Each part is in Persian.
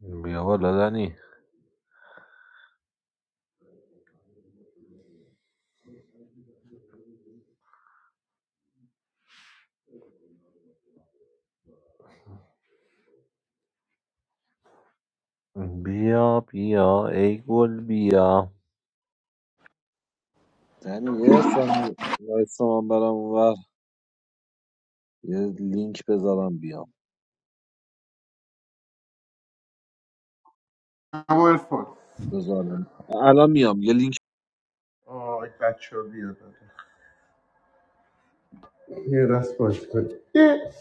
بیا بالا دنی بیا بیا ای گل بیا یعنی یه ثانیه وایسا من برم اونور یه لینک بذارم بیام اما ارفان بذارم الان میام یه لینک آه بچه ها بیاد یه دست بازی کنیم یه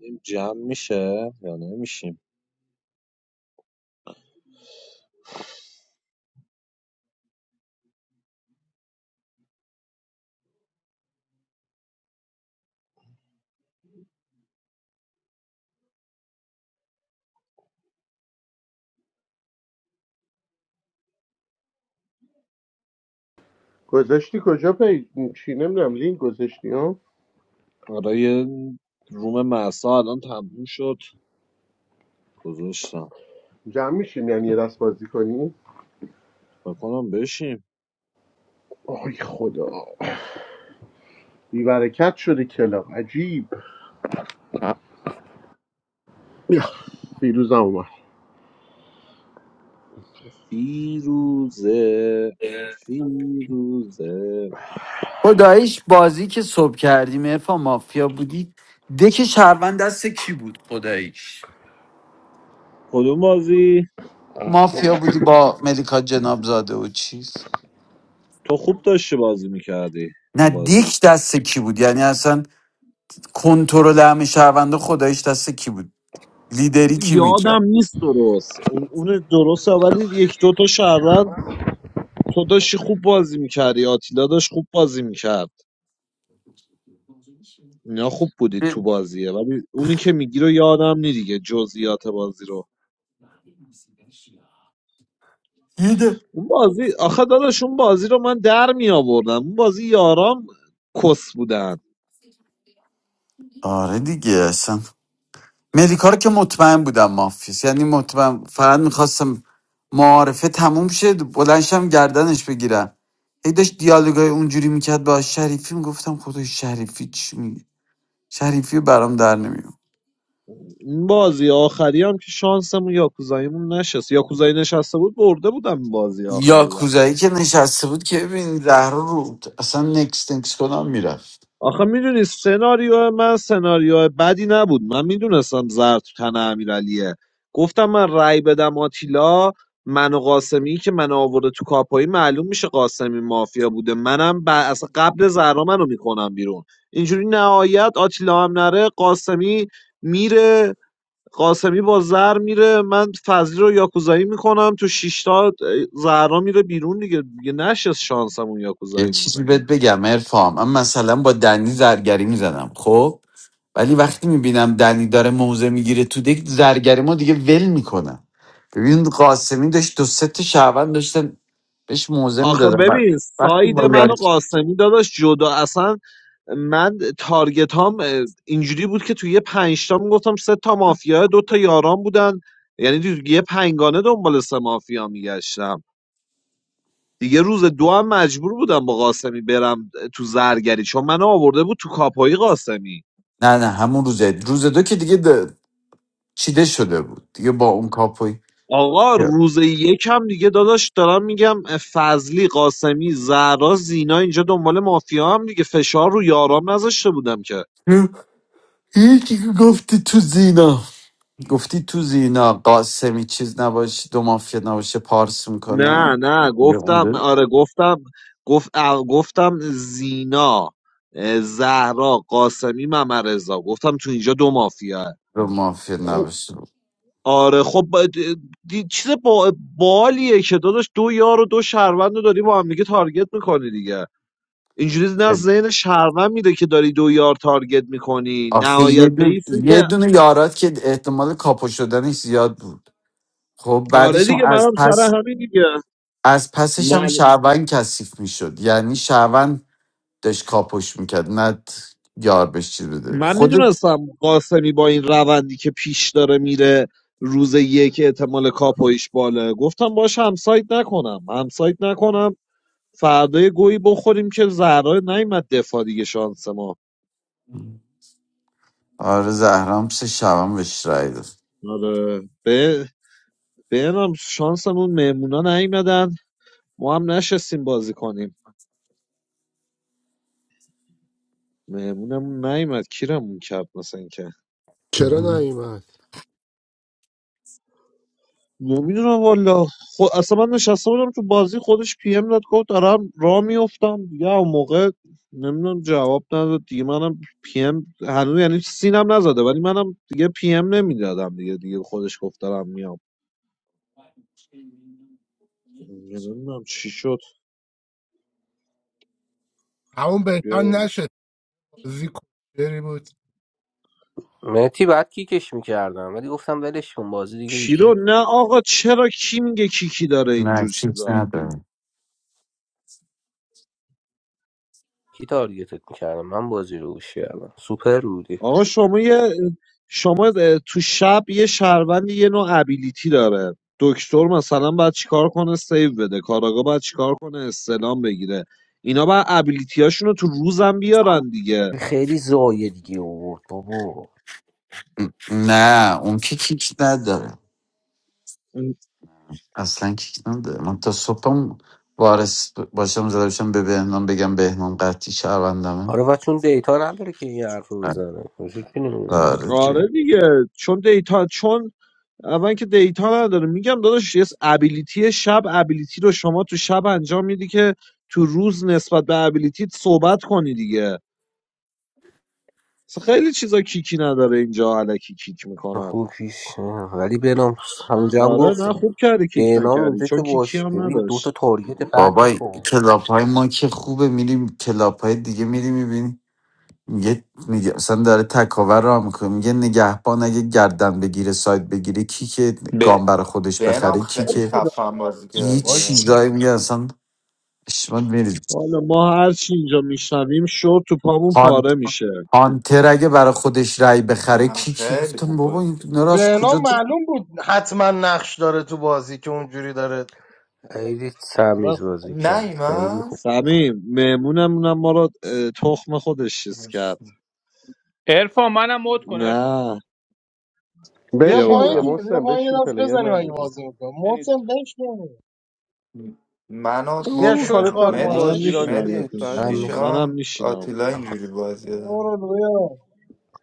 بدیم جمع میشه یا نمیشیم گذاشتی کجا پی چی نمیدونم لینک گذاشتی ها آره یه روم محسا الان تموم شد گذاشتم جمع میشیم یعنی یه دست بازی کنی فکر کنم بشیم آی خدا بیبرکت شده کلاب عجیب بیا فیروزم اومد فیروزه فیروزه خداییش بازی که صبح کردیم ارفان مافیا بودی دک شهروند دست کی بود خداییش کدوم بازی مافیا بودی با ملیکا جنابزاده و چیز تو خوب داشتی بازی میکردی نه اون بازی دک دست کی بود یعنی اصلا کنترل همه شهرونده خداییش دست کی بود لیدری کی میگه یادم نیست درست اون اون درست ولی یک دو تا شهروند تو داشتی خوب بازی میکردی آتیلا داشت خوب بازی میکرد اینا خوب بودید تو بازیه ولی اونی که میگی رو یادم نی دیگه جزئیات بازی رو لیدر اون بازی آخه داداش اون بازی رو من در می آوردم اون بازی یارام کس بودن آره دیگه اصلا ملیکا رو که مطمئن بودم مافیس یعنی مطمئن فقط میخواستم معارفه تموم شد بلنشم گردنش بگیرم هی داشت دیالوگای اونجوری میکرد با شریفی میگفتم خدای شریفی چی میگه شریفی برام در نمیاد این بازی آخری هم که شانسمون یاکوزاییمون نشست یاکوزایی نشسته بود برده بودم این بازی یا آخری رو کوزایی که نشسته بود که ببین زهرا رو اصلا نکس نکس کنم میرفت آخه میدونی سناریو من سناریو بدی نبود من میدونستم زر تو تن امیرعلیه گفتم من رأی بدم آتیلا من و قاسمی که من آورده تو کاپایی معلوم میشه قاسمی مافیا بوده منم ب... اصلا قبل زهرا منو میکنم بیرون اینجوری نهایت آتیلا هم نره قاسمی میره قاسمی با زر میره من فضلی رو یاکوزایی میکنم تو شیشتا زهرا میره بیرون دیگه دیگه نشست شانسمون یه یاکوزاییمون چیزی بهت بگم ارفام من مثلا با دنی زرگری میزدم خب ولی وقتی میبینم دنی داره موزه میگیره تو دک زرگری ما دیگه ول میکنم ببین قاسمی داشت دو سه تا شهروند داشتن بهش موزه آخه میدادن ببین وقتی ساید با من یاری- و قاسمی داداش جدا اصلا من تارگت هم اینجوری بود که توی یه پنج تا میگفتم سه تا مافیا دو تا یاران بودن یعنی تو یه پنگانه دنبال سه مافیا میگشتم دیگه روز دو هم مجبور بودم با قاسمی برم تو زرگری چون منو آورده بود تو کاپایی قاسمی نه نه همون روزه روز دو که دیگه د- چیده شده بود دیگه با اون کاپوی آقا روز یکم دیگه داداش دارم میگم فضلی قاسمی زهرا زینا اینجا دنبال مافیا هم دیگه فشار رو یارام نذاشته بودم که Yeah. یکی که گفتی تو زینا گفتی تو زینا قاسمی چیز نباشه دو مافیا نباشه پارس نه میکنم نه دیگه اون گفتم دو آره گفتم گفت اه، گفتم زینا اه، زهرا قاسمی ممرزا گفتم تو اینجا دو مافیا دو مافیا خب نباشه آره خب با- دی- چیز با بالیه که داداش دو یار و دو شهروند رو داری با هم دیگه تارگت میکنی دیگه اینجوری نه ذهن شهروند میده که داری دو یار تارگت میکنی آخه یه نهایت به دون این سو یه که دونه یارات که احتمال کاپو شدنش زیاد بود خب آره بعدش هم دیگه از منم سر پس همین دیگه از پسش هم شهروند کثیف میشد یعنی شهروند داشت کاپوش میکرد نه ت- یار بهش چیز بده من خودت میدونستم قاسمی با این روندی که پیش داره میره روز یک احتمال کاپویش باله گفتم باش همسایت نکنم همسایت نکنم فردا گویی بخوریم که زهرا نیومد دفاع دیگه شانس ما آره زهرام سه شهروند بهش رای داد آره به بهنام شانسمون مهمونا نیومدن ما هم نشستیم بازی کنیم مهمونمون نیومد کیرمون کرد مثلا چرا مهم. نیومد نمیدونم والا خود اصلا من نشسته بودم تو بازی خودش پی ام داد گفت دارم را میفتم دیگه اون موقع نمیدونم جواب نداد دیگه منم پی ام هنوز یعنی سینم نزده ولی منم دیگه پی ام نمیدادم دیگه دیگه خودش گفت دارم میام نمیدونم چی شد همون بهتر بیا والا. نشد بازی کوچری بود مهدی بعد کیکش میکردم ولی گفتم ولش کن بازی دیگه کی ایزی رو نه آقا چرا کی میگه کیکی داره نه اینجور کیک چیزا نداره ن- کی تارگتت میکردم من بازی رو گوش کردم سوپر بودی آقا شما یه شما تو شب یه شهروند یه نوع ابیلیتی داره دکتر مثلا باید چیکار کنه سیو بده کاراگا باید چیکار کنه استلام بگیره اینا باید ابیلیتی هاشون رو تو روزم بیارن دیگه خیلی زایه دیگه آورد بابا نه اون که کیک نداره اصلا کیک نداره من تا صبحم وارث باشم زده باشم به بهنام بگم بهنام قطعی شهروندمه آره و چون دیتا نداره که این حرف رو بزنه وجود که نمی‌دونه. آره آره دیگه چون دیتا چون اول که دیتا نداره میگم داداش یه ابیلیتی شب ابیلیتی رو شما تو شب انجام میدی که تو روز نسبت به ابیلیتی صحبت کنی دیگه اصلا خیلی چیزا کیکی نداره اینجا علکی کیک میکنن خوب کیش نه. ولی بنام همونجا هم آره نه گفتم خوب کردی کیک بنام نکردی اونجا که چون کیکی باش هم ببین دو تا نداشت تارگت بعد بابای میخوام کلاب های ما که خوبه میریم کلاب های دیگه میریم میبینیم میگه میگه مثلا داره تکاور را میکنه میگه نگهبان اگه گردن بگیره سایت بگیره کی که به گام برای خودش بهنام بخره کی خیلی که بودم خفن بازی یه کردی باج ها. بودم چیزایی میگه اصلا شما میرید حالا ما هر چی اینجا میشنویم شد تو پامون هانت پاره میشه هانتر اگه برای خودش رای بخره نه کی که خیلی گفتم خوب بابا بازی این کرد نراز به نام کجا معلوم بود حتما نقش داره تو بازی که اونجوری داره خیلی آره سمیز خوبه. بازی نه کرد خیلی خوب ایمان سمیم مهمونمونم ما رو اه، تخم خودش چیز کرد ارفان منم مود کن ارفان نه بیا بیا بشین پایین دیگه بالا دیگه بیا محسن پایین یه بشین دست پلیر بزنیم اگه ندادیم بازی میکنم محسن نیستم بشین منو بیا مد او شوی حالا میکن تا خارماد منم مدیش بازیران بشین میشنم نیم مدیش ساعت منم میشه میخوام منم دیشان میشینم آتیلا بشین. اینجوری بازی دارم برو بیا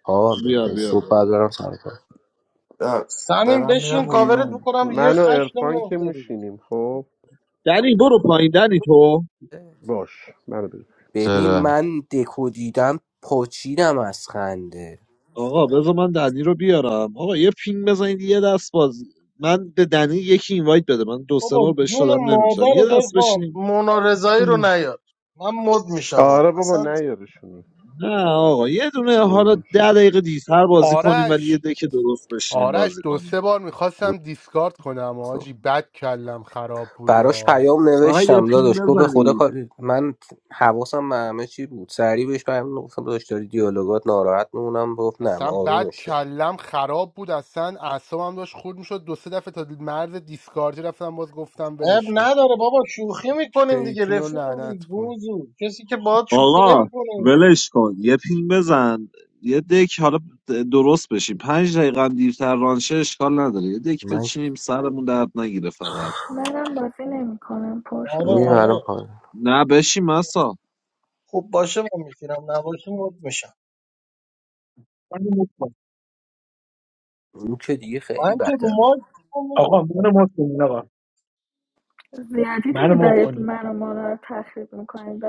آه بیا بیا صبح بعد بالا برم سر در سمین دارم بشین میرم آقا کاورت بیرون میکنم یه من و خش ارفان که نمیفته رو میشینیم خب دنی برو پایین دنی تو کار. باش منو بده ببین چرا من دکو دیدم پاچیدم از خنده آقا بذار من دنی رو بیارم آقا یه پینگ بزنید یه دست بازی من به دنی یکی اینوایت بده من دو سه بار بابا بهش جون دادم نمیتونم مادر یه دست درفان بشینیم مونا رضایی رو اوه. نیاد من مد میشم آره آه. بابا اصلا نیارشون نه آقا یه دونه حالا ده دقیقه دیرتر بازی کنیم ولی یه آرش دکه درست بشینیم آرش بازی دو کنیم سه بار میخواستم دیسکارد کنم آجی بد کلم خراب بود براش آ. پیام فقط یه نوشتم پین داداش گفت به خدا بزنید کار من حواسم به همه چی بود سریع بهش پیام گفتم داداش داری دیالوگات ناراحت میمونم گفت نه اصلا بد آرومش کرد کلم خراب بود اصلا اعصابم داشت خورد میشد دو سه دفعه تا مرز دیسکاردی رفتم باز گفتم عیب ولش کن نداره بابا شوخی میکنیم دیگه شیطون رو رفیقیم دیگه لعنت کن گوزو کسی که باهات شوخی آقا نمیکنه اینجوری ولش کن یه پین بزن یه دک حالا درست بشیم پنج دقیقه هم دیرتر رانشه اشکال نداره یه دک من بچینیم سرمون درد نگیره فقط منم بازی نمیکنم پر شد آره میگم میرم الان پایین آره پایین نه بشین مسا خوب باشه من میشینم نباشه مد میشم منو مت کن اون که دیگه خیلی من که رو بدتر مایک چیزی آقا منو مت کنین آقا زیادی منو دیگه مت دارید کنین من و مانا رو تخریب میکنید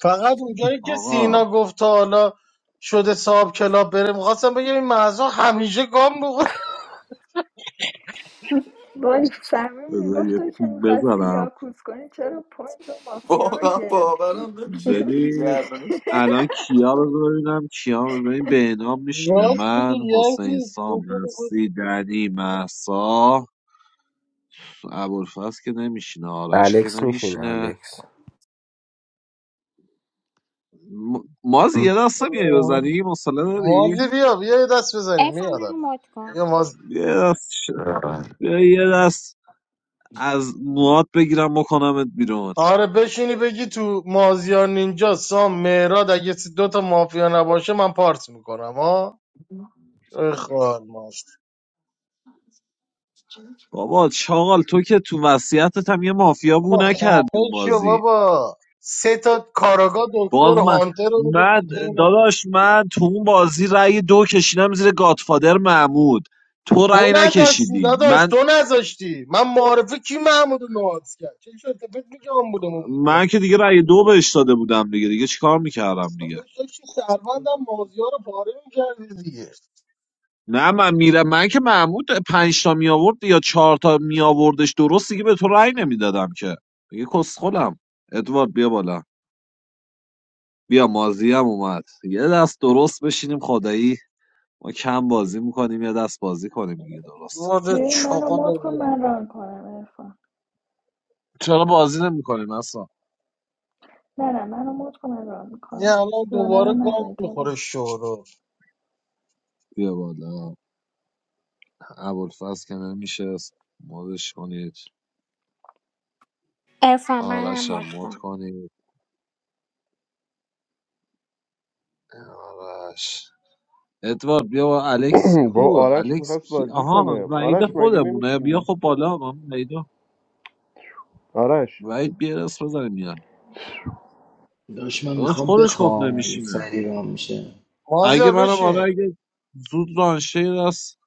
فقط اونجایی که آقا سینا گفت تا حالا شده صاحب کلاب بره میخواستم بگم این مهسا همیشه گام بخوره وای سمیم بذار میگفت یه تو که پین میخواستی بزنم یاکوز کنی چرا پوینت و مافیا رو واقعا گرفتی باورم نمیشه اینجوری ببین گردنش الان کیا بذار ببینم کیا رو ببین بهنام میشینه راست میگی من حسین یزی سام تو که می‌خواستی- هستی دنی محسا ابوالفضل که نمیشینه آرش که الکس میشینه نمیشینه الکس م... مازی یه دست میای آه. بزنی مسئله داری مازی بیا بیا یه دست بزنیم ارفان میاد منو الان مد کن بیا مازی یه دست ش- بیا یه دست از موات بگیرم بکنمت بیرون آره بشینی بگی تو مازیار نینجا سام مهراد اگه سی- دو تا مافیا نباشه من پارت میکنم ها ای خال بابا چاقال تو که تو وصیتت هم یه مافیا بو بابا نکردی خفه اون شو بازی بابا سه تا کاراگا دکتر باز من هانتر رو میگفتی من چرا نگی داداش من تو اون بازی رأی دو کشیدم زیر گاتفادر محمود تو تو رأی نذاشتی نکشیدی داداش من تو نذاشتی من معارفه کی محمود رو نوازی کرد چه شد فکر میگه من بودم اون موقع من که دیگه رأی دو بهش داده بودم دیگه دیگه چیکار میکردم دیگه داداش داشتی سروندم مازی ها رو پاره میکردی دیگه نه من میرم من که محمود پنج تا می آورد یا چهار تا می آوردش درست دیگه به تو رأی نمیدادم که دیگه کسخلم ادوارد بیا بالا بیا مازی هم اومد یه دست درست بشینیم خدایی ما کم بازی میکنیم یه دست بازی کنیم دیگه درست وارد ببین منو چاقال رو مد کن بیار. من ران کنم ارفان چرا بازی نمیکنیم نه نه منو مد کن من ران این میکنم الان رانه رو دوباره گام ندارید حالا میخوره شورو بیا بالا ابوالفضل که نمیشست مودش کنید ارفان آرش منم هم مد مد کن کنید آرش ادوارد بیا با الکس با کو آرش الکس میخواست کی بازی آها کنه وعید آرش مگه خودمونه بیا نمیشینی خب بالا من وعید آرش وعید بیا دست بزنیم میاد داشت من داداش میخوام خودش گفت بخوام اگه نمیشینه سری رام میشه اگه مازیار منم آره بشین اگه زود رانشه دست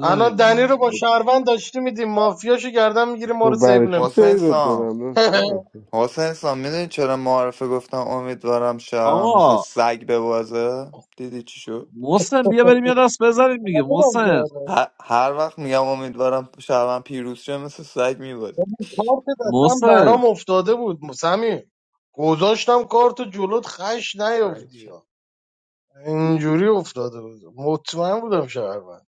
الان دنی رو دیگه با شهروند داشتی میدیم مافیاشو گردن میگیری ما تو رو سیب برای چی حسین نمیکنه سیرت سام بدم داشت خودم حسین سام میدونی چرا معارفه گفتم امیدوارم شهرم مثل آقا سگ ببازه دیدی چی شد محسن بیا بریم یه دست بزنیم دیگه محسن هر, هر وقت میگم امیدوارم شهرون پیروز شه مثل سگ میبازی کارت دستم محسن برام افتاده بود سمی گذاشتم کارت جلوت خش نیفتی ها. اینجوری افتاده بود مطمئن بودم شهروند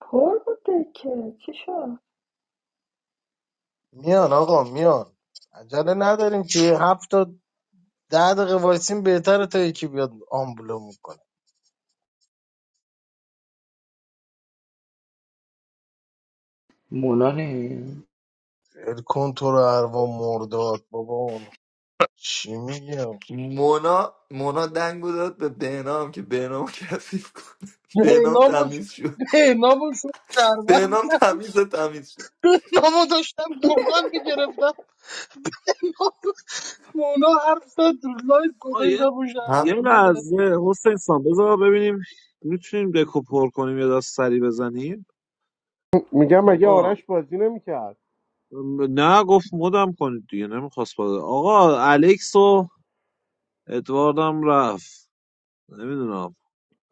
پر بوده که چی شد میان آقا میان عجله نداریم که یه هفت تا ده دقیقه وایسیم بهتره تا یکی بیاد آمبولو میکنه مولا نمیاد ال کنتور اروا مرداد بابا چی میگم مونا مونا دنگو داد به بهنام که بهنام کثیف کنه بهنام نامو تمیز شد نامو شد شهروند بهنام تمیز تمیز شد نامو داشتم گردن میگرفتم مونا حرف زد تو لایف آقا یه گذاشتم و هم یه شهروندی لحظه حسین سان بذار ببینیم میتونیم دکو پر کنیم یا دست سری بزنیم میگم مگه آقا آرش بازی نمیکرد نه گفت مدم کنید دیگه نمیخواست بازه آقا الکس و ادواردم رفت نمیدونم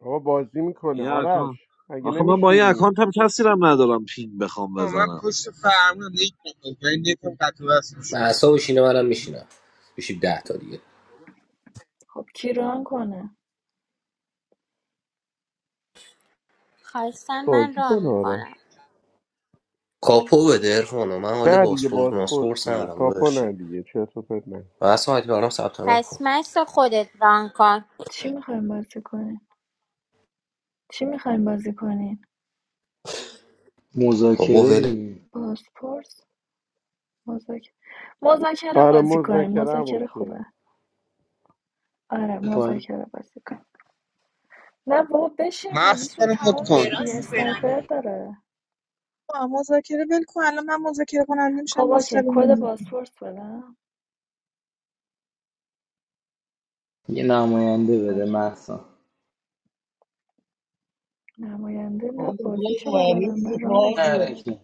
بابا بازی میکنه این اکانت آرش مگه آخه من با این نمیشینی اکانت هم کسی رم ندارم پین بخوام Oh, I بزنم pushed the fan when I needed it. When did you get to us? من اعصابش اینه منم میشینم میشیم ده تا دیگه خب کی ران کنه خواستم من بازی ران کنه میکنم آرش کاپو بده ارفانو من حال نه دیگه باسپورت بازپرس ماسپورت دیگه ندارم کاپو داداش نه دیگه چه تو پت نه من اصلا برام ثبت نام پس کن مثل خودت ران کن چی میخوایم بازی کنیم چی میخوایم بازی کنیم بابا مذاکره ول دیگه بازپرس مذاکره مذاکره آره بازی کنیم مذاکرم مذاکره اوکی خوبه آره پایین مذاکره بازی کنیم نه بابا بشین بازیش Master, تمام میشه دیگه mutt. اسنایپر داره آه، مذاکره ول کن الان من مذاکره کننده خب میشم اوکی مستقیم کد می‌دم. پاسپورت بدم یه نماینده بده اوکی محسا نماینده نه بازیشو بلدم نه مریضی رانشو مازیار بلدم نرکی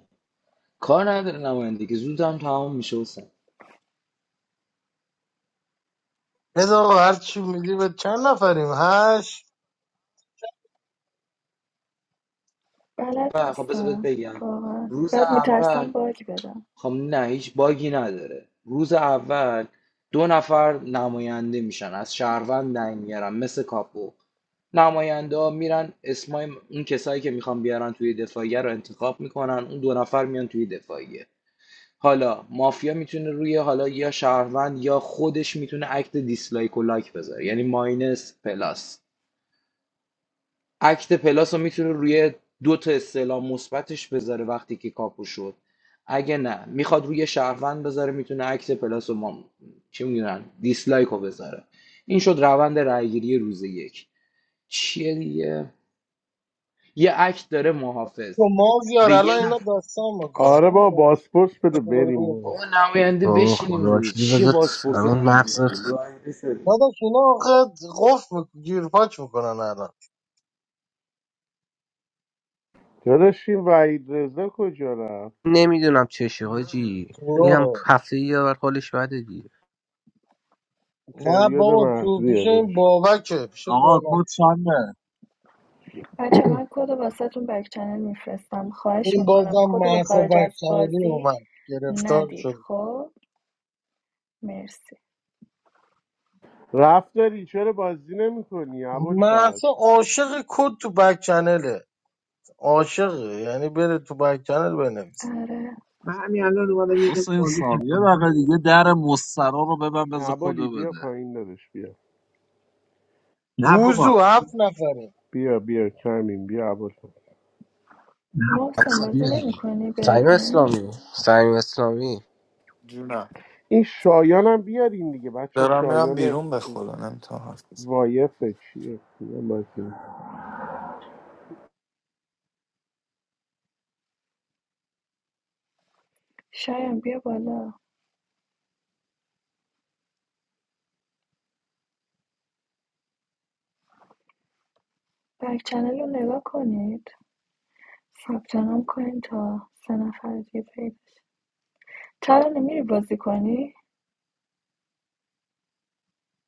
کار نداره نماینده که زود هم تمام میشه حسین بذار آقا هر چی میدی به چند نفریم هشت بلد بله، خب بذار بهت نیستم بگم واقعا روز بعد اول میترسم باگ بدم خب نه هیچ باگی نداره روز اول دو نفر نماینده میشن از شهروند دنگ میارن مثل کاپو نماینده ها میرن اسمای اون کسایی که میخوان بیارن توی دفاعیه رو انتخاب میکنن اون دو نفر میان توی دفاعیه حالا مافیا میتونه روی حالا یا شهروند یا خودش میتونه اکت دیسلایک و لایک بذاره یعنی ماینس پلاس اکت پلاس رو میتونه روی دو تا استعلام مثبتش بذاره وقتی که کاپو شد اگه نه میخواد روی شهروند بذاره میتونه اکت پلاس و ما چی میدونن دیسلایک رو بذاره این شد روند رأیگیری روز یک چیه دیگه یه اکت داره محافظ تو مازیار به یه الان اینا نفر داستان میکنن آره همه با داستان بازپرس بده دوباره باید با بریم اون باید. خیلی. نماینده بابا بشینیم خدا دیگه وکیلی چیه بذارت بازپرسی الان مغزت گایده شد. داداش اینا آخه قفل می‌ک- گیرپاچ میکنن الان داداش این وعید رضا کجا رفت نمیدونم چشه حاجی این هم اوه. هفته یه بر حالش بده دیگه نه پریود بابا تو مغزیه پیش این داداش بابکه پیش آقا بابک کد چنده بچه من کد واسهتون بک چنل میفرستم خواهش این میکنم بازم کد به محسا خارج از بکچنلی بازی اومد گرفتار ندید شد خب مرسی رفت داری چرا بازی نمیکنی ابوالفضل محسا عاشق کد تو بکچنله عاشقه یعنی بره تو بک چنل بنویس آره من همین الان اومدم یه دست حسین بازی سام یه کردم دقیقه دیگه در مسترا رو ببن بذار عبالی کدو بیا بده پایین دادش بیا نه بابا گوزو هفت نفره بیا بیا کمین بیا عبال نه بابا محسن اصلا بازی بیا دیگه نمیکنی بری سعیم پایین اسلامی سعیم اسلامی جونم این شایانم بیارین دیگه بچه دارم میرم شایان بیرون به خدا نمیتونم حرف بزنم وایفه چیه شایان بیا بالا بک چنل رو نگاه کنید ثبت نام کنید تا سه نفر دیگه پیدا شه. ترانه میری بازی کنی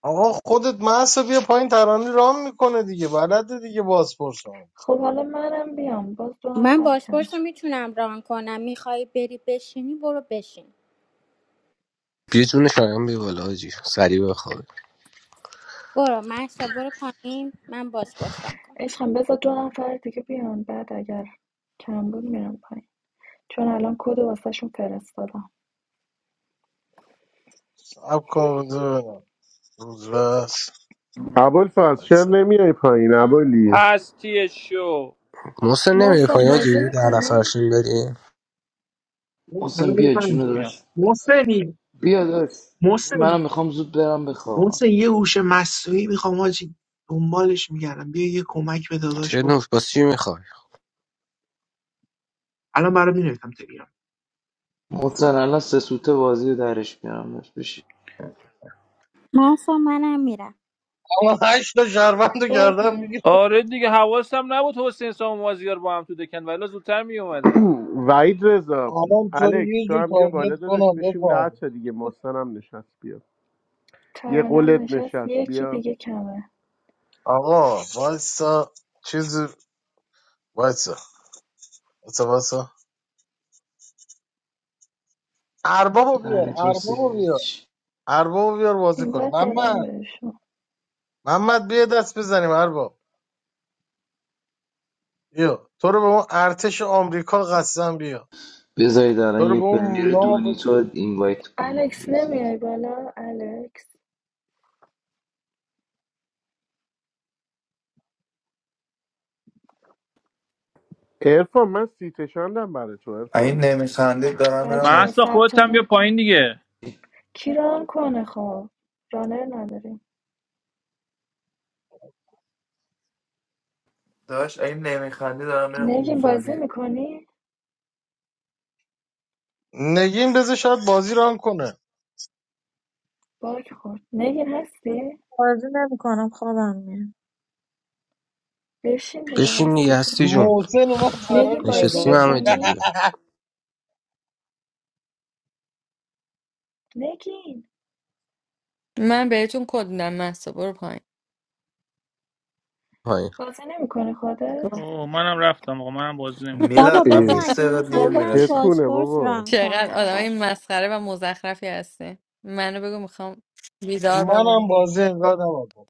آقا خودت محصه بیا پایین ترانه رام میکنه دیگه بلده دیگه بازپرس هم خب حالا منم بیام باز دو من نفر کم بازپرس رو میتونم ران کنم میخوای بری بشینی برو بشین بیا جون شایان بیا بالا حاجی سریع بخواب برو محسا برو پایین من بازپرس ران کنم عشقم بذار دو نفر دیگه بیان بعد اگر کم بود میرم پایین چون الان کد رو واسهشون فرستادم سب کن بذار ببینم روز بس عبال فرز چرا وایسا. نمیای پایین عبالی هستی شو محسن نمیره محسن پایین بازی حاجی در میکنی نفرشون بریم محسن منو بیا بزن جونه میام داشت محسنی بیا داشت محسن منم میخوام زود برم بخوابم محسن یه هوش مصنوعی میخوام حاجی دنبالش میگردم بیا یه کمک به داداش چه بکن نوش باز چی میخوای الان برام مینویسم تلگرام محسن الان سه سوته بازی رو درش میارم داشت بشید محسا منم میرم اما هشت تا شهروند رو برو گردن پایین میگیر آره دیگه حواسم نبود حسین سام و مازیار با هم تو دکن ولی زودتر می اومدم وعید رضا الان تو رو الکس یه تو جور هم بیا بالا تارگت دادش کنم بشیم ده بفهم تا دیگه محسن هم نشست بیا یه ترانم قولت نشست نشست یکی بیا دیگه کمه آقا وایسا چیز وایسا وایسا وایسا اربابو بیار دهنتون اربابو بیار سیچ اربابو بیار بازی این کنه وقت دادم محمد بهش محمد بیا دست بزنیم ارباب بیا تو رو به اون ارتش آمریکا قسم بیا بذارید الان تو رو یه به اون پنیر ناو دونیتو اینوایت کنم الکس بذارید نمیای بالا الکس ارفان من سیتشاندم برای تو این ارفان نمیخندی دارم بچه میرم ها محسا ثبت خودت هم بیا نام کن پایین دیگه کی ران کنه خب رانر نداریم داشت این نمیخندی دارم میرم نگین بازی حضوری میکنی نگین بذار شاید بازی ران کنه باک خورد نگین هستی بازی نمیکنم خوابم میاد بشین دیگه بشین هستی دیگه جون هستی جون محسن اومد فرار نگین کرد بازی نشستیم از همه میکنی دیگه نگین من بهتون کد میدم مهسا برو پایین پایین بازی نمیکنه خودت اوه منم رفتم آقا منم بازی نمیکنم بابا میلاد من بذار اه 20 اگه دقیقه دیر میخواین بابا من چه میرسم چتونه بازپرس بابا ران چقدر کنم آدمای بچه مسخره و مزخرفی هستی منو بگو میخوام بیدار منم بمون بازی انگار نباید کنم.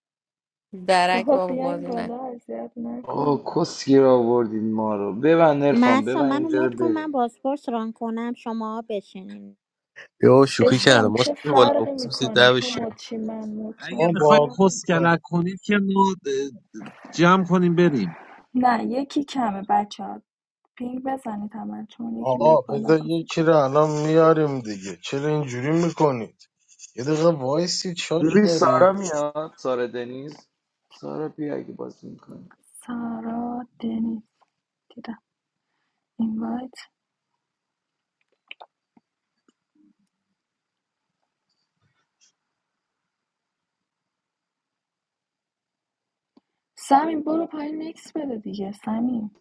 درک بابا بابا بیاین بازی بالا اذیت نکن آه کسگیر آوردین ما رو ببند نرفان محسا ببند منو اینجا رو مد کن من بریم بازپرس ران کنم شما بشینین بیا شوخی کردم. محسا عشقم چه محسن بیا بالا فرقی خصوصی میکنه ده تو بشیم مدشی من مدشم اگه اون چه میخوای بازی فرقی میکنه کنه کسکلک کنید که ما د- جمع کنیم بریم نه یکی کمه بچه ها. پینگ بزنید همه چون یکی آقا بیاد بالا بذار بازی یکی کنه رو الان میاریم دیگه چرا اینجوری میکنید یه دقیقه وایسی چاش ببین سارا دارید میاد سارا دنیز سارا بیا اگه بازی میکنی سارا دنیز دیدم اینوایت سمیم برو پایین نکس بده دیگه سمیم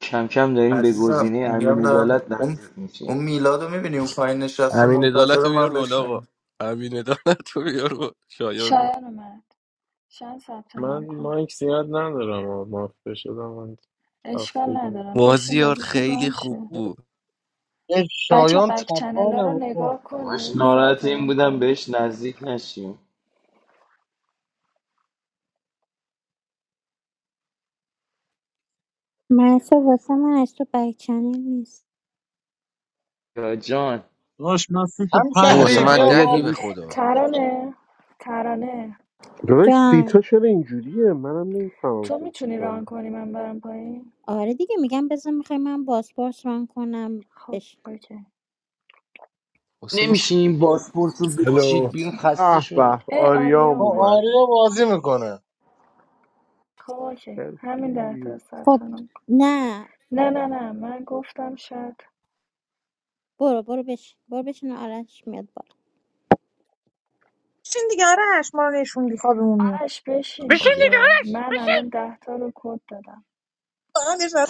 کم کم داریم به عزیزم گزینه امین میگم دارم عدالت اون نزدیک اون میشیم میلاد رو میبینی اون پایین نشسته امین دولت منتظر رو بیار من بالا بشنم آقا امین دولت رو بیار بالا شایان شایان اومد شایان ثبت نام من کن مایک زیاد ندارم و مافته شدم من اشکال تفصیلی ندارم بشین بازیار بازیشون خیلی ران خوب شه بود این بچه ها شایان بک چنل ها رو تپانه بابا نگاه باش کنید ثبت ناراحت این نام بودم کنید بهش نزدیک نشیم محسا واسه من از تو بکچنل نیست یا جان داشت من سیت هم این واسه شهری پنجم من بیا آریا بالا، دهی به داداش خدا ترانه ترانه داداش جان سیتا چرا اینجوریه منم نمیفهمم تو میتونی سیتشاندم. ران کنی من برم پایین آره دیگه میگم بذار میخوای من بازپرس ران کنم خب بش اوکی حسین س- نمیشه این باسپورت رو بکشید الو بیرون خسته اه شدم به اه آریا آریام با اومد اومد آریا بازی میکنه خب اوکی همین ده تا کسی ثبت خب نام نه نه نه نه من گفتم شاید برو برو بش برو بشین آرش میاد بالا چین دیگه آرش ما رو نشوندی خوابمون میاد آرش بشین بشین میخوام بیا دیگه دیگه آرش من الان بشین ده تا رو کد دادم فقط نشستم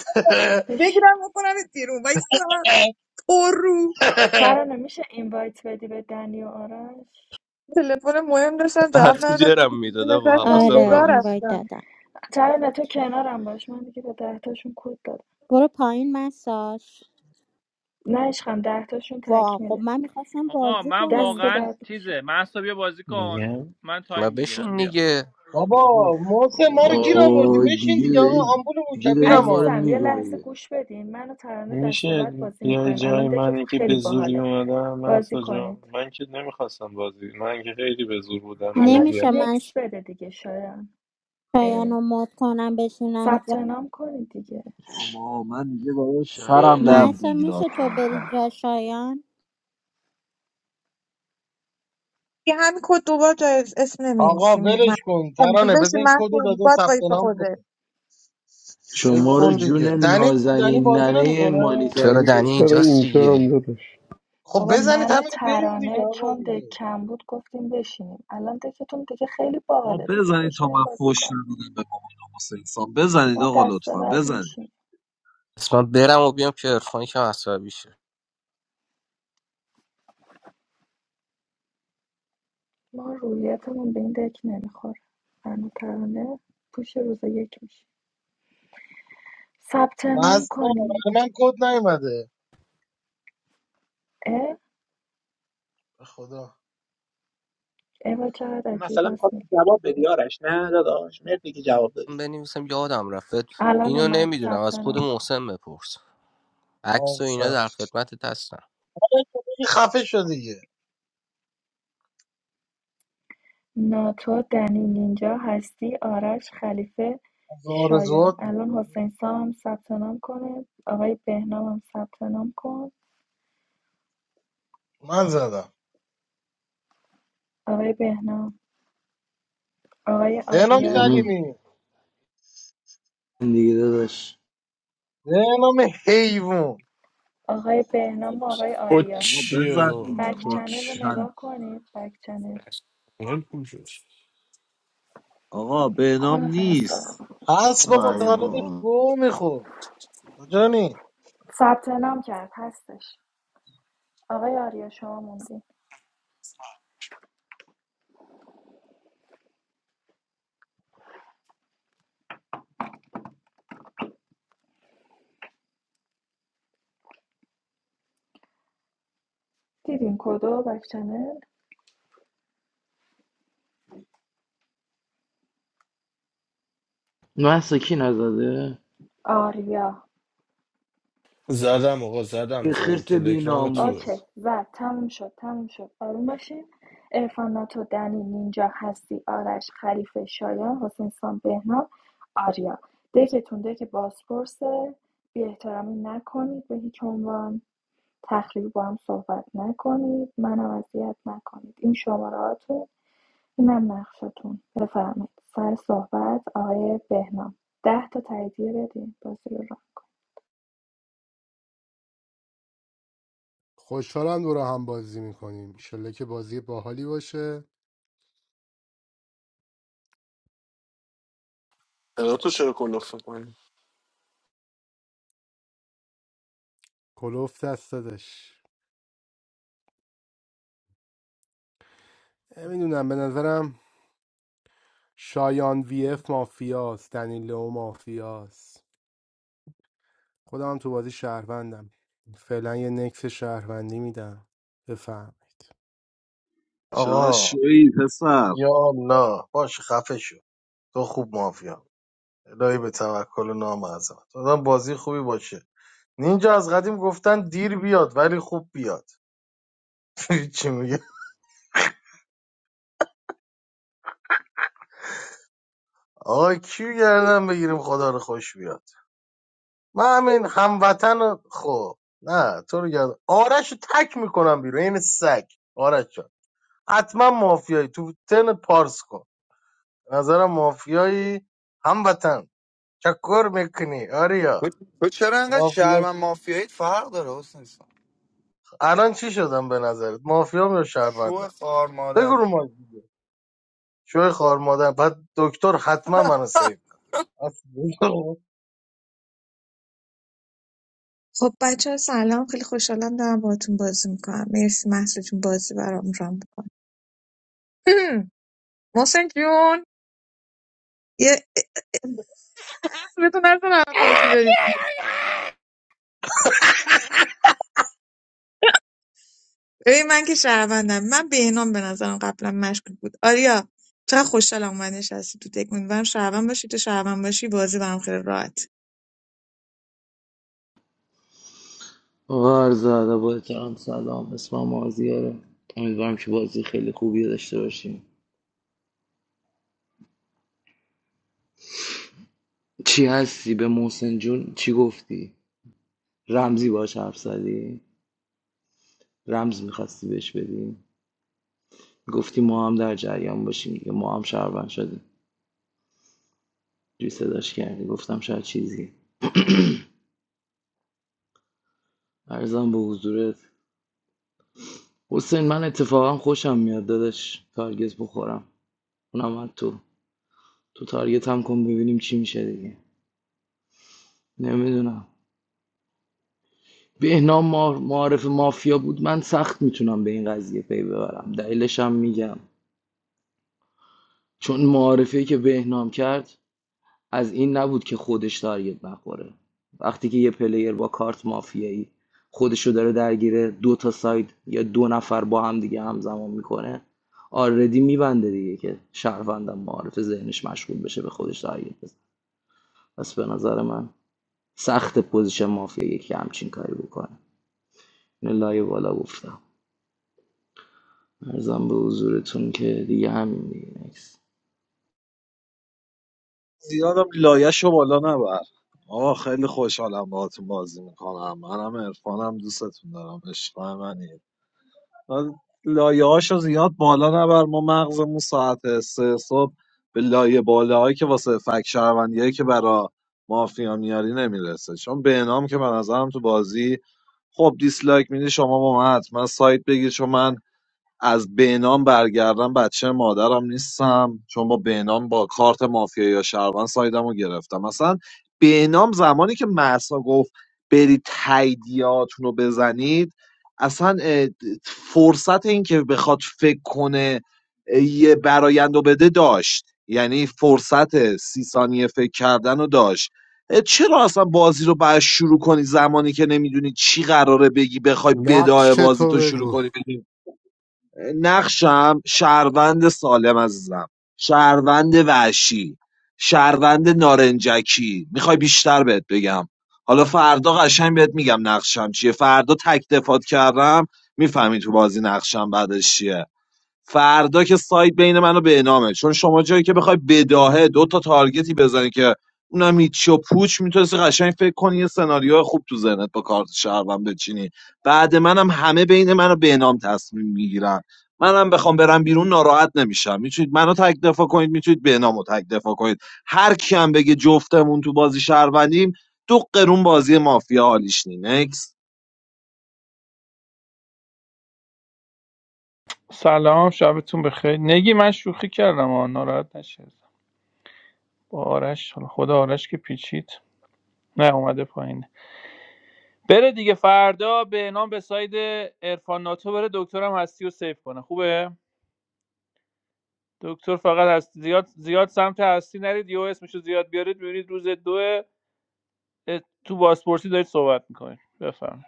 بشین بگیرم بکنم بیرون و ساعت پر رو ترانه میشه اینوایت بدی به دنی و آرش تلفن مهم داشتم جواب هستی ندادم جرم میداد آقا نشستم اوکی حواسم آره بگاه این نبود وایت رفتم دادم ترانه تو کنارم باش من دیگه به ده تاشون کد دادم برو پایین مساج نه عشقم ده تاشون وا خب تکمیله من میخواستم آقا بازی من کنم دست که واقعا بعد میشه تیزه محسا بیا بازی کن میگم من تایم ما میگیرم بشین بیا دیگه بابا بابا محسن ما رو گیر آوردی آه بشین دیگه دیگه آقا دارید آمبولمون دیگه که دارید میرم ما رو آقا عزیزم یه لحظه میگوید گوش بدین من و ترانه دست میشه بعد بازی بیای میکنیم الان جای منی دکتون که به خیلی زوری باحاله اومدم بازی محسا جان کنید من که نمیخواستم بازی من که خیلی به زور بودم دیگه حالا بیا نمیشه من نکس بده دیگه شایان شایان اه، رو مد کنم بشینم ثبت جا نام کنید دیگه آما من دیگه باید سرم شایان من درد جان اصلا میگیره میشه تو کم بری کم جا شایان یه همین کد دوبار جای اسم آقا نمیمیسیم ولش کن ترانه بزن بشین این من کدو داده باید ثبت وایف نام خوده کنه ول شما رو کن دیگه جون دنی کو دنی نازنین بازی ننه نمیکنه چرا مانیتاری دنی بسی چرا اینجاست اینجا هم دیگه دادش خب بابا بزنید من و همین رو بریم دیگه ترانه آقا چون دک دیگه کم بود گفتیم بشینیم الان دکتون دیگه خیلی آقا باحاله دیگه بزنید تا بشینیم من بازی فوش کنیم نمیدم به مامان حسین سام بزنید ما آقا دسته لطفا بعد بزنید میشیم بس من برم و بیام که عرفانی کم عصبی شه ما رویتمون به این دک نمیخوره من و ترانه پوش روز یک میشیم ثبت نام مستم کنید من کد نیومده اه به خدا ایوا چقدر عجیب مثلا میخواد راست میگی جواب بدی آرش نه داداش مرسی که جواب دادی من بنویسم یادم رفت الان اینو اومد نمیدونم ثبت از خود نام کن محسن بپرس عکس و اینا آفر در خدمت هستم این خفه شد دیگه ناتو دنی نینجا هستی آرش خلیفه از شایان آرزوات بود الان حسین سام هم ثبت نام کنه آقای بهنام هم ثبت نام کن من زدم آقای بهنام آقای بهنام آریا بینم سلیمی دیگه داداش بهنام حیوان آقای بهنام و آقای آریا آقا کوچی بزن آقا، دیگه بک ما چنل رو کوچی کل نگاه کنید بک چنل من کجاست؟ آقا به نام کل نیست فرستادم هست بابا تا آی حالا داشت بابا. گوه میخورد کجانی ثبت نام کرد هستش آقای آریا شما موندین دیدین کدو بک چنل محسا کی نزده؟ آریا زدم آقا زدم یه زدم خرس بی تلگرام تو ناموس اوکی زد تموم شد تموم شد آروم باشین ارفان ناتو دنی نینجا هستی آرش خلیفه شایان حسین سان بهنام آریا دکتون دک بازپرسه بی احترامی نکنید به هیچ عنوان تخریبی با هم صحبت نکنید منم اذیت نکنید این شماره هاتون اینم نقشتون بفرمایید سر صحبت آقای بهنام ده تا تاییدیه بدین بازی رو ران کن خوشحالم دور هم بازی میکنیم انشالله که بازی باحالی باشه الان تو چرا کلاف میکنی کلوف دست دادش نمیدونم به نظرم شایان وی اف مافیاست دنیلو مافیاست خودم تو بازی شهروندم فعلا یه نکس شهروندی میدم بفهم چرا آقا شوی پسر یا نه باش خفه شو تو خوب مافیا الهی به توکل و نام عظمت آدم بازی خوبی باشه نینجا از قدیم گفتن دیر بیاد ولی خوب بیاد چی میگه آقا کیو گردن بگیریم خدا رو خوش بیاد من همین هموطن رو- خب نه تو رو گردن آرش رو تک میکنم بیرون این سگ آرش جان حتما مافیایی تو تن پارس کن به نظرم مافیایی هموطن چکر میکنی تو آریا تو چرا انقدر شهروند مافیاییت فرق داره حسین سام الان چی شدم به نظرت مافیام یا شو شهروندم خار بگو رو مادری مایک دیگه شوی خار مادر بعد دکتر حتما منو سیو کنه. خب بچه ها سلام خیلی خوشحالم دارم باهاتون بازی میکنم مرسی محسا جون بازی برام رام میکنم محسن جون یه اسمتون نزن همه بازی بریم ببین من که شهروندم من بهنام به نظرم قبلا مشکوک بود آریا چقدر خوشحالم اومد نشستی تو تک امیدوارم شهروند باشی تو شهروند باشی بازی برام خیلی راحت غار زده با احترام سلام اسمم آزیاره امیدوارم که بازی خیلی خوبی رو داشته باشیم چی هستی به محسن جون چی گفتی رمزی باش حرف زدی رمز میخواستی بهش بدی گفتی ما هم در جریان باشیم دیگه ما هم شهروند شدیم جوری صداش کردی گفتم شاید چیزی ارزم به حضورت حسین من اتفاقا خوشم میاد داداش تارگت بخورم اونم از تو تو تارگت هم کن ببینیم چی میشه دیگه نمیدونم بهنام ما- معارف مافیا بود من سخت میتونم به این قضیه پی ببرم دلیلش هم میگم چون معارفی که بهنام کرد از این نبود که خودش تارگت نخوره وقتی که یه پلیر با کارت مافیایی خودشو داره درگیر دو تا ساید یا دو نفر با هم دیگه همزمان میکنه آردی میبنده دیگه که شهروندم معارف ذهنش مشغول بشه به خودش تارگت بزن پس به نظر من سخت پوزیشن مافیایی که همچین کاری بکنه اینو لایه بالا گفتم ارزم به حضورتون که دیگه همین دیگه نیست زیادم لایش بالا نبر آقا خیلی خوشحالم باهاتون بازی میکنم منم عرفانم دوستتون دارم عشق منی لایه هاشو زیاد بالا نبر ما مغزمون ساعت سه صبح به لایه بالاهایی که واسه فک شهروندیایی که برا مافیا میاری نمیرسه چون به نام که به نظرم تو بازی خب دیسلایک میدی شما با من حتما سایت بگیر چون من از بهنام برگردم بچه مادرم نیستم چون با بهنام با کارت مافیا یا شهروند سایدم رو گرفتم مثلا بهنام زمانی که مرسا گفت برید تاییدیاتون رو بزنید اصلا اه، فرصت این که بخواد فکر کنه اه، یه برایند رو بده داشت یعنی فرصت سی ثانیه فکر کردن رو داشت اه، چرا اصلا بازی رو باید شروع کنی زمانی که نمیدونی چی قراره بگی بخوای بدای نقش بازی تو تو شروع بگو کنی نقشم شهروند سالم عزیزم شهروند وحشی شهروند نارنجکی میخوای بیشتر بهت بگم حالا فردا قشنگ بهت میگم نقشم چیه فردا تک دفات کردم میفهمی تو بازی نقشم بعدش چیه فردا که سایت بین منو و بهنامه چون شما جایی که بخوای بداهه دو تا تارگتی بزنی که اونم هیچی و پوچ میتونستی قشنگ فکر کنی یه سناریو خوب تو ذهنت با کارت شهروند بچینی بعد منم همه بین منو و بهنام تصمیم میگیرن منم بخوام برم بیرون ناراحت نمیشم میتونید منو تک دفاع کنید میتونید بهنامو تک دفاع کنید هر کیم بگه جفتمون تو بازی شهروندیم دو قرون بازی مافیا حالیش نی Next. سلام شبتون بخیر نگی من شوخی کردم آ ناراحت نشید با آرش حالا خدا آرش که پیچید نه اومده پایین بره دیگه فردا به نام به ساید عرفان ناتو بره دکترم هستی و سیف کنه خوبه دکتر فقط هست زیاد زیاد سمت هستی نرید یو اسمشو زیاد بیارید ببینید روز دو تو بازپرسی دارید صحبت میکنید بفهم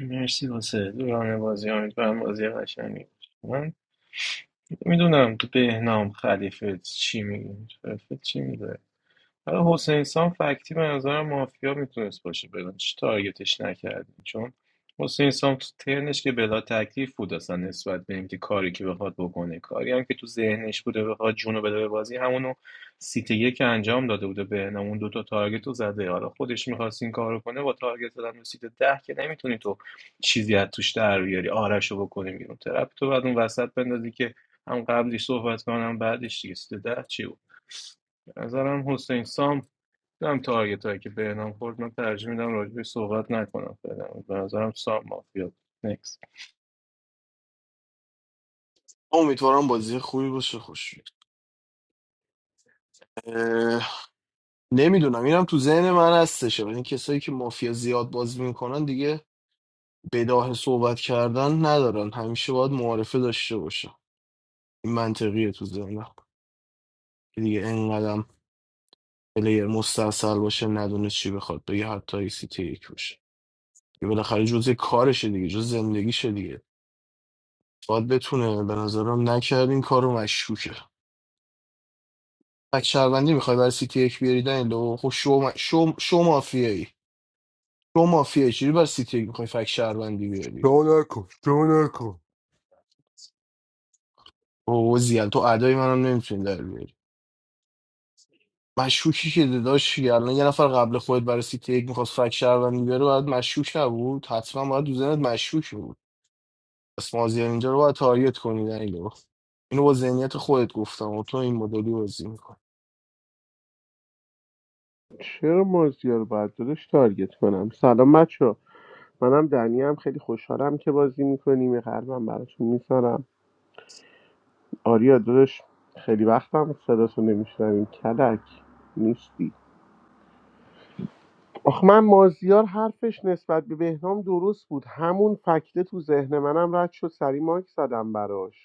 مرسی واسه دوران بازی امیدوارم بازی قشنگی باشه. من میدونم تو بهنام خلیفه چی میگی خلیفه چی میگه حالا حسین سام فکتی به نظرم مافیا میتونست باشه بلنش تارگتش نکردیم چون حسین سام تو ترنش که بلا تکلیف بود اصلا نسبت به اینکه کاری که بخواد بکنه کاری هم که تو ذهنش بوده بخواد جونو بده به بازی همونو سیتی که انجام داده بوده به اون دوتا تارگت رو زده حالا خودش میخواست این کارو کنه با تارگت زدن به سیت ده که نمیتونی تو چیزی از توش در بیاری آرش رو بکنی بیرون ترپ تو بعد اون وسط بندازی که هم قبلی صحبت کنم بعدش دیگه سیت ده چی بود به نظرم حسین سام دارم تارگت هایی که بهنام خورد من ترجیح میدم راجبش صحبت نکنم فعلا به نظرم سام مافیا نکس امیدوارم بازی خوبی باشه خوش نمیدونم اینم تو ذهن من هستشه ولی این کسایی که مافیا زیاد بازی میکنن دیگه بداه صحبت کردن ندارن همیشه باید معارفه داشته باشن این منطقیه تو ذهنم که دیگه انقدرم پلیر مستاصل باشه ندونه چی بخواد بگه حتی ای سی تی یک باشه یه بالاخره جزء کارشه دیگه جز زندگیشه دیگه باید بتونه به نظرم نکرد این کارو مشکوکه تک شهروندی میخوای برای سیتی یک بیاری دنیل و خب شو, م... شو... شو مافیایی شو مافیایی چجوری برای سیتی یک میخوای فک شهروندی بیاری دونه کو دونه کو او زیاد تو ادای منم نمیتونی در بیاری مشکوکی که داداش یعنی الان یه نفر قبل خودت برای سیتی یک میخواست فک شهروندی بیاره باید مشکوک نبود حتما باید تو ذهنت مشکوک بود پس مازیار اینجا رو باید تارگت کنی دنیل لو. اینو با ذهنیت خودت گفتم و تو این مدلی بازی می‌کنی. چرا مازیار رو باید دادش تارگت کنم سلام بچه منم دنی هم خیلی خوشحالم که بازی میکنیم یه قلبم براتون میذارم آریا دادش خیلی وقتم صداتو نمیشنویم کلک نیستی آخ من مازیار حرفش نسبت به بهنام درست بود همون فکته تو ذهن منم رد شد سری ماک زدم براش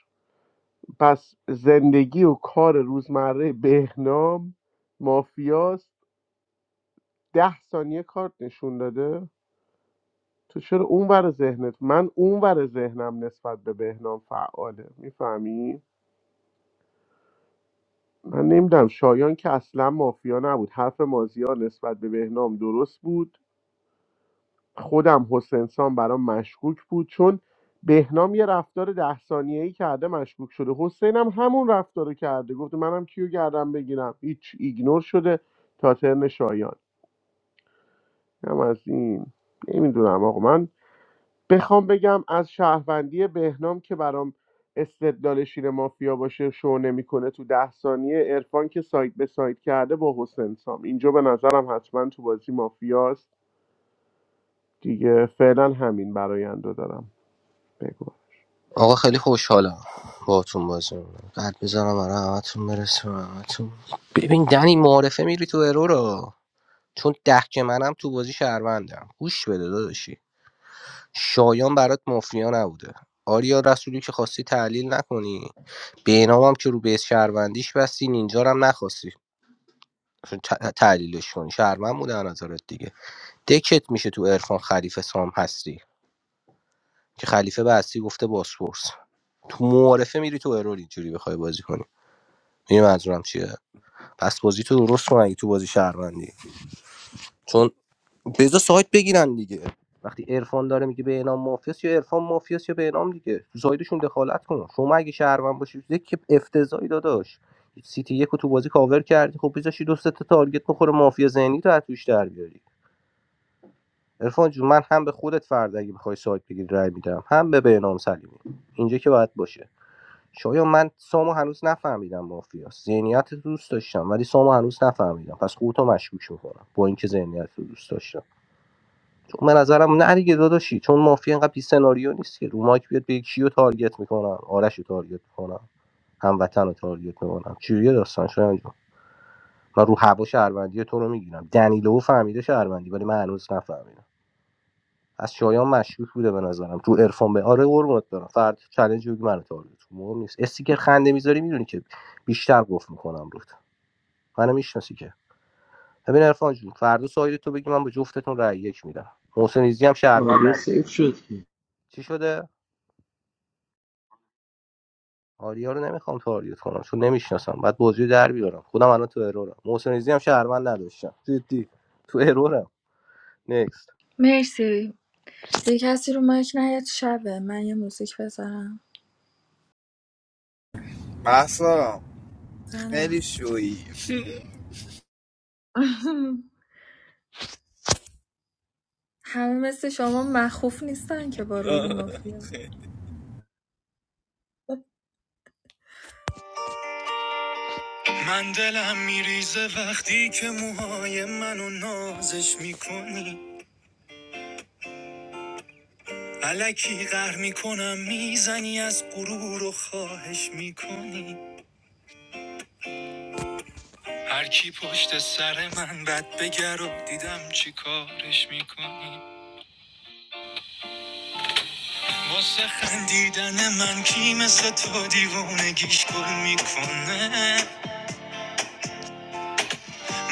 پس زندگی و کار روزمره بهنام مافیاست ده ثانیه کارت نشون داده تو چرا اونور ذهنت من اونور ذهنم نسبت به بهنام فعاله میفهمی من نمیدونم شایان که اصلا مافیا نبود حرف مازیار نسبت به بهنام درست بود خودم حسین سام برام مشکوک بود چون بهنام یه رفتار ده ثانیه ای کرده مشکوک شده حسین هم همون رفتار رو کرده گفته منم کیو گردم بگیرم هیچ ایگنور شده تا ترن شایان هم از این نمیدونم آقا من بخوام بگم از شهروندی بهنام که برام استدلال شیر مافیا باشه شو نمیکنه تو ده ثانیه عرفان که سایت به سایت کرده با حسین سام اینجا به نظرم حتما تو بازی مافیاست دیگه فعلا همین براینده دارم بگو آقا خیلی خوشحالم باهاتون بازی می‌کنم. قد بزنم برای همتون برسه به همتون. ببین دنی معارفه میری تو ارو چون ده منم تو بازی شهروندم گوش بده داداشی شایان برات مافیا نبوده آریا رسولی که خواستی تحلیل نکنی بینام هم که رو بیس شهروندیش بستی نینجا رو هم نخواستی ت- تحلیلش کنی شهروند بوده از نظرت دیگه دکت میشه تو عرفان خلیفه سام هستی که خلیفه به هستی گفته باسپورس تو معارفه میری تو ارور اینجوری بخوای بازی کنی می‌دونی منظورم چیه پس بازی تو درست کن اگه تو بازی شهروندی چون بذار سایت بگیرن دیگه وقتی عرفان داره میگه به انام مافیاس یا عرفان مافیاس یا به انام دیگه تو سایدشون دخالت کن شما اگه شهروند باشی یک که افتضاحی داداش سیتی یک رو تو بازی کاور کردی خب بذاشی دو سه تا تارگت بخوره مافیا ذهنی تو از توش در بیاری عرفان جون من هم به خودت فرد اگه بخوای سایت بگیری رای میدم هم به بهنام سلیمی اینجا که باید باشه شاید من سامو هنوز نفهمیدم مافیاس ذهنیت رو دوست داشتم ولی سامو هنوز نفهمیدم پس خودتو مشکوک میکنم با اینکه ذهنیت رو دوست داشتم چون به نظرم نه دیگه داداشی چون مافیا اینقدر بی سناریو نیست که رو مایک بیاد بگه کیو تارگت میکنم آرش رو تارگت میکنم هموطن رو تارگت میکنم چجوری داستان شده انجام من رو هوا شهروندی تو رو میگیرم دنیلو فهمیده شهروندی ولی من هنوز نفهمیدم از شایان مشکوک بوده به نظرم تو عرفان به آره قربونت برم فرد چالش بگی منو تارگت کن. مهم نیست استیکر خنده میذاری میدونی که بیشتر گفت میکنم روت منو میشناسی که ببین عرفان جون فردا سایر تو بگی من به جفتتون رأی یک میدم محسن ایزی هم شهروند آریا نبوده سیف شد که چی شده آریا رو نمیخوام تاریت کنم چون نمیشناسم بعد بازی رو در بیارم خودم الان تو ارورم محسن عزیزی هم شهروند نداشتم جدی تو ارورم نکست مرسی دیگه کسی رو مایک نیاد شبه من یه موزیک بذارم محسا نه خیلی شویی همه مثل شما مخوف نیستن که با رول مافیا من دلم میریزه وقتی که موهای منو نازش میکنی علکی قهر میکنم میزنی از غرور و خواهش میکنی هر کی پشت سر من بد بگر و دیدم چی کارش میکنی واسه خندیدن من کی مثل تو دیوونگیش گل میکنه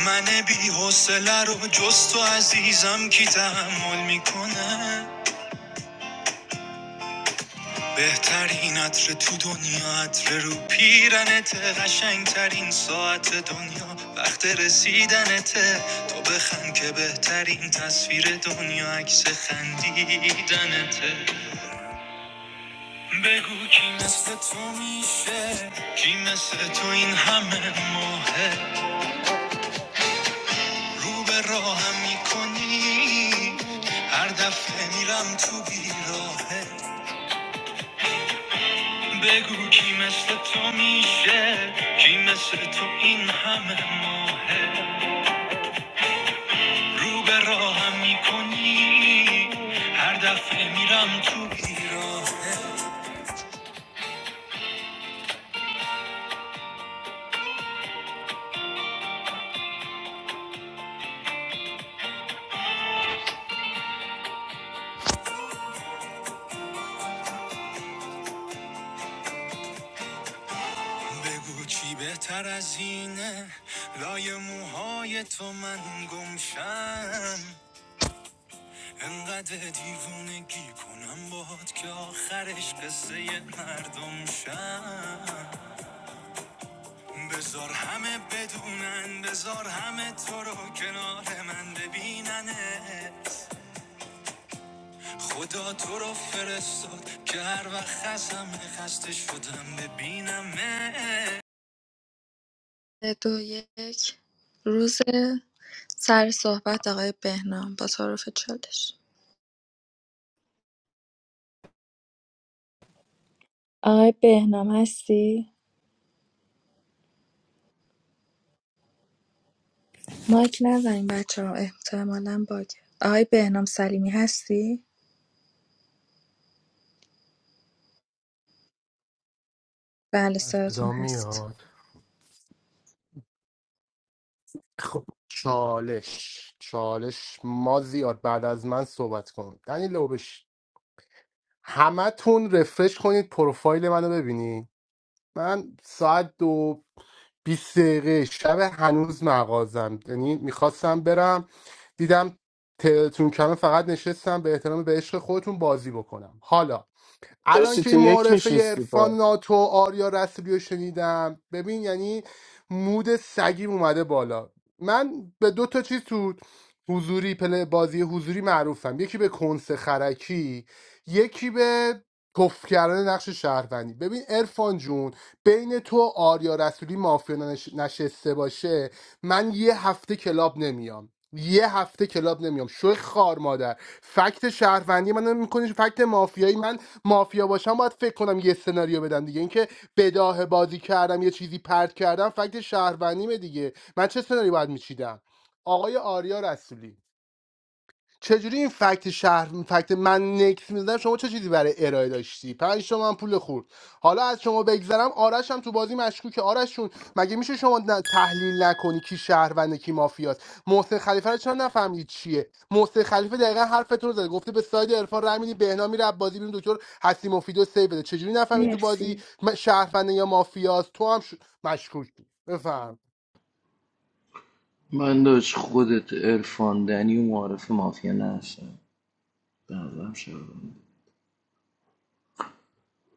من بی حوصله رو جز تو عزیزم کی تحمل میکنه بهترین عطر تو دنیا عطر رو پیرنت قشنگترین ساعت دنیا وقت رسیدنته تو بخند که بهترین تصویر دنیا عکس خندیدنته بگو کی مثل تو میشه کی مثل تو این همه ماهه رو به راهم میکنی هر دفعه میرم تو بیراهه بگو کی مثل تو میشه کی مثل تو این همه ماهه رو به راهم میکنی هر دفعه میرم تو بیراه بگو چی بهتر از اینه لای موهای تو من گمشم انقدر دیوونگی کنم باد که آخرش قصه مردم شم بزار همه بدونن بزار همه تو رو کنار من ببیننت خدا تو رو فرستاد که هر وقت خستم خسته شدم ببینمت دو یک روز سر صحبت آقای بهنام با تعارف چالش آقای بهنام هستی؟ مایک نزنیم بچه ها احتمالا باگه آقای بهنام سلیمی هستی؟ بله صداتون صدا هست میاد خب چالش چالش ما زیاد بعد از من صحبت کن دنیلو بش همه تون رفرش کنید پروفایل منو ببینید من ساعت دو 20 دقیقه شب هنوز مغازم یعنی میخواستم برم دیدم تلتون کمه فقط نشستم به احترام به عشق خودتون بازی بکنم حالا چرا الان که سیتی این یک معارفه نشستی عرفان پا ناتو آریا رسولی رو شنیدم ببین یعنی مود سگیم اومده بالا من به دو تا چیز تو حضوری پل بازی حضوری معروفم یکی به کنس خرکی یکی به کف کردن نقش شهروندی ببین ارفان جون بین تو و آریا رسولی مافیا نش- نشسته باشه من یه هفته کلاب نمیام یه هفته کلاب نمیام شوی خار مادر فکت شهروندی من میکنی فکت مافیایی من مافیا باشم باید فکر کنم یه سناریو بدم دیگه اینکه بداه بازی کردم یه چیزی پرت کردم فکت شهروندیمه دیگه من چه سناریو باید میچیدم آقای آریا رسولی چجوری این فکت شهر فکت من نکس میزنم شما چه چیزی برای ارائه داشتی پنج تومن پول خورد حالا از شما بگذرم آرش هم تو بازی مشکوکه آرش جون مگه میشه شما ن- تحلیل نکنی کی شهرونده کی مافیاست محسن خلیفه رو چرا نفهمید چیه محسن خلیفه دقیقا حرفتون رو زده گفته به ساید عرفان رای میدی بهنا میره از بازی بیرون دکتر حسی مفیدو سیو بده چجوری نفهمید تو بازی مرسی م- شهرونده یا مافیاست تو هم ش... مشکوکی بفهم من داشت خودت عرفان دنی و معارف مافیا نشد به نظرم شهروند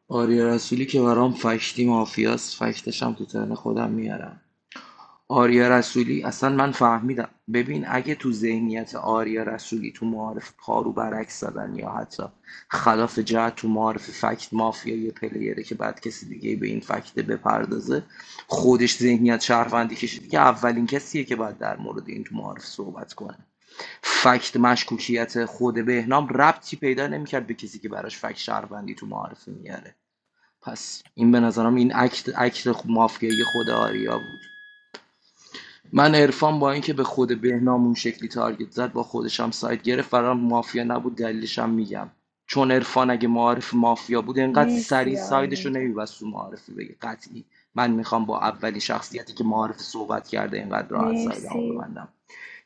آریا رسولی که برام فکتی مافیاست فکتش هم تو ترن خودم میارم آریا رسولی اصلا من فهمیدم ببین اگه تو ذهنیت آریا رسولی تو معارف پارو برعکس زدن یا حتی خلاف جهت تو معارف فکت مافیا یه پلیره که بعد کسی دیگه به این فکت بپردازه خودش ذهنیت شهروندی کشیده که اولین کسیه که بعد در مورد این تو معارف صحبت کنه فکت مشکوکیت خود بهنام ربطی پیدا نمیکرد به کسی که براش فکت شهروندی تو معارفه میاره پس این به نظرم این اکت اکت مافیایی خود آریا بود من عرفان با اینکه به خود بهنام اون شکلی تارگت زد با خودش هم سایت گرفت برام مافیا نبود دلیلش هم میگم چون عرفان اگه معارف مافیا بود انقدر سریع مرسی آقای سایدش رو نینجا نمیبست تو معارفه بگه قطعی من میخوام با اولین شخصیتی که معارف صحبت کرده اینقدر راحت سایدم رو مرسی ببندم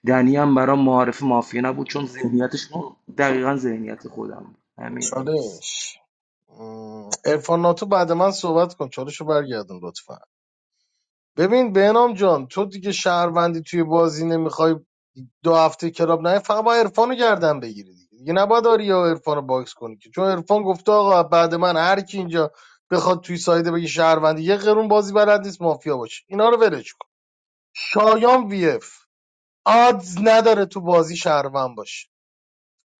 دنی هم برام معارف مافیا نبود چون ذهنیتش دقیقا ذهنیت خودم بود همین نکس چالش ارفان ناتو بعد من صحبت کن چالش رو برگردم لطفا ببین بهنام جان تو دیگه شهروندی توی بازی نمیخوای دو هفته کلاب نه فقط با عرفان رو گردن بگیری دیگه دیگه نباید آریا و باکس کنی که چون عرفان گفته آقا بعد من هر کی اینجا بخواد توی سایده بگه شهروندی یه قرون بازی بلد نیست مافیا باشه اینا رو ولش شایان وی اف آدز نداره تو بازی شهروند باشه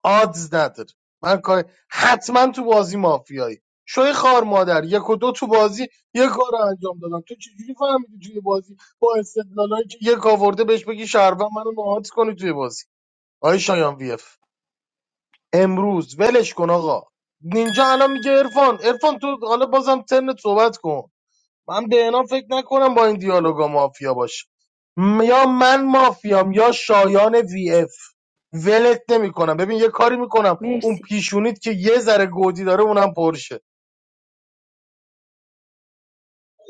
آدز نداره من کار حتما تو بازی مافیایی شوی خار مادر یک و دو تو بازی یه کار رو انجام دادم تو چجوری فهمیدی توی بازی با استدلالایی که یک آورده بهش بگی شهروند منو نهات کنی توی بازی آی شایان وی اف امروز ولش کن آقا نینجا الان میگه عرفان عرفان تو حالا بازم ترنت صحبت کن من به اینا فکر نکنم با این دیالوگا مافیا باشه م- یا من مافیام یا شایان وی اف ولت نمیکنم ببین یه کاری میکنم اون مرسی پیشونید که یه ذره گودی داره اونم پرشه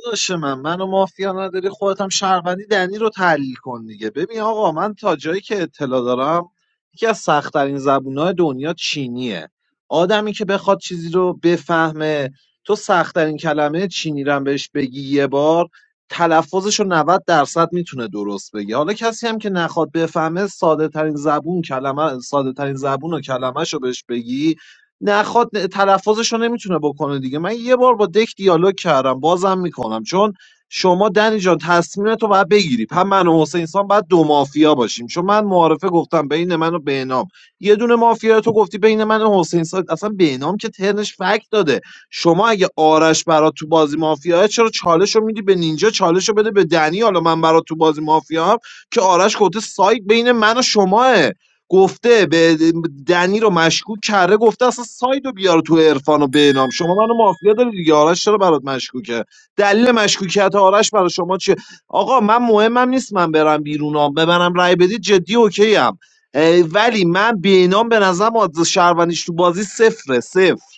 داداش من منو مافیا نداری خودت هم شهروندی دنی رو تحلیل کن دیگه ببین آقا من تا جایی که اطلاع دارم یکی از سختترین زبونهای دنیا چینیه آدمی که بخواد چیزی رو بفهمه تو سختترین کلمه چینی رو هم بهش بگی یه بار تلفظش رو 90 درصد میتونه درست بگی حالا کسی هم که نخواد بفهمه ساده ترین زبون کلمه ساده ترین زبون و کلمه رو بهش بگی نخواد تلفظش رو نمیتونه بکنه دیگه من یه بار با دک دیالوگ کردم بازم میکنم چون شما دنی جان تصمیم تو باید بگیری هم من و حسین سان باید دو مافیا باشیم چون من معارفه گفتم بین من و بهنام یه دونه مافیا تو گفتی بین من و حسین سان اصلا بهنام که ترنش فکت داده شما اگه آرش برات تو بازی مافیا چرا چالش رو میدی به نینجا چالش رو بده به دنی حالا من برات تو بازی مافیا هم که آرش گفته سایت بین من و شماه گفته به دنی رو مشکوک کرده گفته اصلا سایدو بیار تو عرفان و بینام شما منو مافیا داری دیگه آرش چرا برات مشکوکه دلیل مشکوکیت آرش برای شما چیه آقا من مهمم نیست من برم بیرونم به ببرم رای بدید جدی اوکی ام ولی من بینام به نظرم از شهروندیش تو بازی صفره صفر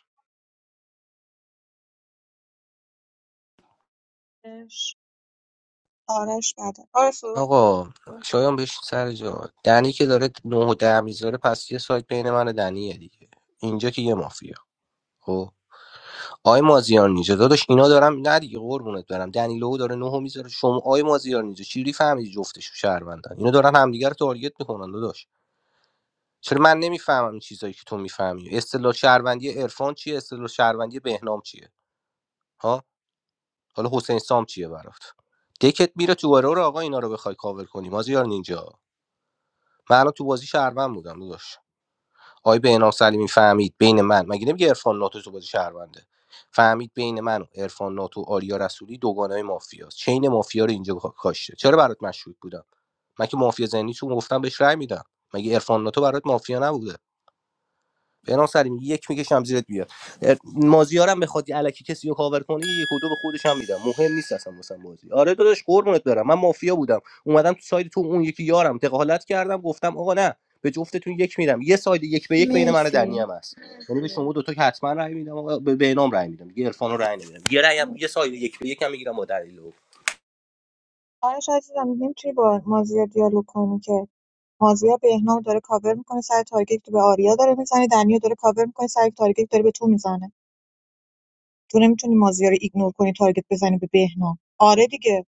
آرش آرش بعد آرش صحبت کن. آقا شایان بهش سر جا دنی که داره نه و ده میذاره پس یه سایت بین من و دنیه دیگه اینجا که یه مافیا خب آی مازیار نیجا داداش اینا دارم نه دیگه قربونت برم دنیلو داره نه و میذاره شما آی مازیار نیجا چجوری فهمیدی جفتش شهروندن اینا دارن همدیگه رو تارگت میکنن داداش چرا من نمیفهمم این چیزایی که تو میفهمی اصطلاح شهروندی عرفان چیه اصطلاح شهروندی بهنام چیه ها حالا حسین سام چیه برات دکت میره تو رو آقا اینا رو بخوای کاور کنی مازیار نینجا من الان تو بازی شهروند بودم داداش آی بهنام سلیمی فهمید بین من مگه نمیگه عرفان ناتو تو بازی شهرونده فهمید بین من و عرفان ناتو و آریا رسولی دوگانه مافیاست چین مافیا رو اینجا کا- کاشته چرا برات مشکوک بودم من که مافیا زنی تو گفتم بهش رأی میدم مگه عرفان ناتو برات مافیا نبوده بنام سلیمی یک میکشم زیرت بیاد مازیارم بخواد یه الکی کسی رو کاور کنی یک و دو به خودش هم میدم مهم نیست اصلا واسم بازی آره داداش قربونت برم من مافیا بودم اومدم تو ساید تو اون یکی یارم دخالت کردم گفتم آقا نه به جفتتون یک میدم یه ساید یک به یک بین من و دنی مرسی هم هست یعنی به شما دو تا که حتما رای میدم آقا به بینام رای میدم دیگه عرفان رای نمیدم یه رای هم- یه مرسی ساید یک به یک هم میگیرم با دلیل آرش عزیزم نمیتونی با مازیار دیالوگ کنی که مازیار بهنام داره کاور میکنه سر تارگت که به آریا داره میزنه دنیا داره کاور میکنه سر تارگت که داره به تو میزنه تو نمیتونی مازیار رو ایگنور کنی تارگت بزنی به بهنام آره دیگه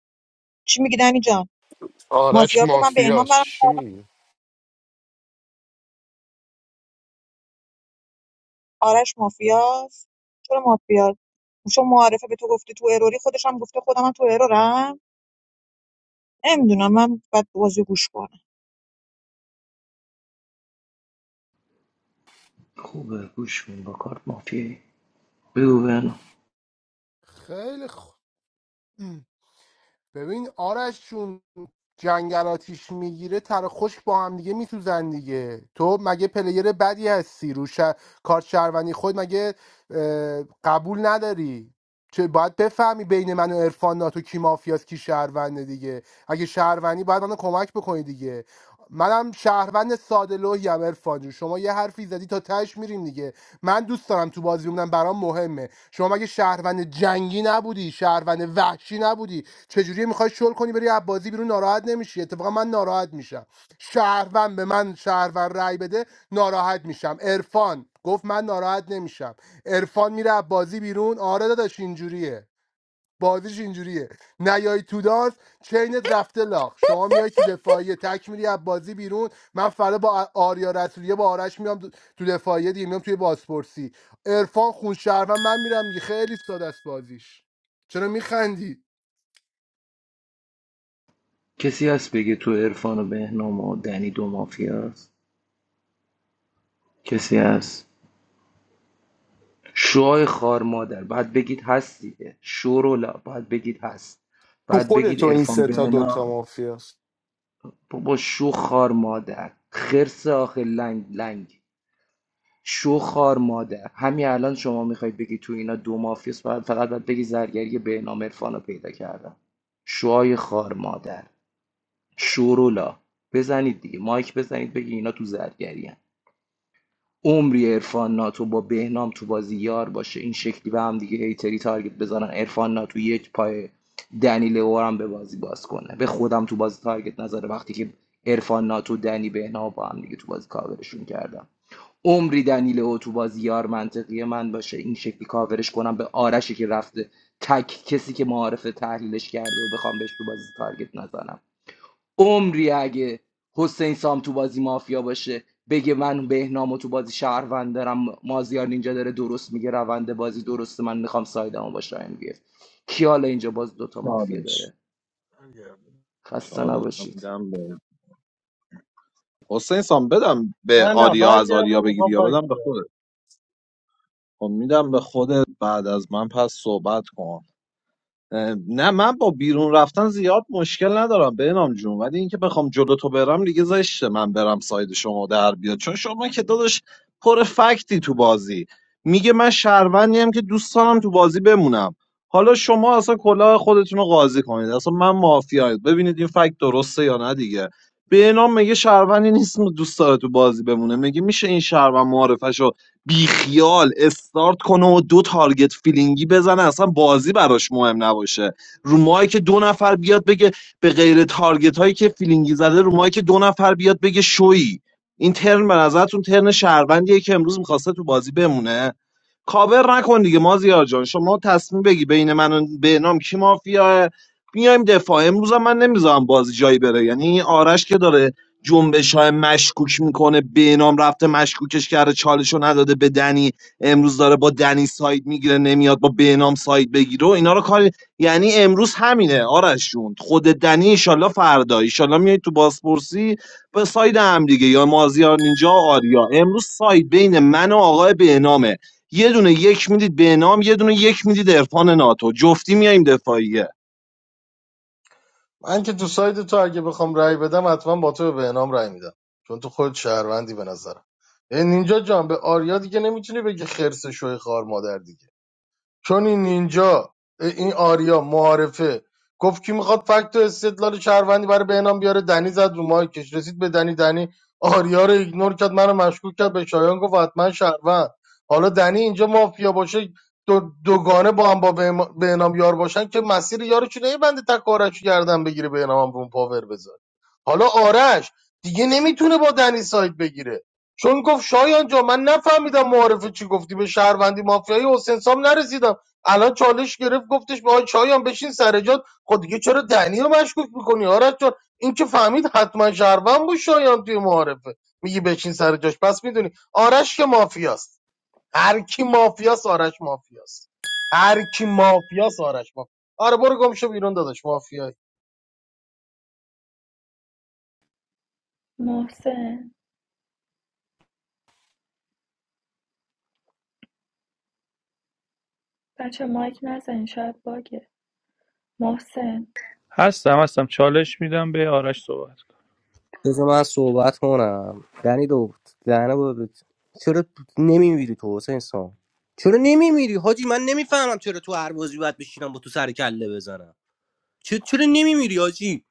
چی میگی دنی جان آرش مازیار گفت من بهنام مافیاست برم چی میگی آرش مافیاست چرا مافیاست چون معارفه به تو گفته تو اروری خودش هم گفته خودم هم تو ارورم نمیدونم من باید بازی گوش کنم خوبه گوش کن با کارت مافیایی بگو بهنام خیلی خوب ببین آرش چون جنگل آتیش میگیره تر خشک با هم دیگه میسوزن دیگه تو مگه پلیر بدی هستی رو شه- کارت شهروندی خود مگه اه، قبول نداری چه باید بفهمی بین من و عرفان ناتو کی مافیاست کی شهرونده دیگه اگه شهروندی باید منو کمک بکنی دیگه منم شهروند ساده لوحیم عرفان جون شما یه حرفی زدی تا تهش میریم دیگه من دوست دارم تو بازی بمونم برام مهمه شما مگه شهروند جنگی نبودی شهروند وحشی نبودی چجوری میخوای شل کنی بری از بازی بیرون ناراحت نمیشی اتفاقا من ناراحت میشم شهروند به من شهروند رأی بده ناراحت میشم عرفان گفت من ناراحت نمیشم عرفان میره از بازی بیرون آره داداش اینجوریه بازیش اینجوریه نیای تو دانس چینت رفته لاغ شما میای تو دفاعیه تک میری از بازی بیرون من فردا با آریا رسولیه با آرش میام دو- تو دفاعیه دیگه میام توی بازپرسی عرفان خون شهروند من میرم دیگه خیلی ساده است بازیش چرا میخندی کسی هست بگه تو عرفان و بهنام و دنی دو مافیا هست کسی هست شوهای خار مادر باید بگید هست دیگه شورولا باید بگید هست تو باید خود بگید تو این عرفان سه تا دوتا بهنام مافیاست بابا شو خار مادر خرس آخه لنگ لنگ شو خار مادر همین الان شما میخواید بگی تو اینا دو مافیاس باید فقط باید بگی زرگری بهنام عرفان رو پیدا کردم شوهای خار مادر شورولا بزنید دیگه مایک بزنید بگی اینا تو زرگری هم. عمری عرفان ناتو با بهنام تو بازی یار باشه این شکلی به هم دیگه هیتری تارگت بزنن عرفان ناتو یک پای دنی لئو به بازی باز کنه به خودم تو بازی تارگت نذاره وقتی که عرفان ناتو دنی بهنام با هم دیگه تو بازی کاورشون کردم عمری دنیل اتوبازی منطقی من باشه این شکلی کاورش کنم به آرشی که رفته تک کسی که معارف تحلیلش کرده و بخوام بهش تو بازی تارگت نزنم عمری اگه حسین سام تو بازی مافیا باشه بگه من بهنام و تو بازی شهروند دارم مازیار اینجا داره درست میگه روند بازی درسته من میخوام سایدمو باشه ام بی اف. کی حالا اینجا باز دوتا مافیا چالش داره خسته چالش رو نباشید میدم به حسین سام بدم به نه نه آریا از آریا برگردم میخوام بگیری یا فکر بدم به بیارم. خودت خب میدم به خودت بعد از من پس صحبت کن نه من با بیرون رفتن زیاد مشکل ندارم به نام جون ولی اینکه بخوام جلو تو برم دیگه زشته من برم ساید شما در بیاد چون شما که داداش پر فکتی تو بازی میگه من شهروندیم که دوست دارم تو بازی بمونم حالا شما اصلا کلاه خودتون رو قاضی کنید اصلا من مافیاید ببینید این فکت درسته یا نه دیگه به نام میگه شهروندی نیست دوست داره تو بازی بمونه میگه میشه این شهروند معرفش بیخیال استارت کنه و دو تارگت فیلینگی بزنه اصلا بازی براش مهم نباشه رو ماهی که دو نفر بیاد بگه به غیر تارگت هایی که فیلینگی زده رو ماهی که دو نفر بیاد بگه شویی این ترن به نظرتون ترن شهروندیه که امروز میخواسته تو بازی بمونه کاور نکن دیگه مازیار جان شما تصمیم بگی بین من و بهنام کی مافیاه میایم دفاع امروزم من نمیذارم بازی جایی بره یعنی این آرش که داره جنبش های مشکوک میکنه بهنام رفته مشکوکش کرده چالشو نداده به دنی امروز داره با دنی ساید میگیره نمیاد با بهنام ساید بگیره و اینا رو کاری یعنی امروز همینه آرش جون خود دنی ایشالله فردا ایشالله میای تو بازپرسی به ساید هم دیگه یا مازیار نینجا و آریا امروز ساید بین من و آقای بهنامه یه دونه یک میدید به نام یه دونه یک میدید عرفان ناتو جفتی میایم دفاعیه من که تو سایت تو اگه بخوام رأی بدم حتما با تو به نام رأی میدم چون تو خود شهروندی به نظرم این اینجا جان به آریا دیگه نمیتونی بگی خرس شوی خار مادر دیگه چون این نینجا این آریا معارفه گفت کی میخواد فکت و استدلال شهروندی برای بهنام بیاره دنی زد رو مایکش رسید به دنی دنی آریا رو ایگنور کرد منو مشکوک کرد به شایان گفت حتما شهروند حالا دنی اینجا مافیا باشه دو دوگانه با هم با بهما- بهنام یار باشن که مسیر یارو چونه بنده تک آرش رو گردن بگیره بهنام هم رو اون پاور بذاره حالا آرش دیگه نمیتونه با دنی سایت بگیره چون گفت شایان جا من نفهمیدم معارفه چی گفتی به شهروندی مافیایی حسین سام نرسیدم الان چالش گرفت گفتش به آقای شایان بشین سر جات خود دیگه چرا دنی رو مشکوک میکنی آرش جان این که فهمید حتما شهروند بود شایان توی معارفه میگی بشین سر جاش پس میدونی آرش که مافیاست هر کی مافیاست آرش مافیاست هر کی مافیاست آرش مافیاست آره برو گم شو بیرون داداش مافیایی محسن بچه مایک نزنین شاید باگه محسن هستم هستم چالش میدم به آرش صحبت کن. بذار من صحبت کنم دنی دو دهنه بود چرا نمیمیری تو حسین سام چرا نمیمیری حاجی من نمیفهمم چرا تو هر بازی باید بشینم با تو سر کله بزنم چرا, چرا نمیمیری حاجی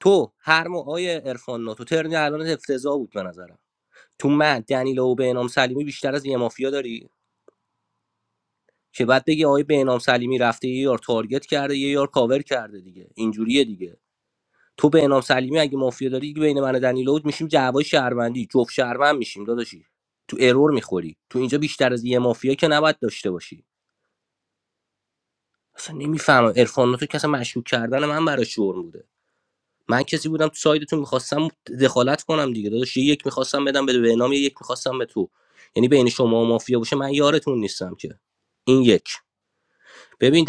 تو هر ماه آیه عرفان ناتو ترنی الان افتضاح بود به نظرم تو من دنیلو و بهنام سلیمی بیشتر از یه مافیا داری که بعد بگی آیه بهنام سلیمی رفته یه یار تارگت کرده یه یار کاور کرده دیگه اینجوریه دیگه تو به انام سلیمی اگه مافیا داری دیگه بین من و دنیلو میشیم جوای شهروندی جفت شهروند میشیم داداشی تو ارور میخوری تو اینجا بیشتر از یه مافیا که نباید داشته باشی اصلا نمیفهمم عرفان تو کسا مشکوک کردن من برای شور بوده من کسی بودم تو سایدتون میخواستم دخالت کنم دیگه داداش یه یک میخواستم بدم به به نام یه یک میخواستم به تو یعنی بین شما و مافیا باشه من یارتون نیستم که این یک ببین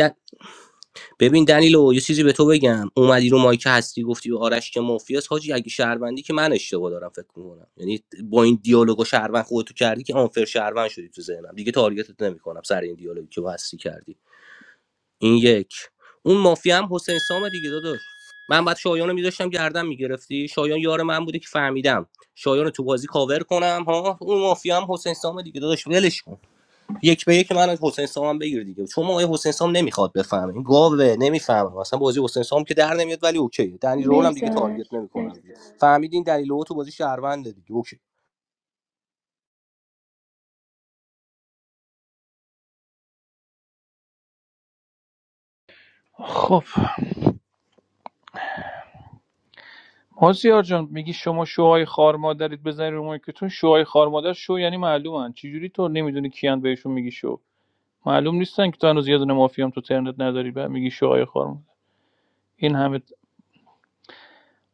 ببین دنیلو یه چیزی به تو بگم اومدی رو مایک هستی گفتی به آرش که مافیاس حاجی اگه شهروندی که من اشتباه دارم فکر میکنم یعنی با این دیالوگو شهروند خودتو کردی که آنفر شهروند شدی تو ذهنم دیگه تارگتت نمیکنم سر این دیالوگی که با هستی کردی این یک اون مافیا هم حسین سام دیگه داداش من بعد شایان رو می‌داشتم گردن میگرفتی شایان یار من بوده که فهمیدم شایان رو تو بازی کاور کنم ها اون مافیا هم حسین سام دیگه داداش ولش کن. یک به یک من از حسین سام هم بگیر دیگه چون ما آقای حسین سام نمیخواد بفهمه این گاوه نمیفهمه اصلا بازی حسین سام که در نمیاد ولی اوکی دنیل رو هم مرسی دیگه آرش تارگت نمیکنم مرسی دیگه فهمیدین دلیل رو تو بازی شهرونده دیگه اوکی خب مازیار جان میگی شما شوهای خارمادرید بزنید رو مایکتون شوهای خارمادر شو یعنی معلومن چجوری تو نمیدونی کیان بهشون میگی شو معلوم نیستن که تو هنوز یه دونه مافیام تو ترنت نداری بعد میگی شوهای خارمادر این همه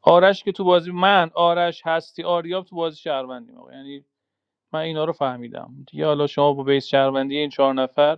آرش که تو بازی من آرش هستی آریاب تو بازی شهروندیم آقا یعنی من اینا رو فهمیدم دیگه حالا شما با بیس شهروندی این چهار نفر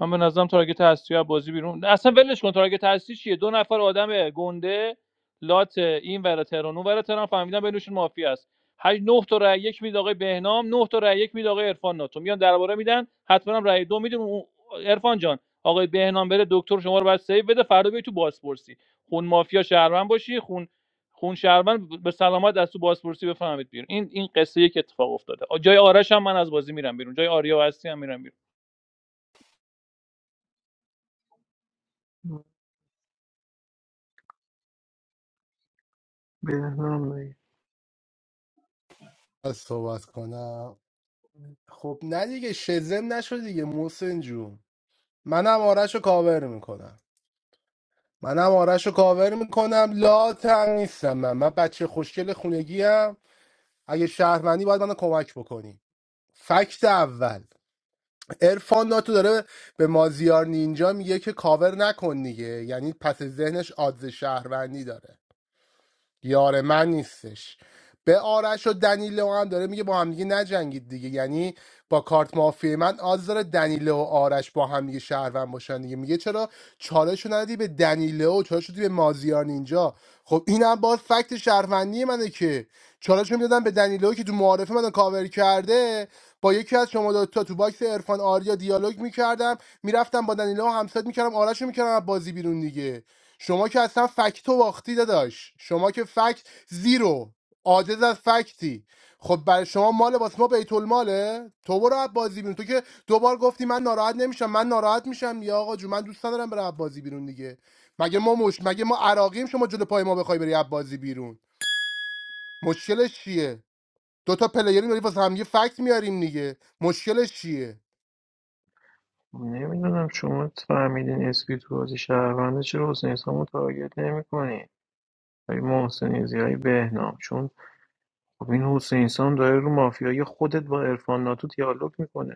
من به نظرم تارگت اصلی از بازی بیرون اصلا ولش کن تارگت اصلی چیه دو نفر آدم گنده لات این ور تهران اون ور تهران فهمیدن بینشون مافیا است هر نه تا رای یک میده آقای بهنام نه تا رای یک میده آقای عرفان ناتو میان درباره میدن حتما هم رای دو میدیم اون- عرفان جان آقای بهنام بره دکتر شما رو بعد سیو بده فردا بیای تو بازپرسی خون مافیا شهروند باشی خون خون شهروند به سلامت از تو بازپرسی بفهمید بیرون این این قصه یک اتفاق افتاده جای آرش هم من از بازی میرم بیرون جای آریا هستی هم میرم بیرون بهنام بگیر. از صحبت کنم خب نه دیگه شزم نشد دیگه محسن جون منم آرش رو کاور میکنم منم آرش رو کاور میکنم لا نیستم من من بچه خوشگل خونگی ام. اگه شهرمندی باید منو کمک بکنی فکت اول ارفان ناتو داره به مازیار نینجا میگه که کاور نکن دیگه یعنی پس ذهنش آدز شهروندی داره یار من نیستش به آرش و دنیلو هم داره میگه با هم دیگه نجنگید دیگه یعنی با کارت مافیا من آز داره دنیلو و آرش با هم دیگه شهروند باشن دیگه میگه چرا چالش رو ندی به دنیلو چالش شدی به مازیار نینجا خب اینم باز فکت شهروندی منه که چالش میدادم به دنیلو که تو معارفه منو کاور کرده با یکی از شما دو تا تو باکس عرفان آریا دیالوگ میکردم میرفتم با دنیلو همساد میکردم آرش رو میکردم از بازی بیرون دیگه شما که اصلا فکت و واختی داداش شما که فکت زیرو عاجز از فکتی خب برای شما مال واسه ما بیت الماله تو برو عب بازی بیرون تو که دوبار گفتی من ناراحت نمیشم من ناراحت میشم یا آقا جو من دوست ندارم برم عب بازی بیرون دیگه مگه ما مش مگه ما عراقیم شما جلو پای ما بخوای بری عب بازی بیرون مشکلش چیه دو تا پلیری داری واسه هم یه فکت میاریم دیگه مشکلش چیه نمیدونم شما فهمیدین اسپی تو بازی شهرونده چرا حسین سام رو تارگت نمیکنی ای محسن ایزی بهنام چون خب این حسین سام داره رو مافیای خودت با عرفان ناتو دیالوگ میکنه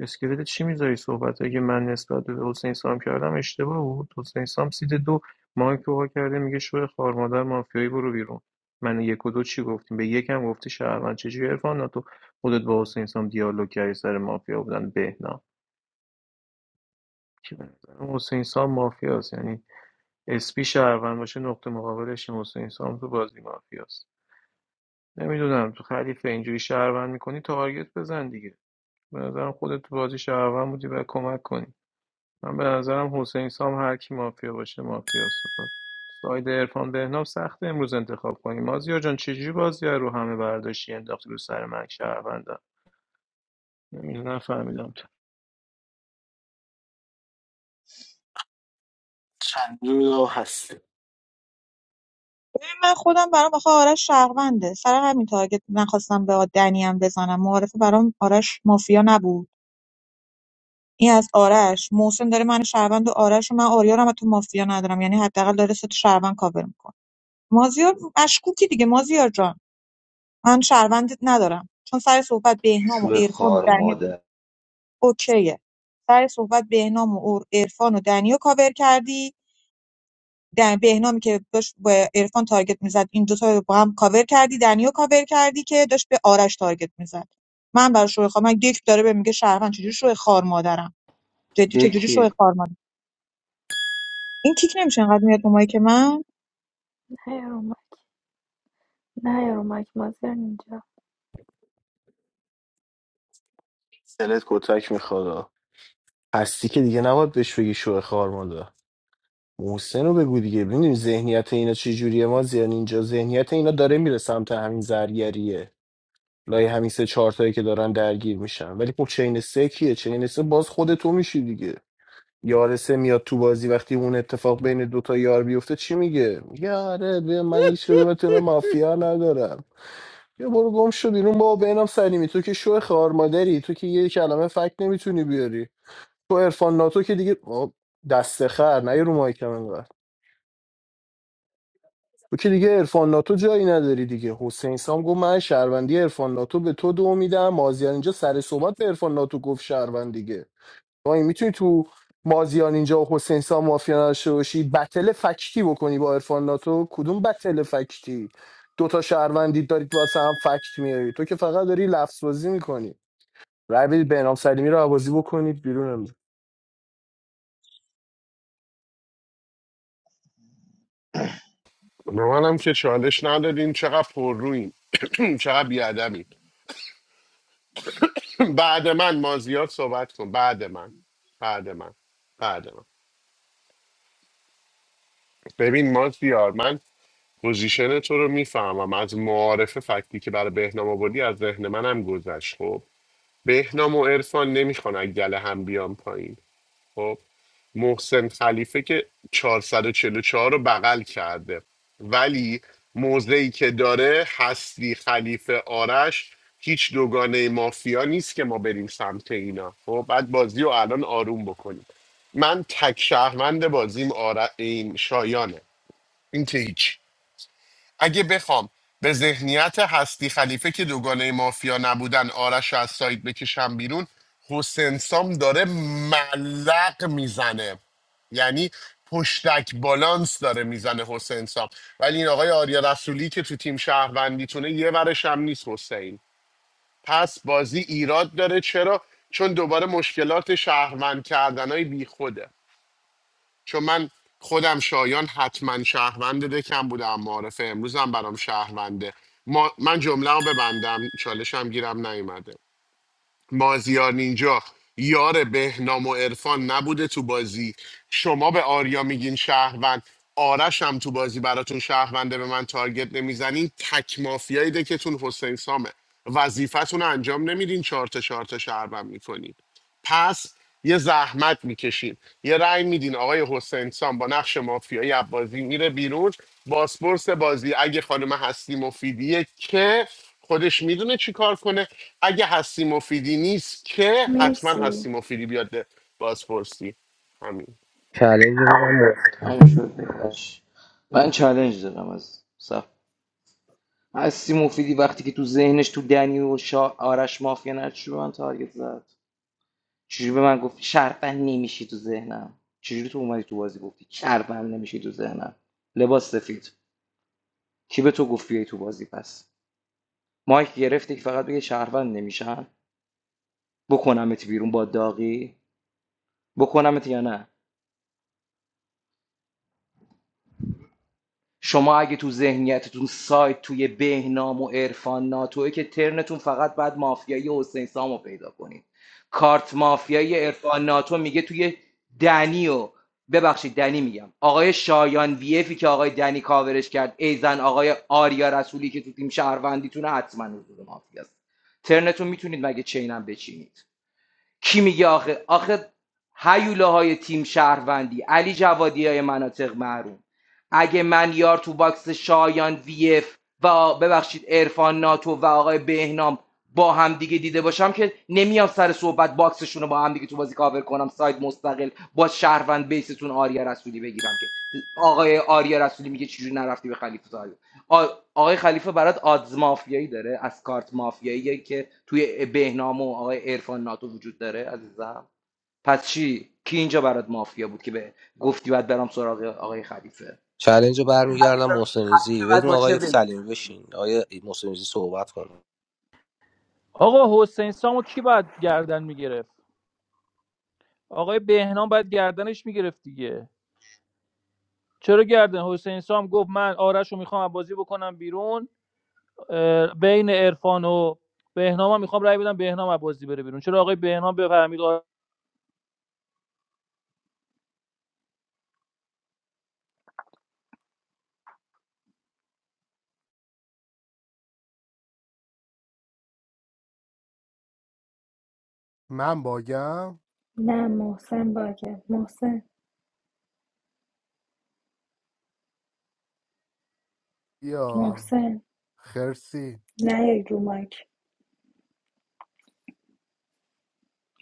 اسکلت چی میذاری صحبتایی که من نسبت به حسین سام کردم اشتباه بود حسین سام سیت دو مایک وا کرده میگه شو خار مادر مافیایی برو بیرون من یک و دو چی گفتیم به یکم گفتی شهروند چجوری عرفان نه تو خودت با حسین سام دیالوگ کردی سر مافیا بودن بهنام که به نظرم حسین سام مافیاست یعنی اسپی شهروند باشه نقطه مقابلش این حسین سام تو بازی مافیاست نمیدونم تو خلیفه اینجوری شهروند میکنی تارگت بزن دیگه به نظرم خودت تو بازی شهروند بودی و کمک کنی من به نظرم حسین سام هر کی مافیا باشه مافیا سپاد ساید عرفان بهنام سخت امروز انتخاب کنیم مازیار جان چجوری بازی رو همه برداشتی انداختی رو سر من که شهروندم نمیدونم فهمیدم تو دو هستی ببین، من خودم برام آخه آرش شهرونده سر همین تارگت نخواستم به دنی هم بزنم معارفه برام آرش مافیا نبود این از آرش محسن داره من شهروند و آرش و من آریا رو هم تو مافیا ندارم یعنی حداقل داره سه تا شهروند کاور میکنه مازیار مشکوکی دیگه مازیار جان من شهروندت ندارم چون سر صحبت بهنام و شو عرفان و خار دنی ماده. اوکیه سر صحبت بهنام و اور- عرفان و دنی کاور کردی دن... بهنامی که داشت با عرفان تارگت میزد این دوتا رو با هم کاور کردی دنیو کاور کردی که داشت به آرش تارگت میزد من برای شوی خواهم من یک داره به میگه شهروند چجوری شوی خار مادرم جدی چجوری شوی دکی خار مادرم این کیک نمیشه انقدر میاد رو که من نه یارو مایک نه یارو مایک مازیار نینجا سلت کتک میخواد هستی که دیگه نباید بهش بگی شوه خار ماده محسن رو بگو دیگه ببینیم ذهنیت اینا چی جوریه ما زیان اینجا ذهنیت اینا داره میره سمت همین زرگریه لای همین سه چهارتایی که دارن درگیر میشن ولی خب چین سه کیه چین سه باز خود تو میشی دیگه یار سه میاد تو بازی وقتی اون اتفاق بین دوتا یار بیفته چی میگه یاره من هیچ کدومتون رو مافیا ندارم بیا برو گم شو بیرون بابا بینم سلیمی تو که شو خار مادری تو که یه کلمه فکت نمیتونی بیاری تو عرفان ناتو که دیگه آه، دست خر نه یه رو مایکم انقدر تو که دیگه عرفان ناتو جایی نداری دیگه حسین سام گفت من شهروندی عرفان ناتو به تو دو میدم مازیار اینجا سر صحبت به عرفان ناتو گفت شهروند دیگه تو این میتونی تو مازیار اینجا و حسین سام مافیا نداشته باشی بتل فکتی بکنی با عرفان ناتو کدوم بتل فکتی دوتا شهروندی دارید واسه هم فکت میاری تو که فقط داری لفظ بازی میکنی رای بدید به انام سلیمی رو عوضی بکنید بیرون امروز به منم که چالش ندادین چقدر پر روین چقدر بیادبی بعد من مازیار صحبت کن بعد من بعد من بعد من ببین مازیار من پوزیشن تو رو میفهمم از معارف فکتی که برای بهنام آوردی از ذهن منم گذشت خب بهنام و عرفان نمیخوان از گله هم بیان پایین خب محسن خلیفه که 444 رو بغل کرده ولی موضعی که داره هستی خلیفه آرش هیچ دوگانه مافیا نیست که ما بریم سمت اینا خب بعد بازی رو الان آروم بکنیم من تک شهروند بازیم آر... این شایانه این که هیچ اگه بخوام به ذهنیت هستی خلیفه که دوگانه مافیا نبودن آرش رو از سایت بکشم بیرون حسین سام داره ملق میزنه یعنی پشتک بالانس داره میزنه حسین سام ولی این آقای آریا رسولی که تو تیم شهروندیتونه یه ورش هم نیست حسین پس بازی ایراد داره چرا؟ چون دوباره مشکلات شهروند کردن های بی خوده چون من خودم شایان حتما شهروند دکم بودم معارف امروزم برام شهرونده ما من جمله رو ببندم چالشم گیرم نیومده مازیار نینجا یار بهنام و عرفان نبوده تو بازی شما به آریا میگین شهروند آرش هم تو بازی براتون شهرونده به من تارگت نمیزنین تک مافیایی دکتون حسین سامه وظیفتون رو انجام نمیدین چهار تا چهار تا شهروند میکنین پس یه زحمت میکشین یه رأی میدین آقای حسین سام با نقش مافیایی از بازی میره بیرون باسپورس بازی اگه خانم هستی مفیدیه که خودش میدونه چی کار کنه اگه هستی مفیدی نیست که حتما مرسی هستی مفیدی بیاد بازپرسی همین چالنج تموم شد بهش من چالش دارم از صف هستی مفیدی وقتی که تو ذهنش تو دنی و شا... آرش مافیا نشد چجوری به من تارگت زد چجوری به من گفتی شرفن نمیشی تو ذهنم چجوری تو اومدی تو بازی گفتی شرفن نمیشی تو ذهنم لباس سفید کی به تو گفتی بیای تو بازی پس مایک گرفتی که فقط بگه شهروند نمیشن بکنمت بیرون با داغی بکنمت یا نه شما اگه تو ذهنیتتون سایت توی بهنام و عرفان ناتوه که ترنتون فقط بعد مافیایی حسین سامو پیدا کنید کارت مافیایی عرفان ناتو میگه توی دنی و ببخشید دنی میگم آقای شایان ویفی که آقای دنی کاورش کرد ایزن آقای آریا رسولی که تو تیم شهروندیتونه حتما حضور مافیاست ترنتون میتونید مگه چینم بچینید کی میگه آخه آخه هیوله های تیم شهروندی علی جوادی های مناطق محروم اگه من یار تو باکس شایان وی اف و آ- ببخشید ارفان ناتو و آقای بهنام با هم دیگه دیده باشم که نمیام سر صحبت باکسشون رو با هم دیگه تو بازی کاور کنم ساید مستقل با شهروند بیستون آریا رسولی بگیرم که آقای آریا رسولی میگه چجوری نرفتی به خلیفه آ- آقای خلیفه برات آدز مافیایی داره از کارت مافیایی که توی بهنام و آقای عرفان ناتو وجود داره عزیزم پس چی کی اینجا برات مافیا بود که به گفتی باید برام سراغ آقای خلیفه چالنج رو برمیگردم خلیفه محسنیزی بعد بدین با چه آقای بیسی سلیمی من تارگت بشین می‌کردم؟ آقای محسنیزی صحبت کنه آقا حسین سامو کی باید گردن میگرفت آقای بهنام باید گردنش میگرفت دیگه چرا گردن حسین سام گفت من آرش رو میخوام بازی بکنم بیرون اه، بین عرفان و بهنام هم میخوام رأی بدم بهنام از بازی بره بیرون چرا آقای بهنام بفهمید آ- من باگم نه محسن باگه محسن یا محسن خرسی نه یارو مایک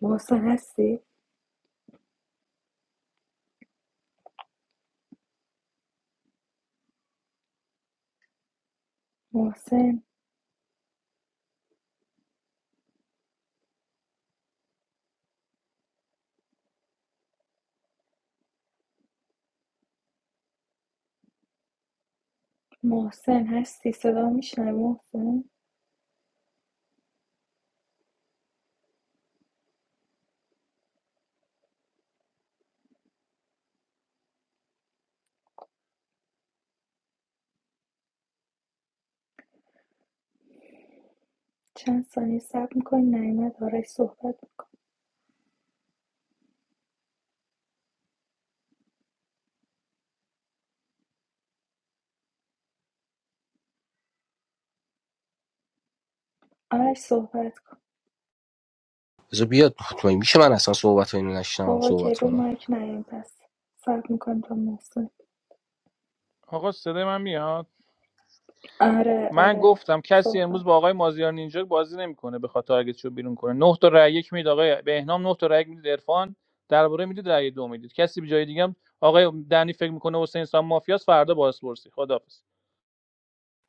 محسن هستی محسن محسن هستی صدا میشنوی محسن چند ثانیه صبر میکنی نیومد آرش صحبت آرش صحبت کن بذار بیاد مطمئن میشه من اصلا صحبت اینو نشنم آقا که صحبت رو کنم مایک نیاین پس صبر میکنیم تا محسن آقا صدای من میاد آره من آره گفتم کسی امروز صحبت با کن آقای مازیار نینجا بازی نمیکنه به خاطر رو بیرون کنه 9 تا رأی یک میدید آقای بهنام 9 تا رأی یک میدید عرفان درباره میدید رأی دو میدید کسی به جای دیگه هم آقای دنی فکر میکنه حسین سام مافیاس فردا بازپرسی خداحافظ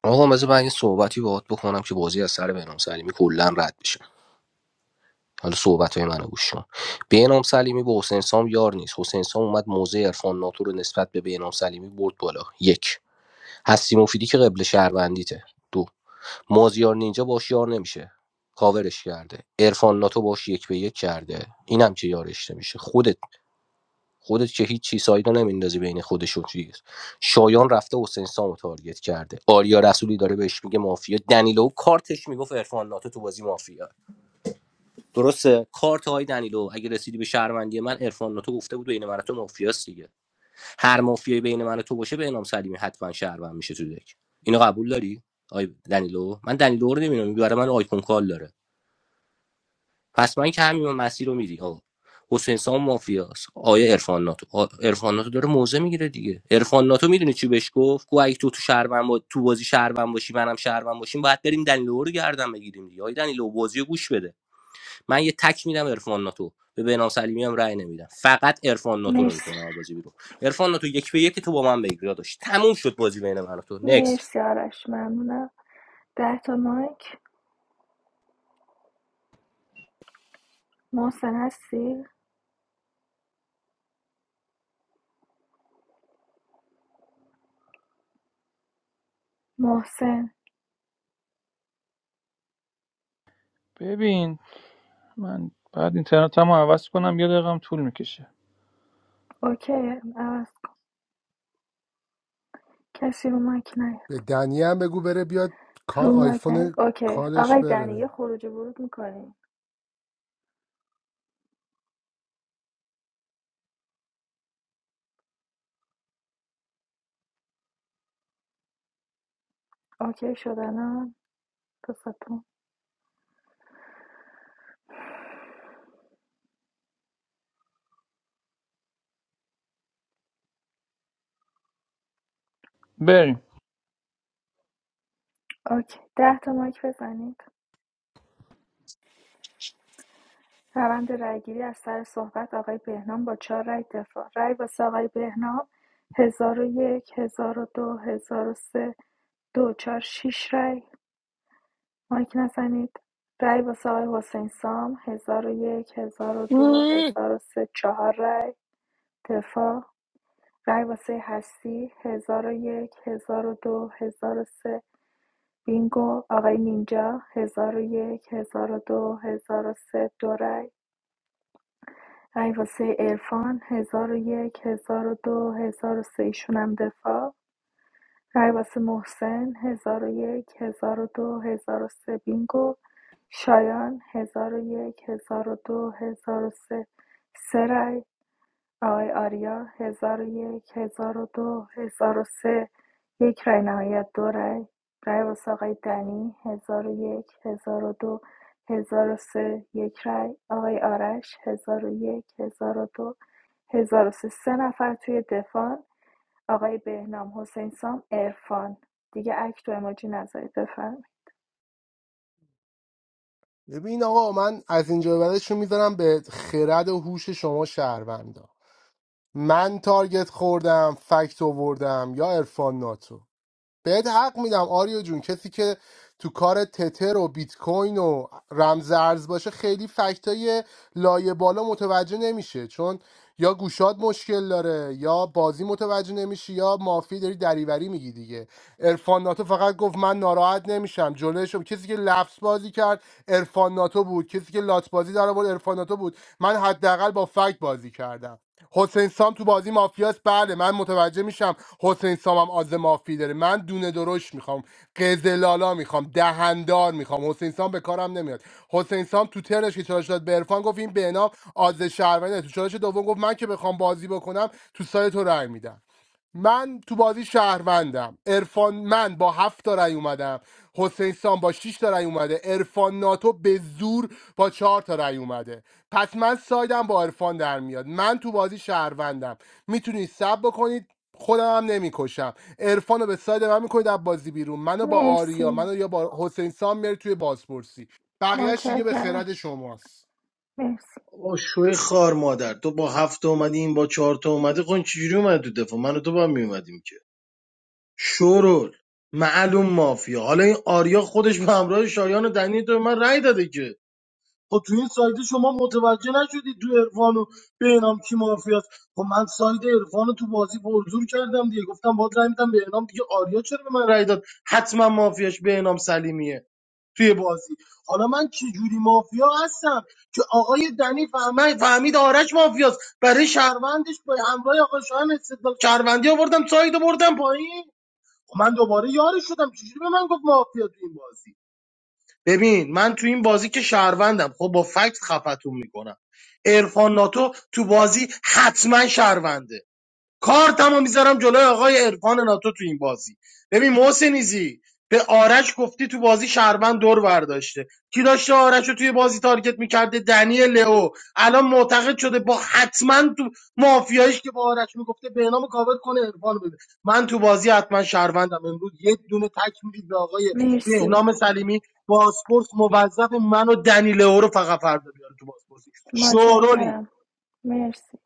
آقا بذار من یه صحبتی باهات بکنم که بازی از سر بنام سلیمی کلا رد بشه حالا صحبت های منو گوش کن بهنام سلیمی با حسین سام یار نیست حسین سام اومد موزه عرفان ناتو رو نسبت به بهنام سلیمی برد بالا یک هستی مفیدی که قبل شهروندیته دو مازیار نینجا باش یار نمیشه کاورش کرده عرفان ناتو باش یک به یک کرده اینم که یارش نمیشه خودت خودت که هیچ چیز سایدا نمیندازی بین خودش و چیز شایان رفته حسین سامو تارگت کرده آریا رسولی داره بهش میگه مافیا دنیلو کارتش میگفت عرفان ناتو تو بازی مافیا درسته کارت های دنیلو اگه رسیدی به شهروندی من عرفان ناتو گفته بود بین من و تو مافیاست دیگه هر مافیایی بین من و تو باشه به انام سلیمی حتما شهروند میشه تو دک اینو قبول داری آی دنیلو من دنیلو رو نمیدونم برای من آیکون کال داره پس من که همین مسیر رو میری آقا حسین سام مافیاست آیا عرفان ناتو آ، عرفان ناتو داره موزه میگیره دیگه عرفان ناتو میدونی چی بهش گفت گفت اگه تو تو شهروند با... تو بازی شهروند باشی منم شهروند باشیم باید بریم دنیلو رو گردن بگیریم دیگه آی دنیلو بازی رو گوش بده من یه تک میدم عرفان ناتو به بنام سلیمی هم رأی نمیدم فقط عرفان ناتو رو مرسی میکنم بازی بیرون عرفان ناتو یک به یک تو با من بگیر داشت تموم شد بازی بین من و تو نکست مرسی آرش ممنونم ده تا مایک محسن هستی محسن ببین من بعد اینترنتم رو عوض کنم یه دقیقم طول میکشه اوکی عوض کن. کسی رو مایک نیاد به دنی هم بگو بره بیاد کا رو مایک آیفون نیاد اوکی کالش آقای دنی بره یه خروج ورود میکنیم اوکی شدن ها دوستتون بریم اوکی ده تا مایک بزنید روند رایگیری از سر صحبت آقای بهنام با چهار رای دفاع رای واسه آقای بهنام هزار و یک هزار و دو هزار و سه دو چهار شیش رای مایک نزنید رای واسه آقای حسین سام هزار و یک هزار و دو مم. هزار و سه چهار رای دفاع رای واسه هستی هزار و یک هزار و دو هزار و سه بینگو آقای نینجا هزار و یک هزار و دو هزار و سه دو رای رای واسه عرفان 1001 1002 1003 ایشون هم دفاع رای واسه محسن 1001 1002 سه بینگو شایان 1001 1002 1003 سه سه رای آقای آریا هزار و یک هزار و دو هزار و سه یک رای نهایت دو رای رای واسه آقای دنی هزار و یک هزار و دو هزار و سه یک رای آقای آرش هزار و یک هزار و دو هزار و سه سه نفر توی دفاع آقای بهنام حسین سام ارفان دیگه اکت و اماجی نذارید بفرمایید ببین آقا من از اینجا به بعدش رو میذارم به خرد و هوش شما شهروندا من تارگت خوردم فکت آوردم یا عرفان ناتو بهت حق میدم آریو جون کسی که تو کار تتر و بیت کوین و رمز ارز باشه خیلی فکتای لایه بالا متوجه نمیشه چون یا گوشاد مشکل داره یا بازی متوجه نمیشه یا مافی داری دریوری میگی دیگه عرفان ناتو فقط گفت من ناراحت نمیشم جلوشم کسی که لفظ بازی کرد عرفان ناتو بود کسی که لات بازی در آورد عرفان ناتو بود من حداقل با فکت بازی کردم حسین سام تو بازی مافیاست بله من متوجه میشم حسین سام هم آز مافی داره من دونه درشت میخوام قزلالا میخوام دهندار میخوام حسین سام به کارم نمیاد حسین سام تو ترش که چالش داد به عرفان گفت این بهنام آز شهروندی تو چالش دوم گفت من که بخوام بازی بکنم تو سایت تو رأی میدم من تو بازی شهروندم ارفان من با هفت تا رأی اومدم حسین سام با شش تا رأی اومده ارفان ناتو به زور با چهار تا رأی اومده پس من سایدم با ارفان در میاد من تو بازی شهروندم میتونید سب بکنید خودم هم نمیکشم عرفان رو به ساید من میکنید از بازی بیرون منو با آریا مرسی منو یا با حسین سام میاری توی بازپرسی بقیهش دیگه به متشکرم خرد شماست مرسی آقا شوی خار مادر تو با هفت اومدی این با چهار تا اومده خون چجوری اومد تو دفاع من و تو با هم میومدیم که شورول معلوم مافیا حالا این آریا خودش به همراه شایان و دنی تو به من رأی داده که خب تو این سایده شما متوجه نشدی تو عرفان و بهنام کی مافیاست خب من ساید عرفان رو تو بازی پرزور کردم دیگه گفتم باید رأی میدم بهنام دیگه آریا چرا به من رأی داد حتما مافیاش بهنام سلیمیه توی بازی حالا من چه جوری مافیا هستم که آقای دنی فهمید فهمید آرش مافیاست برای شهروندش به همراه آقا شایان استدلال شهروندی آوردم ساید بردم پایین خب من دوباره یارش شدم چجوری به من گفت مافیا تو این بازی ببین من تو این بازی که شهروندم خب با فکت خفتون میکنم عرفان ناتو تو بازی حتما شهرونده کارتمو میذارم جلوی آقای عرفان ناتو تو این بازی ببین محسنیزی به آرش گفتی تو بازی شهروند دور برداشته کی داشته آرش رو توی بازی تارگت میکرده دنی لئو الان معتقد شده با حتما تو مافیایش که با آرش میگفته به نام کاور کنه عرفان بده من تو بازی حتما شهروندم امروز یه دونه تک میدید به آقای مرسی بهنام سلیمی باسپورس موظف من و دنی لئو رو فقط فردا بیاره تو باسپورسی شورولی متشکرم مرسی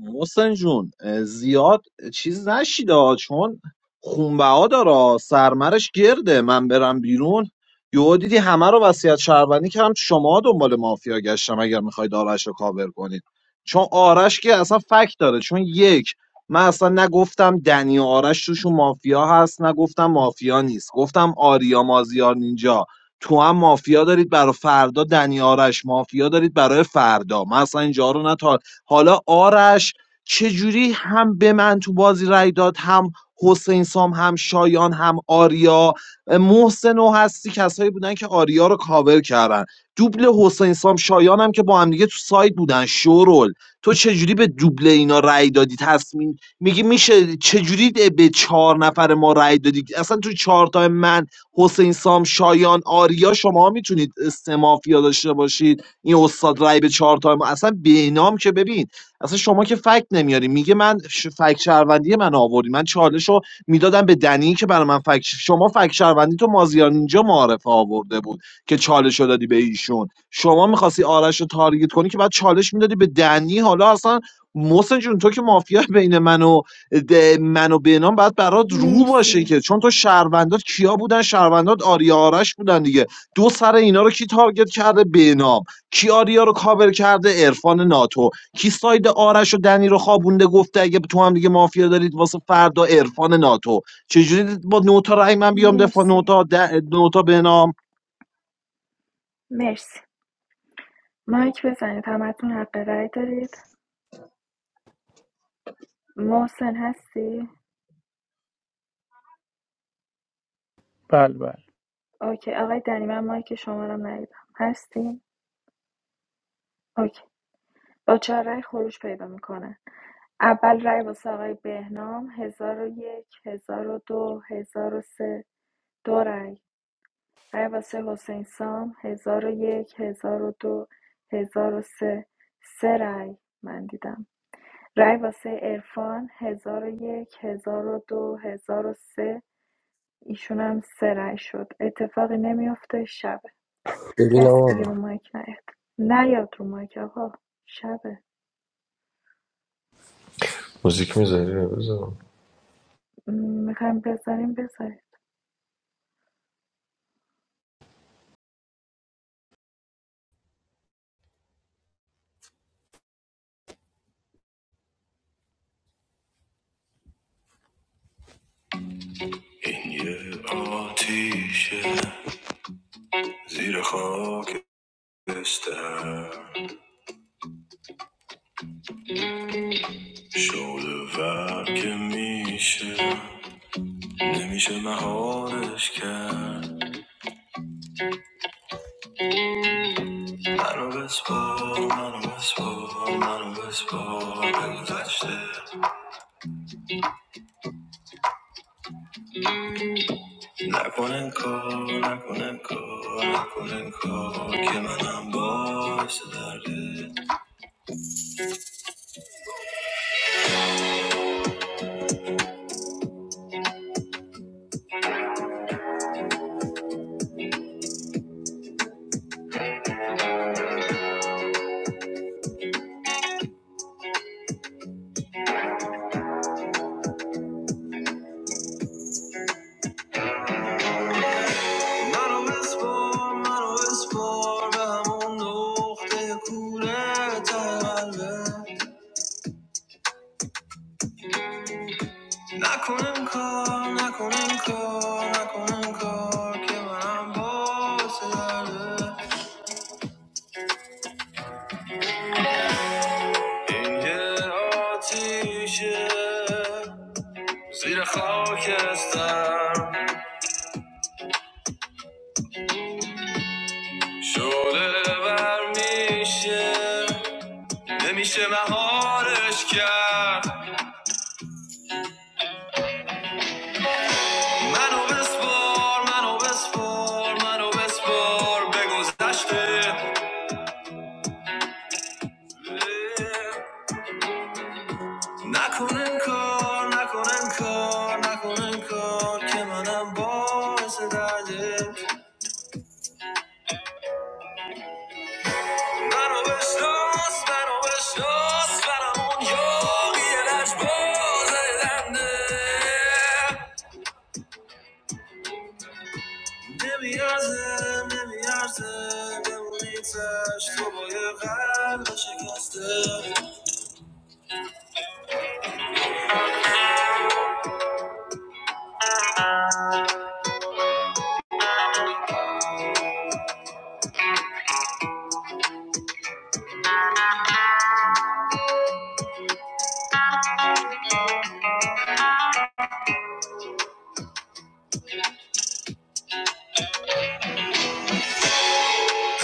محسن جون زیاد چیز نشیده چون خونبه ها داره سرمرش گرده من برم بیرون یهو دیدی همه رو وصیت شهروندی کردم شما دنبال مافیا گشتم اگر میخواید آرش رو کاور کنید چون آرش که اصلا فکت داره چون یک من اصلا نگفتم دنی و آرش توشون مافیا هست نگفتم مافیا نیست گفتم آریا مازیار نینجا تو هم مافیا دارید برای فردا دنی آرش مافیا دارید برای فردا من اصلا اینجا رو نه تا حالا آرش چجوری هم به من تو بازی رای داد هم حسین سام هم شایان هم آریا محسن و هستی کسایی بودن که آریا رو کاور کردن دوبل حسین سام شایان هم که با هم دیگه تو سایت بودن شورول تو چجوری به دوبل اینا رای دادی تصمیم میگی میشه چجوری به چهار نفر ما رای دادی اصلا تو چهار تا من حسین سام شایان آریا شما میتونید سه مافیا داشته باشید این استاد رای به چهار تا ما اصلا بینام که ببین اصلا شما که فکت نمیاری میگه من ش... فکت شهروندی من آوردی من چالش رو میدادم به دنی که برای من فکت شما فکت شهروندی تو مازیار اینجا معرفه آورده بود که چالش رو دادی به ایشون شما میخواستی آرش رو تارگت کنی که بعد چالش میدادی به دنی حالا اصلا محسن جون تو که مافیا بین من و ده- من و بینام باید برات رو مرسی باشه که چون تو شهروندات کیا بودن شهروندات آریا آرش بودن دیگه دو سر اینا رو کی تارگت کرده بینام کی آریا رو کاور کرده عرفان ناتو کی ساید آرش و دنی رو خوابونده گفته اگه تو هم دیگه مافیا دارید واسه فردا عرفان ناتو چجوری با نوتا رای من بیام دفاع مرسی نوتا د... نوتا بهنام مرسی مایک بزنید همتون حق رأی دارید محسن هستی بله بله اوکی آقای دنی من مایک شما رو ندیدم هستی اوکی با چهار رأی خروج پیدا میکنه اول رأی واسه آقای بهنام هزار و یک هزار و دو هزار و سه دو رأی رأی واسه حسین سام هزار و یک هزار و دو هزار و سه سه رأی من دیدم رأی واسه عرفان هزار و یک هزار و دو هزار و سه ایشونم سه رأی شد اتفاقی نمیافته شبه ببین کسی آقا دیگه رو مایک نیاد نیاد رو مایک آقا شبه موزیک میذاری بذارم میخوایم بذاریم بذاریم این شیر خواهستر شعله ور که میشه نمیشه مهارش کرد منو بسپار منو بسپار منو بسپار به نکنن کار نکنن کار نکنن کار که منم باعث درده منو بسپار منو بسپار به همون نقطه کوره ته قلبه Knock on and call, knock on and call, knock on and call, que ben boğazları İnce ateşe Zira خاکستر شعله ور میشه نمیشه مهارش کرد منو بسپار منو بسپار منو بسپار به گذشته Na kunin ko, na kunin ko, na kunin ko. Kima nabo esedar? Man o beshtos, man o beshtos, man o yogy elash bozorgande. Ne miyazde, ne miyazde, ben muntash to bo yekal bache kaste.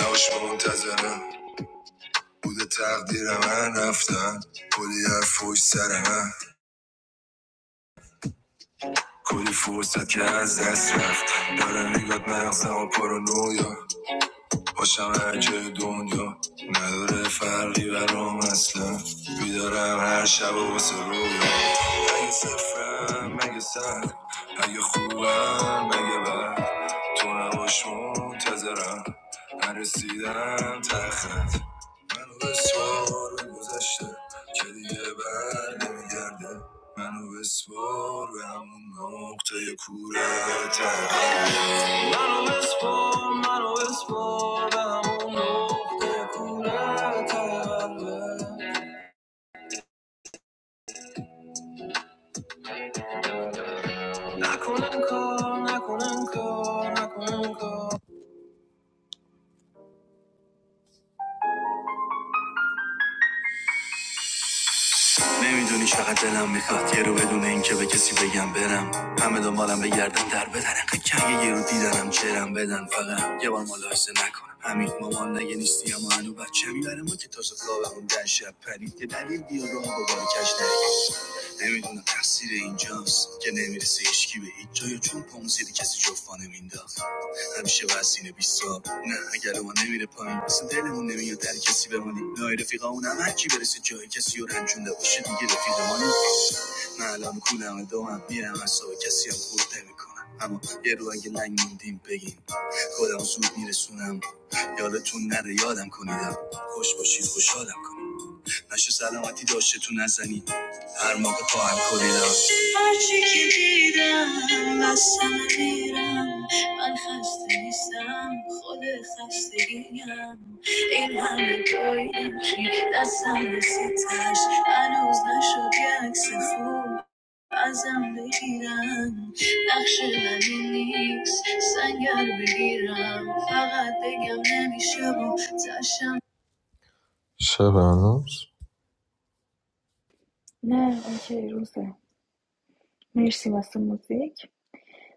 Haush man tazehne, ude targdiram an afta bol yar fojserane. Could you force that jazz and shift? But I'm not gonna stop or run you. باشم هرجای دنیا نداره فرقی برام اصلا بیدارم هر شب و واسه رویا اگه صفرم مگه سر اگه خوبم مگه بد تو نباش منتظرم نرسیدم تخت منو به سوار به گذشته که دیگه بر نمیگرده منو بسپار به همون نقطه کوره تقریبه I couldn't call, I couldn't call, I couldn't call. I don't know if I wanted to be with you because I don't know what kind of person I am. I was too busy to care. I didn't know what kind of person I was. I didn't know what kind of person I was. Ami shavad sine bisab. Nah, agar omane mira pani, asandele hoon nemiyad dar kesi be mani. Noyefiqa o naghji beres joi kesi yaran chunde boodsheti ghefele mani. Nahalam kuna me doha miram so kesi am kurtamikona. Hamo yero angi langindi impegi. Kola o sud mira sunam. Yalatunare yadam konida. Khosh booshin khosholam. Shabanos. نه اوکی روزه مرسی واسه موزیک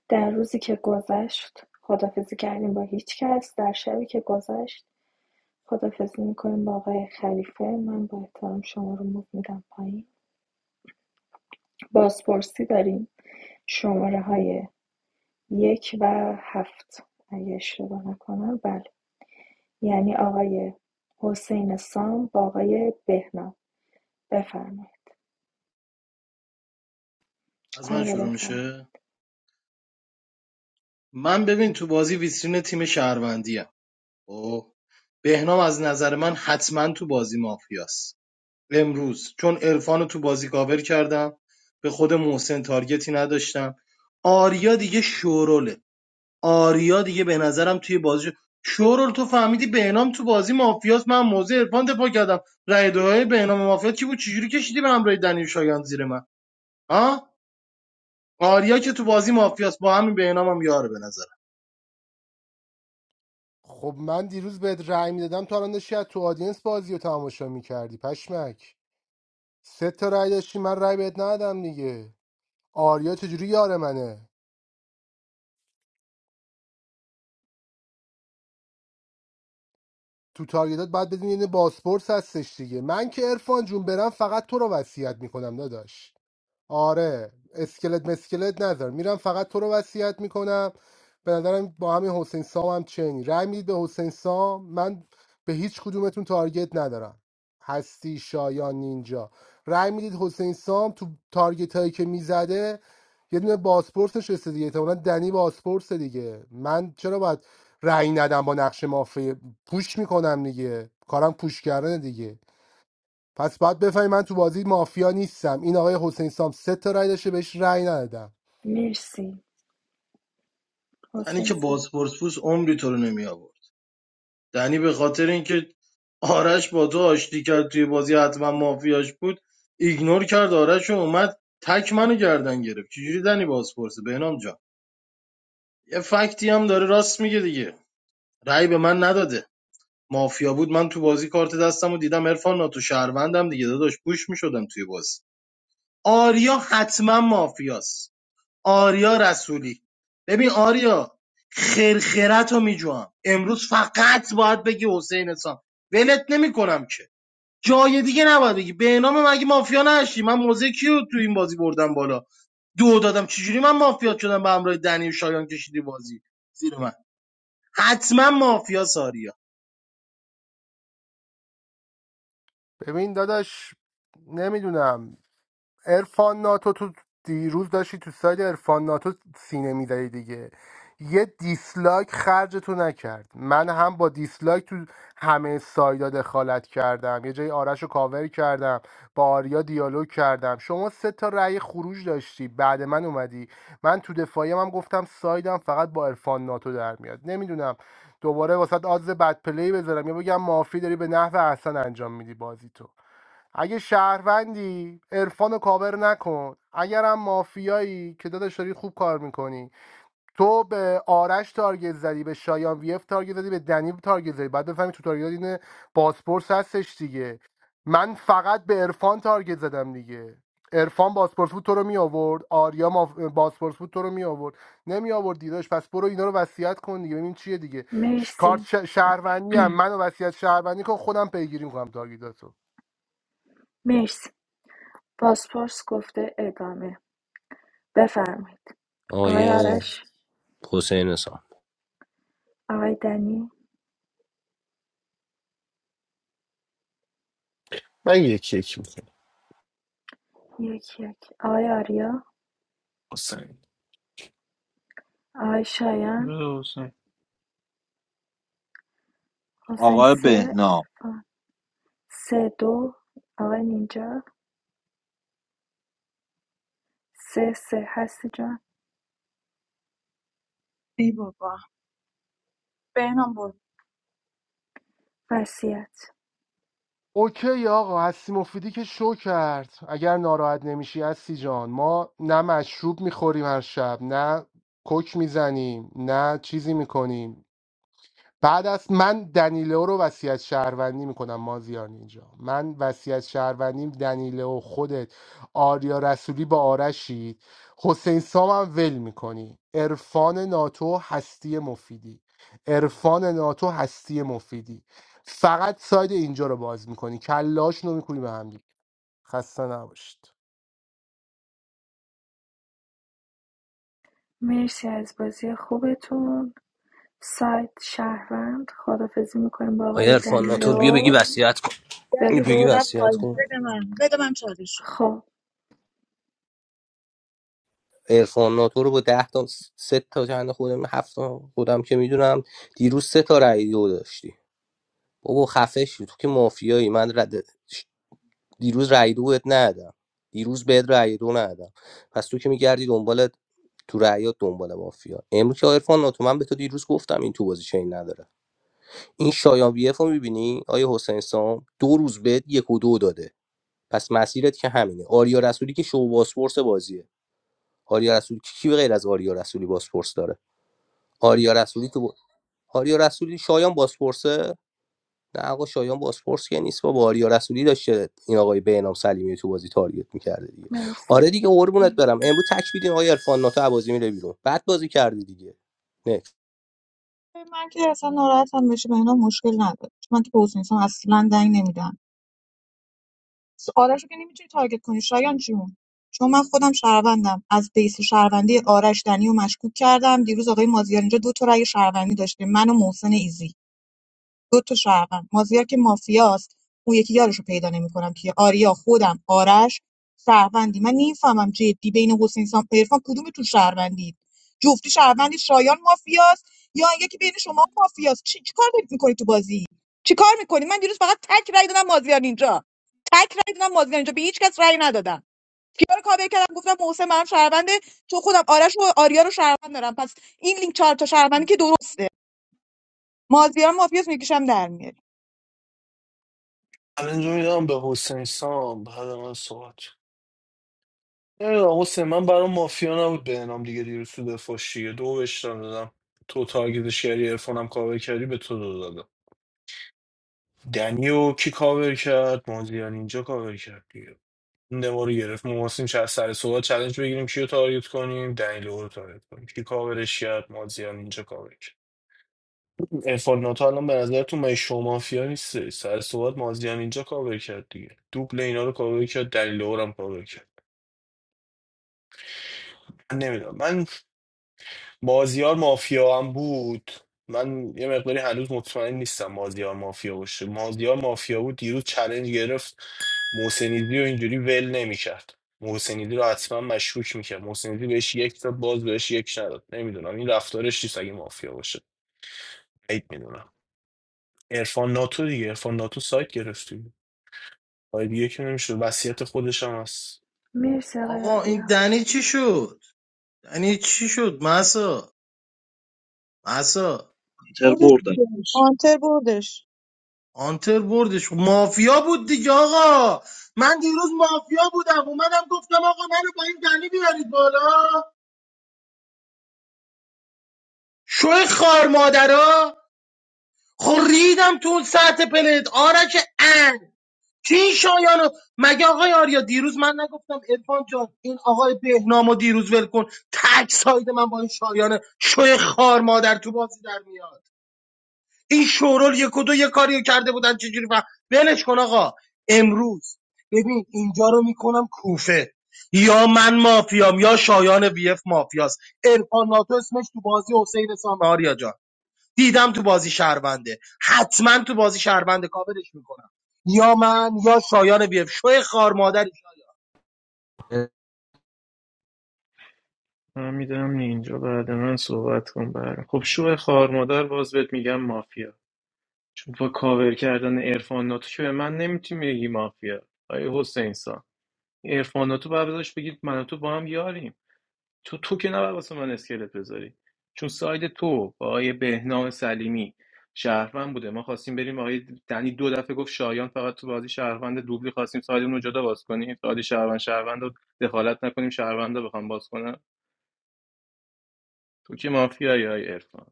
در روزی که گذشت خدافزی کردیم با هیچ کس در شبی که گذشت خدافزی میکنیم با آقای خلیفه من با احترام شما رو موف میدم پایین بازپرسی داریم شماره های یک و هفت اگه اشتباه نکنم بله یعنی آقای حسین سام با آقای بهنام بفرمایید از من آره شروع میشه بفرمایید من ببین تو بازی ویترین تیم شهروندی او بهنام از نظر من حتما تو بازی مافیاست امروز چون عرفان رو تو بازی کاور کردم به خود محسن تارگتی نداشتم آریا دیگه شوروله آریا دیگه به نظرم توی بازی شورول تو فهمیدی بهنام تو بازی مافیاست من موزه عرفان دفاع کردم رای دوهای بهنام مافیا کی بود چجوری کشیدی به همراه دنیل شایان زیر من ها آریا که تو بازی مافیاست با همین بهنامم یاره به نظر. خب من دیروز بهت رأی میدادم تا الان داشتی از تو آدینس بازی رو تماشا میکردی پشمک سه تا رای داشتی من رای بهت ندادم دیگه آریا چجوری یار منه تو تارگتات باید بدون یه باسپورس هستش دیگه من که عرفان جون برم فقط تو رو وصیت میکنم داداش آره اسکلت مسکلت نذار میرم فقط تو رو وصیت میکنم به نظرم با همین حسین سام هم چنی رأی میدید به حسین سام من به هیچ کدومتون تارگت ندارم هستی شایان نینجا رأی میدید حسین سام تو تارگت هایی که میزده یه دونه باسپورس نشسته دیگه احتمالاً دنی باسپورس دیگه من چرا باید رأی ندم با نقش مافیا پوش میکنم دیگه کارم پوش کردن دیگه پس باید بفهمی من تو بازی مافیا نیستم این آقای حسین سام سه تا رای داشته بهش رای ندادم مرسی دنی حسین که سام بازپرس بود عمری تو رو نمی آورد دنی به خاطر اینکه آرش با تو آشتی کرد توی بازی حتما مافیاش بود ایگنور کرد آرش و اومد تک منو گردن گرفت چجوری دنی بازپرسه بهنام جان یه فکتی هم داره راست میگه دیگه رأی به من نداده مافیا بود من تو بازی کارت دستم و دیدم عرفان ناتو شهروندم دیگه داداش پوش میشدم توی بازی آریا حتما مافیاست آریا رسولی ببین آریا خرخرت رو میجوام امروز فقط باید بگی حسین اسام ولت نمیکنم که جای دیگه نباید بگی به نام مگه مافیا نشی من موزه کیو تو این بازی بردم بالا دو دادم چجوری من مافیا شدم به همراه دنی و شایان کشیدی بازی زیر من حتما مافیا ساریا ببین داداش نمیدونم ارفان ناتو تو دیروز داشتی تو سایت ارفان ناتو سینه میدهی دیگه یه دیسلایک خرج تو نکرد من هم با دیسلایک تو همه سایدا دخالت کردم یه جای آرش رو کاور کردم با آریا دیالوگ کردم شما سه تا رأی خروج داشتی بعد من اومدی من تو دفاعیم هم گفتم سایدم فقط با عرفان ناتو در میاد نمیدونم دوباره واسه آدز بد پلی بذارم یا بگم مافی داری به نحو احسن انجام میدی بازی تو اگه شهروندی عرفان رو کاور نکن اگرم مافیایی که داداش داری خوب کار میکنی تو به آرش تارگت زدی به شایان ویف تارگت زدی به دنی تارگت زدی بعد بفهمی تو تارگت این باسپورس هستش دیگه من فقط به عرفان تارگت زدم دیگه عرفان باسپورس بود تو رو می آورد آریا ماف... باسپورس بود تو رو می آورد نمی آورد دیداش پس برو اینا رو وصیت کن دیگه ببین چیه دیگه ش... کارت مرسی ش... شهروندی هم منو وصیت شهروندی کن خودم پیگیری میکنم تارگتاتو مرسی پاسپورس گفته ادامه بفرمایید آقای آیه آرش حسین سام آقای دنی من یکی یکی یک یک آقای آریا آقای شایان بده حسین حسین آقای سه بهنام عرفان سه دو آقای نینجا سه سه هستی جان ای بابا بهنام برو وسیعت اوکی آقا هستی مفیدی که شو کرد اگر ناراحت نمیشی هستی جان ما نه مشروب میخوریم هر شب نه کوک میزنیم نه چیزی میکنیم بعد از من دنیلو رو وصیت شهروندی میکنم مازیار اینجا من وصیت شهروندیم دنیلو خودت آریا رسولی با آرشید حسین سام هم ول میکنی عرفان ناتو هستی مفیدی عرفان ناتو هستی مفیدی فقط ساید اینجا رو باز میکنی کلاش رو میکنی به هم دیگه. خسته نباشید مرسی از بازی خوبتون سایت شهروند خداحافظی میکنیم با آیه آقای عرفان ناتو بیا بگی دنیلو وصیت کن یعنی بگی رو رفت بفرمایید وصیت پایین. کن بده من بده من چالش رو. خب عرفان ناتو رو با ده تا سه تا چند خودم هفت تا خودم که میدونم دیروز سه تا رأی دو داشتی بابا خفه شو تو که مافیایی من رد دیروز رأی دو بهت ندادم دیروز بهت رأی دو ندادم پس تو که میگردی دنبال تو رأیات دنبال مافیا امروز که عرفان ناتو من به تو دیروز گفتم این تو بازی چین نداره این شایان وی اف رو میبینی آیا حسین سام دو روز بهت یک و دو داده پس مسیرت که همینه آریا رسولی که شو باسپورس بازیه آریا رسولی کی به غیر از آریا رسولی باسپورس داره آریا رسولی تو با- آریا رسولی شایان باسپورس. نه آقا شایان با باسپورس که نیست با آریا رسولی داشته این آقای بهنام سلیمی تو بازی تارگت میکرده دیگه مرسی آره دیگه قربونت برم امروز تک میدین آقای عرفان ناتو عبازی میره بیرون بد بازی کردی دیگه نه من که اصلا ناراحتم بشه بهنام مشکل نداره من که به حسین اصلا دنگ نمیدم آرش رو که نمیتونی تارگت کنی شایان جون چون من خودم شهروندم از بیس شهروندی آرش دنی و مشکوک کردم دیروز آقای مازیار اینجا دو تا رأی شهروندی داشته من و محسن ایزی دو تا شهروند مازیار که مافیاست اون یکی یارشو پیدا نمیکنم که آریا خودم آرش شهروندی من نمیفهمم جدی بین حسین سام عرفان کدوم تو شهروندید جفتی شهروندی شایان مافیاست یا یکی بین شما مافیاست چی چی کار دارید میکنید تو بازی چی کار میکنید من دیروز فقط تک رای دادم مازیار اینجا تک رای دادم مازیار اینجا به هیچ کس رای ندادم کیا رو کابل کردم گفتم محسن من شهرونده تو خودم آرش و آریا رو شهروند دارم پس این لینک چهار تا شهروندی که درسته مازیار مافیاس میکشم در میاد سرنجو میدم به حسین سام بعد من صحبت نمیدونم حسین من برام مافیا نبود به انام دیگه دیروز تو دفاشی دو بشتم دادم تو تارگتش کردی ارفانم کاور کردی به تو دو دادم دنیو کی کاور کرد مازیان اینجا کاور کرد دیگه. نه ما رو گرفت ما خواستیم چه از سر صحبت چالش بگیریم کیو تارگت کنیم دنیلو رو تارگت کنیم کی کاورش کرد مازیار اینجا کاور کرد ارفان ناتو الان به نظرتون من شما مافیا نیست سر صحبت مازیار اینجا کاور کرد دیگه دوبل اینا رو کاور کرد دنیلو رو هم کاور کرد من نمیدونم من مازیار مافیا هم بود من یه مقداری هنوز مطمئن نیستم مازیار مافیا باشه مازیار مافیا بود دیروز چلنج گرفت محسنیزی رو اینجوری ول نمیکرد محسنیزی رو حتما مشکوک میکرد محسنیزی بهش یک داد باز بهش یک نداد نمیدونم این رفتارش نیست اگه مافیا باشه عید میدونم عرفان ناتو دیگه عرفان ناتو سایت گرفتی آره دیگه که نمیشه وصیت خودش هم هست مرسی آقای آقا این آریا دنی چی شد دنی چی شد مسا مسا تر بردش بردن دیگه. هانتر بردش آنتر بردش مافیا بود دیگه آقا من دیروز مافیا بودم اومدم گفتم آقا منو با این دنی بیارید بالا شوی خار مادرا خو ریدم تو اون سطح پلت آرش ان کی این شایانو مگه آقای آریا دیروز من نگفتم ارفان جان این آقای بهنامو دیروز ول کن تک ساید من با این شایانه شوی خار مادر تو بازی در میاد این شورال یک و دو یه کاری کرده بودن چجوری فهم ولش کن آقا امروز ببین اینجا رو میکنم کوفه یا من مافیام یا شایان بیف مافیاست ارفان ناتو اسمش تو بازی حسین سام آریا جان دیدم تو بازی شهرونده حتما تو بازی شهرونده کاورش میکنم یا من یا شایان بیف شوی خار مادری من میدم اینجا بعد من صحبت کن برم خب شو خار مادر باز بهت میگم مافیا چون با کاور کردن عرفان ناتو که به من نمیتونی بگی مافیا آیه حسین سان عرفان ناتو باید بذاش بگید من و تو با هم یاریم تو تو که نباید واسه من اسکلت بذاری چون ساید تو با آیه بهنام سلیمی شهروند بوده ما خواستیم بریم آقای دنی دو دفعه گفت شایان فقط تو بازی شهروند دوبلی خواستیم سایدمون رو جدا باز کنیم ساید شهروند شهروند رو دخالت نکنیم شهروند رو بخوام باز کنم تو که مافیایی آیه عرفان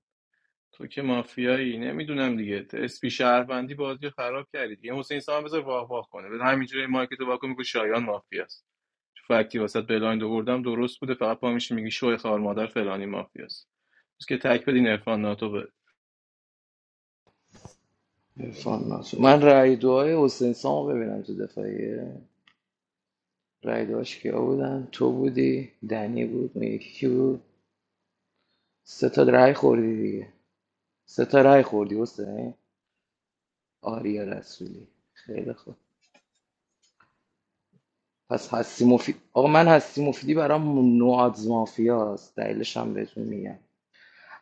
تو که مافیایی نمیدونم دیگه اسپی شهروندی بازی رو خراب کردی دیگه حسین سام بذار واق واق کنه بذار همینجوری مایک تو واکو میگه شایان مافیاست چون فکتی واسط بلایند آوردم درست بوده فقط پا میشی میگی شوی خار مادر فلانی مافیاست بس که تک بدین عرفان ناتو به عرفان ناتو من رای دعای حسین سامو ببینم تو دفاعیه رای دعاش کیا بودن تو بودی دنی بود اون یکی کی بود سه تا رای خوردی دیگه سه تا رای خوردی حسین آریا رسولی خیلی خوب پس هستی مفید آقا من هستی مفیدی برام نوآدز مافیاست دلیلش هم بهتون میگم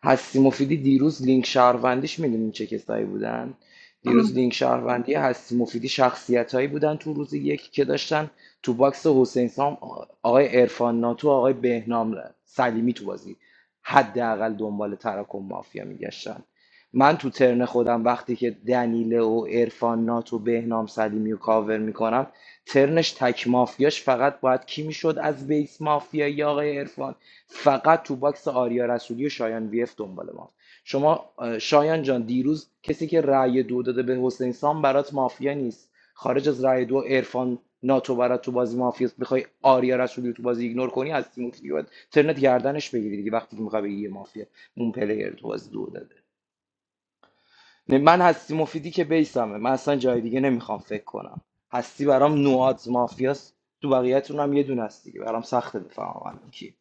هستی مفیدی دیروز لینک شهروندیش میدونین چه کسایی بودن دیروز لینک شهروندی هستی مفیدی شخصیتایی بودن تو روز یک که داشتن تو باکس حسین سام آقای عرفان ناتو آقای بهنام سلیمی تو بازی حداقل دنبال تراکم مافیا میگشتن من تو ترن خودم وقتی که دنیله و عرفان نات و بهنام سلیمی رو کاور میکنم ترنش تک مافیاش فقط باید کی میشد از بیس مافیا یا آقای عرفان فقط تو باکس آریا رسولی و شایان ویف دنبال ما شما اه، شایان جان دیروز کسی که رأی دو داده به حسین سام برات مافیا نیست خارج از رأی دو عرفان ناتو برات تو بازی مافیا میخوای آریا رسولی رو تو بازی ایگنور کنی از تیم مفتی باید ترنت گردنش بگیری دیگه وقتی که میخوای بگی یه مافیا اون پلیر تو بازی دو داده نه، من هستی مفیدی که بیسمه من اصلا جای دیگه نمیخوام فکر کنم هستی برام نوآت مافیاست تو بقیه‌تون هم یه دونه هست دیگه برام سخته بفهمم الان کی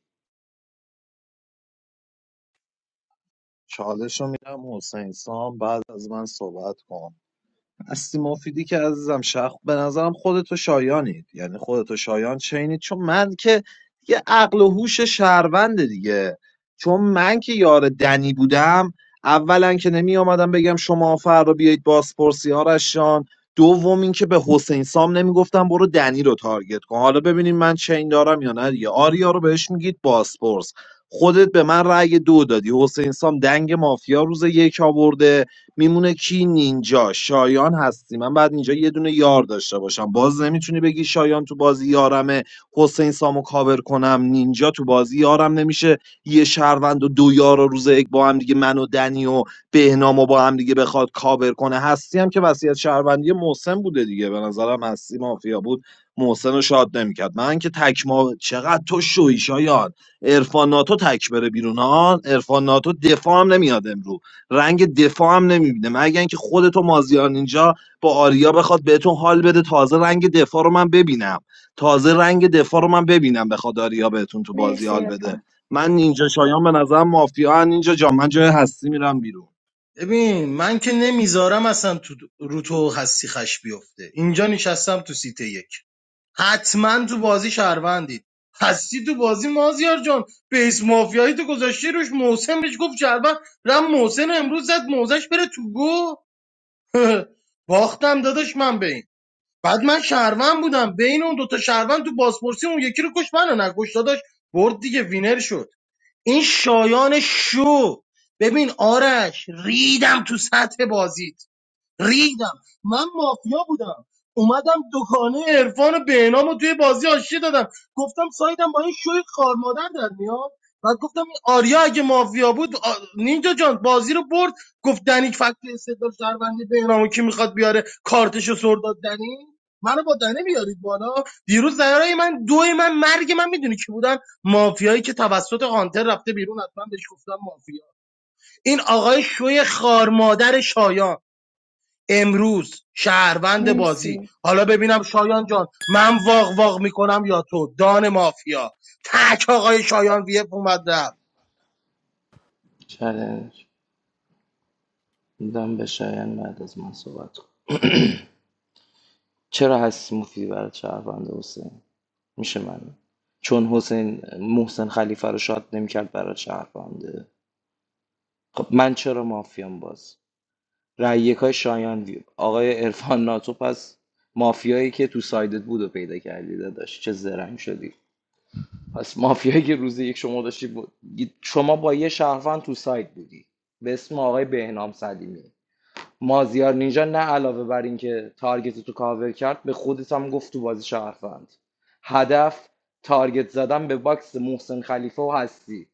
چالش رو میدم حسین سام بعد از من صحبت کن هستی مفیدی که عزیزم شخ به نظرم خودتو شایانید یعنی خودتو شایان چینید چون من که یه عقل و هوش شهرونده دیگه چون من که یار دنی بودم اولا که نمی آمدم بگم شما فردا بیایید بازپرسی آرش جان دوم این که به حسین سام نمیگفتم برو دنی رو تارگت کن حالا ببینیم من چین دارم یا نه دیگه آریا رو بهش میگید بازپرس خودت به من رأی دو دادی حسین سام دنگ مافیا روز یک آورده میمونه کی نینجا شایان هستی من بعد اینجا یه دونه یار داشته باشم باز نمیتونی بگی شایان تو بازی یارمه حسین سامو کاور کنم نینجا تو بازی یارم نمیشه یه شهروند و دو یار و روز یک با هم دیگه من و دنی و بهنام و با هم دیگه بخواد کاور کنه هستی هم که وصیت شهروندی محسن بوده دیگه به نظرم هستی مافیا بود محسن رو شاد نمیکرد من که تکما چقدر تو شوی شایان عرفان ناتو تک بره بیرون ها عرفان ناتو دفاع هم نمیاد امروز رنگ دفاع هم نمیبینه مگر اینکه خودتو مازیار اینجا با آریا بخواد بهتون حال بده تازه رنگ دفاع رو من ببینم تازه رنگ دفاع رو من ببینم بخواد آریا بهتون تو بازی مرسی حال بده ارفان من اینجا شایان به نظرم مافیا هن. اینجا جا من جای هستی میرم بیرون ببین من که نمیذارم اصلا تو رو تو هستی خش بیفته اینجا نشستم تو سیت یک حتما تو بازی شهروندید هستی تو بازی مازیار جان بیس مافیایی تو گذاشتی روش محسن بهش گفت شهروند رم محسن رو امروز زد موزش بره تو گو باختم داداش من به این بعد من شهروند بودم بین اون دوتا شهروند تو بازپرسی اون یکی رو کش منو نکش داداش برد دیگه وینر شد این شایان شو ببین آرش ریدم تو سطح بازیت ریدم من مافیا بودم اومدم دکانه عرفان بهنام رو توی بازی آشتی دادم گفتم سایدم با این شوی خار مادر در میاد بعد گفتم این آریا اگه مافیا بود آ... نینجا جان بازی رو برد گفت دنیک فکت استدلال شهروندی بهنام رو کی میخواد بیاره کارتشو سر داد دنی منو با دنی بیارید بالا دیروز زیرای من دوی من مرگ من میدونی کی بودن مافیایی که توسط هانتر رفته بیرون حتما بهش گفتم مافیا این آقای شوی خار مادر شایان امروز شهروند بازی مرسی حالا ببینم شایان جان من واق واق میکنم یا تو دان مافیا تک آقای شایان ویپ اومد رفت چالش میدم به شایان بعد از من صحبت کن چرا هستی مفیدی برای شهروند حسین میشه من چون حسین محسن خلیفه رو شاد نمیکرد برای شهرونده خب من چرا مافیام باز رأی یکای شایان وی- آقای عرفان ناتو پس مافیایی که تو سایدت بود و پیدا کردی داداش چه زرنگ شدی پس مافیایی که روز یک شما داشتی بود شما با یه شهروند تو سایت بودی به اسم آقای بهنام سلیمی مازیار نینجا نه علاوه بر اینکه تارگت تو کاور کرد به خودت هم گفت تو بازی شهروند هدف تارگت زدن به باکس محسن خلیفه و هستی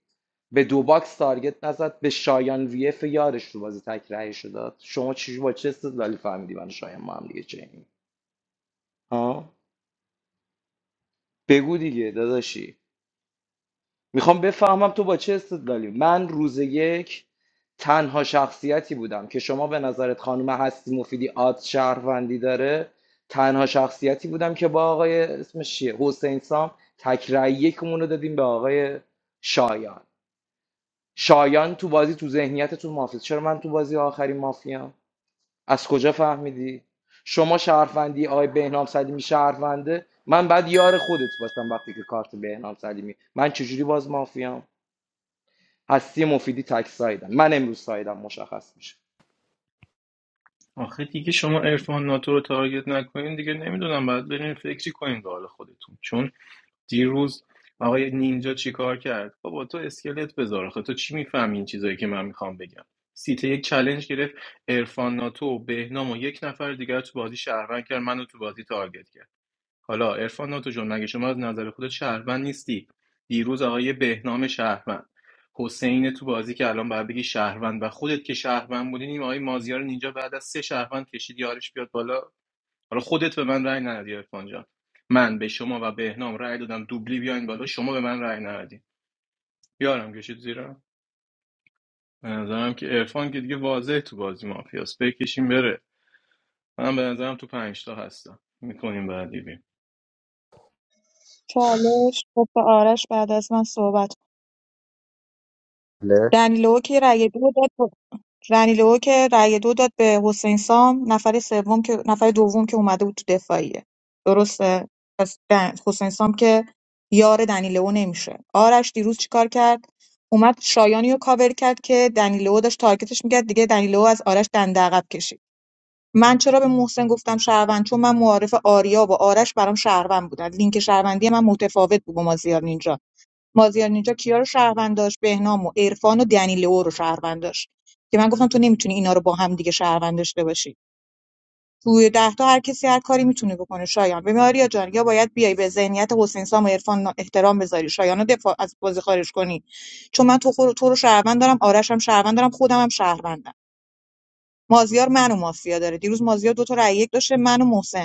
به دو باکس تارگت نزد به شایان وی اف یارش تو بازی تکرهه شد شما چی با چه استدلالی فهمیدی من و شایان ما هم دیگه چنین ها بگو دیگه داداشی میخوام بفهمم تو با چه استدلالی من روز یک تنها شخصیتی بودم که شما به نظرت خانم هستی مفیدی آد شهروندی داره تنها شخصیتی بودم که با آقای اسمش چیه حسین سام تکرای یکمون رو دادیم به آقای شایان شایان تو بازی تو ذهنیتتون مافیاست چرا من تو بازی آخری مافیام از کجا فهمیدی شما شهروندی آقای بهنام سلیمی شهرونده من بعد یار خودت باشم وقتی که کارت بهنام سلیمی من چجوری باز مافیام هستی مفیدی تک سایدن من امروز سایدم مشخص میشه آخه دیگه شما عرفان ناتو رو تارگت نکنین دیگه نمیدونم بعد برین فکری کنین به حال خودتون چون دیروز آقای نینجا چیکار کرد بابا تو اسکلت بذار آخه تو چی میفهمی این چیزایی که من میخوام بگم سیته یک چلنج گرفت ارفان ناتو و بهنام و یک نفر دیگر تو بازی شهروند کرد منو تو بازی تارگت کرد حالا ارفان ناتو جون مگه شما از نظر خودت شهروند نیستی دیروز آقای بهنام شهروند حسین تو بازی که الان باید بگی شهروند و خودت که شهروند بودین این آقای مازیار نینجا بعد از سه شهروند کشید یارش بیاد بالا حالا خودت به من رأی ندادی عرفان جان من به شما و بهنام رأی دادم دوبلی بیاین بالا شما به من رأی ندادی یارم کشید زیرا به نظرم که عرفان که دیگه واضح تو بازی مافیاس بکشیم بره من به نظرم تو پنج تا هستم میکنیم بعدی بیم چالش گفت به آرش بعد از من صحبت کن. بله. رنیلو که رأی دو داد به- رنیلو که رأی دو داد به حسین سام نفر سوم که نفر دوم که اومده بود تو دفاعیه درسته پس دن- حسین سام که یار دنیلو نمیشه آرش دیروز چیکار کرد اومد شایانی رو کاور کرد که دنیلو داشت تارگتش میکرد دیگه دنیلو از آرش دنده عقب کشید من چرا به محسن گفتم شهروند چون من معارف آریا و آرش برام شهروند بودن لینک شهروندی من متفاوت بود با مازیار نینجا مازیار نینجا کیا رو شهروند داشت بهنام و عرفان و دنیلو رو شهروند داشت که من گفتم تو نمیتونی اینا رو با هم دیگه شهروند داشته باشی توی ده تا هر کسی هر کاری میتونه بکنه شایان به آریا جان یا باید بیای به ذهنیت حسین سام و عرفان احترام بذاری شایان رو دفاع از بازی خارج کنی چون من تو خور تو رو شهروند دارم آرش هم شهروند دارم خودم هم شهروندم مازیار منو مافیا داره دیروز مازیار دو تا رأی یک داشته منو محسن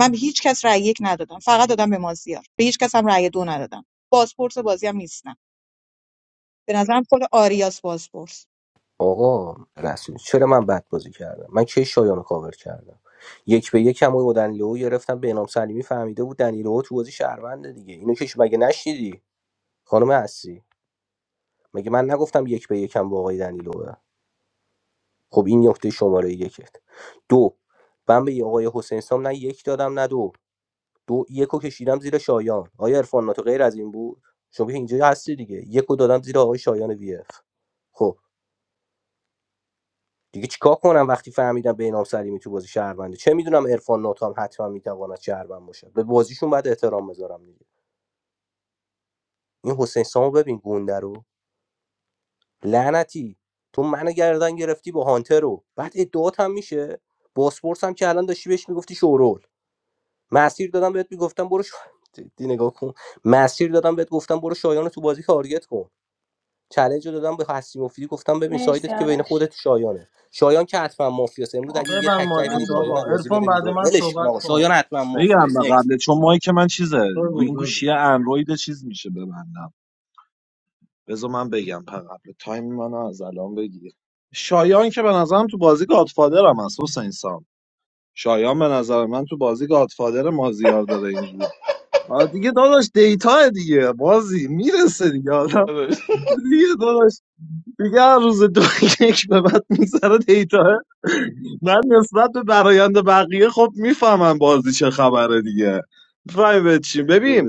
من به هیچ کس رأی یک ندادم فقط دادم به مازیار به هیچ کس هم رأی دو ندادم بازپرس بازی هم نیستم به نظرم خود آریاس بازپرس آقا رسول چرا من بد بازی کردم من کی شایانو رو کاور کردم یک به یک هم با دنیلو گرفتم به سلیمی فهمیده بود دنیلو تو بازی شهرونده دیگه اینو که مگه نشنیدی خانم هستی مگه من نگفتم یک به یکم با آقای دنیلو خب این نکته شماره یکت دو من به آقای حسین سام نه یک دادم نه دو دو یکو کشیدم زیر شایان آیا عرفان ناتو غیر از این بود شما اینجا هستی دیگه یکو دادم زیر آقای شایان وی اف خب دیگه چیکار کنم وقتی فهمیدم بینام سلیمی تو بازی شهرونده چه میدونم عرفان ناتو هم حتما میتواند شهروند باشه به بازیشون باید احترام بذارم دیگه این حسین سامو ببین گنده رو لعنتی تو منو گردن گرفتی با هانتر رو بعد ادعات هم میشه باسپورس هم که الان داشتی بهش میگفتی شورول مسیر دادم بهت میگفتم برو ش... جدی نگاه کن مسیر دادم بهت گفتم برو شایان تو بازی تارگت کن چالش رو دادم به حسیم مفیدی گفتم ببین مرسی سایدت که بین آرش خودت و شایانه شایان که حتما مافیاست امروز اگه آقا یه من تکرای بدین مایکت نداره. شایان آقا بازی ارفان بره بعد بیرون من ولش کن صحبت آقا کن شایان حتما بگم به مافیاست نکس قبله چون مایی که من چیزه بگو این بگو گوشیه اندروید چیز میشه ببندم بذار من بگم په قبل تایم منو از الان بگیر شایان که به نظرم تو بازی گادفادر هم هست حسین سام. شایان به نظر من تو بازی گادفادر مازیار داره اینجوری آه دیگه داداش دیتا دیگه بازی میرسه دیگه آدم دیگه داداش دیگه هر روز دو یک به بعد میذاره دیتا من نسبت به برایند بقیه خب میفهمم بازی چه خبره دیگه میفهمی به چی ببین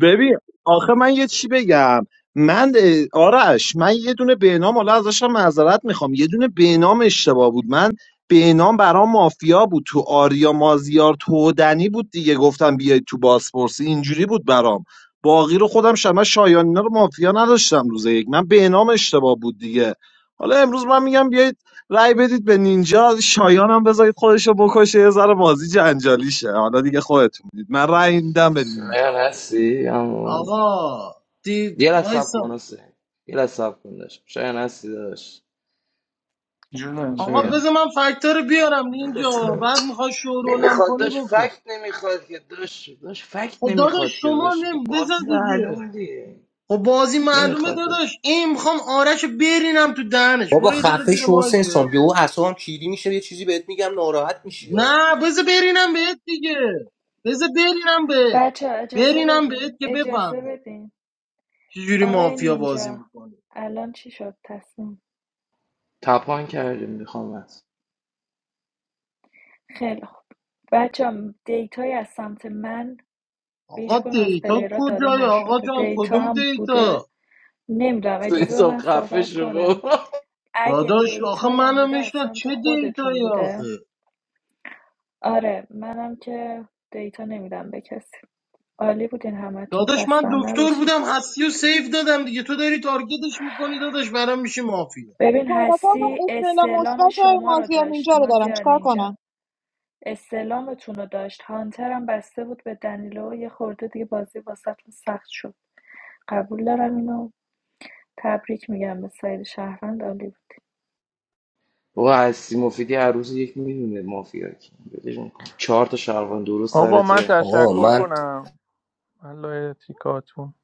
ببین آخه من یه چی بگم من اه، آرش من یه دونه به نام حالا ازشم معذرت میخوام یه دونه به نام اشتباه بود من به نام برام مافیا بود تو آریا مازیار تودنی بود دیگه گفتم بیاید تو بازپرسی اینجوری بود برام باقی رو خودم شما شایانینا رو مافیا نداشتم روز یک من به نام اشتباه بود دیگه حالا امروز من میگم بیایید رأی بدید به نینجا شایانم بذارید خودشو بکشه یه ذره بازی جنجالی شه حالا دیگه خودتون میدید من رأی میدم به نینجا شاید هستی اما آقا دید یه لحظه صبر وایسا کن حسین. یه لحظه صبر کن داشت شاید هستی داشت جونم جونم آقا شاید بذار من فکتر بیارم اینجا بعد میخوای شورولم نمیخواد کنی داشت بکن فکت نمیخواد که داشت داشت فکت خب نمیخواد داداش که شما داشت نیم بذار بازی دیگه معلومه دیگه خب بازی معلومه نمیخواد داشت داداش این میخوام آرش رو برینم تو دهنش بابا برو یه دقیقه خفه زیر شو حسین مایکت سام یهو نکن. اعصابم کیری میشه یه چیزی بهت میگم ناراحت میشی آ. نه بذار برینم بهت دیگه بذار برینم بهت بچه اجازه برینم بهت بدین که اجازه بفهمی بدین چجوری آقای مافیا بازی نینجا میکنی الان چی شد تصمیم تپان کردیم میخوام از خیلی خوب بچه هم دیتای از سمت من به آقا هیچ کدوم از دیتا پلیرها داده کجای آقا نشده جان دیتا کدوم هم بوده دیتا نمیدونم اجازه به حساب من خفه صحبت شو کنم بابا. اگه داداش آخه دیتایم منو بوده از میشناس سمت چه خودتون دیتایی بوده آخه آره منم که دیتا نمیدم به کسی عالی بودین همتون داداش من خستم دکتر نباشید بودم هستی و سیف دادم دیگه تو داری تارگتش میکنی داداش برام میشی مافیا ببین طرفدار من هستی استعلام استعلام مثبت های شما رو مازیار داشت اینجا رو دارم مازیار چیکار کنم نینجا استعلامتون رو داشت هانترم بسته بود به دنیلو یه خورده دیگه بازی واسهتون سخت شد قبول دارم اینو تبریک میگم به سایر شهروند عالی بود. بابا هستی مفیدی هر روز یک میدونه مافیا کیم ولش کن چهار تا شهروند درست آقا من سرته آقا تشکر من کنم الله تیکاتون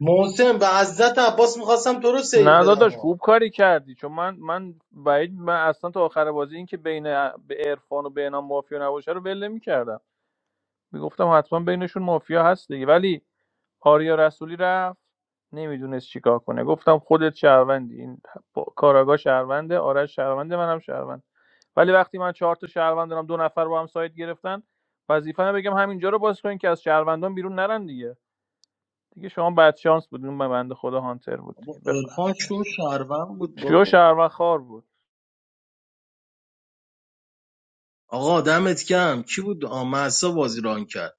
محسن به عزت عباس میخواستم تو رو سیف نه بدم داداش ها خوب کاری کردی چون من من بعید من اصلا تا آخر بازی این که بین ا- به عرفان و بینام مافیا نباشه رو ول نمی‌کردم میگفتم حتما بینشون مافیا هست دیگه ولی آریا رسولی رفت نمیدونست چیکار کنه گفتم خودت شهروندی این با- کاراگاه شهرونده آرش شهرونده منم شهروند ولی وقتی من چهار تا شهروند دارم دو نفر با هم سایت گرفتن وظیفه من بگم همینجا رو باز کنین که از شهروندان بیرون نرن دیگه دیگه شما بعد شانس بودین به بنده خدا هانتر بود دیگه بابا عرفان بفهمید شو مرسی شهروند بود شو بابا شهروند خار بود آقا دمت کم کی بود آمسا بازی ران کرد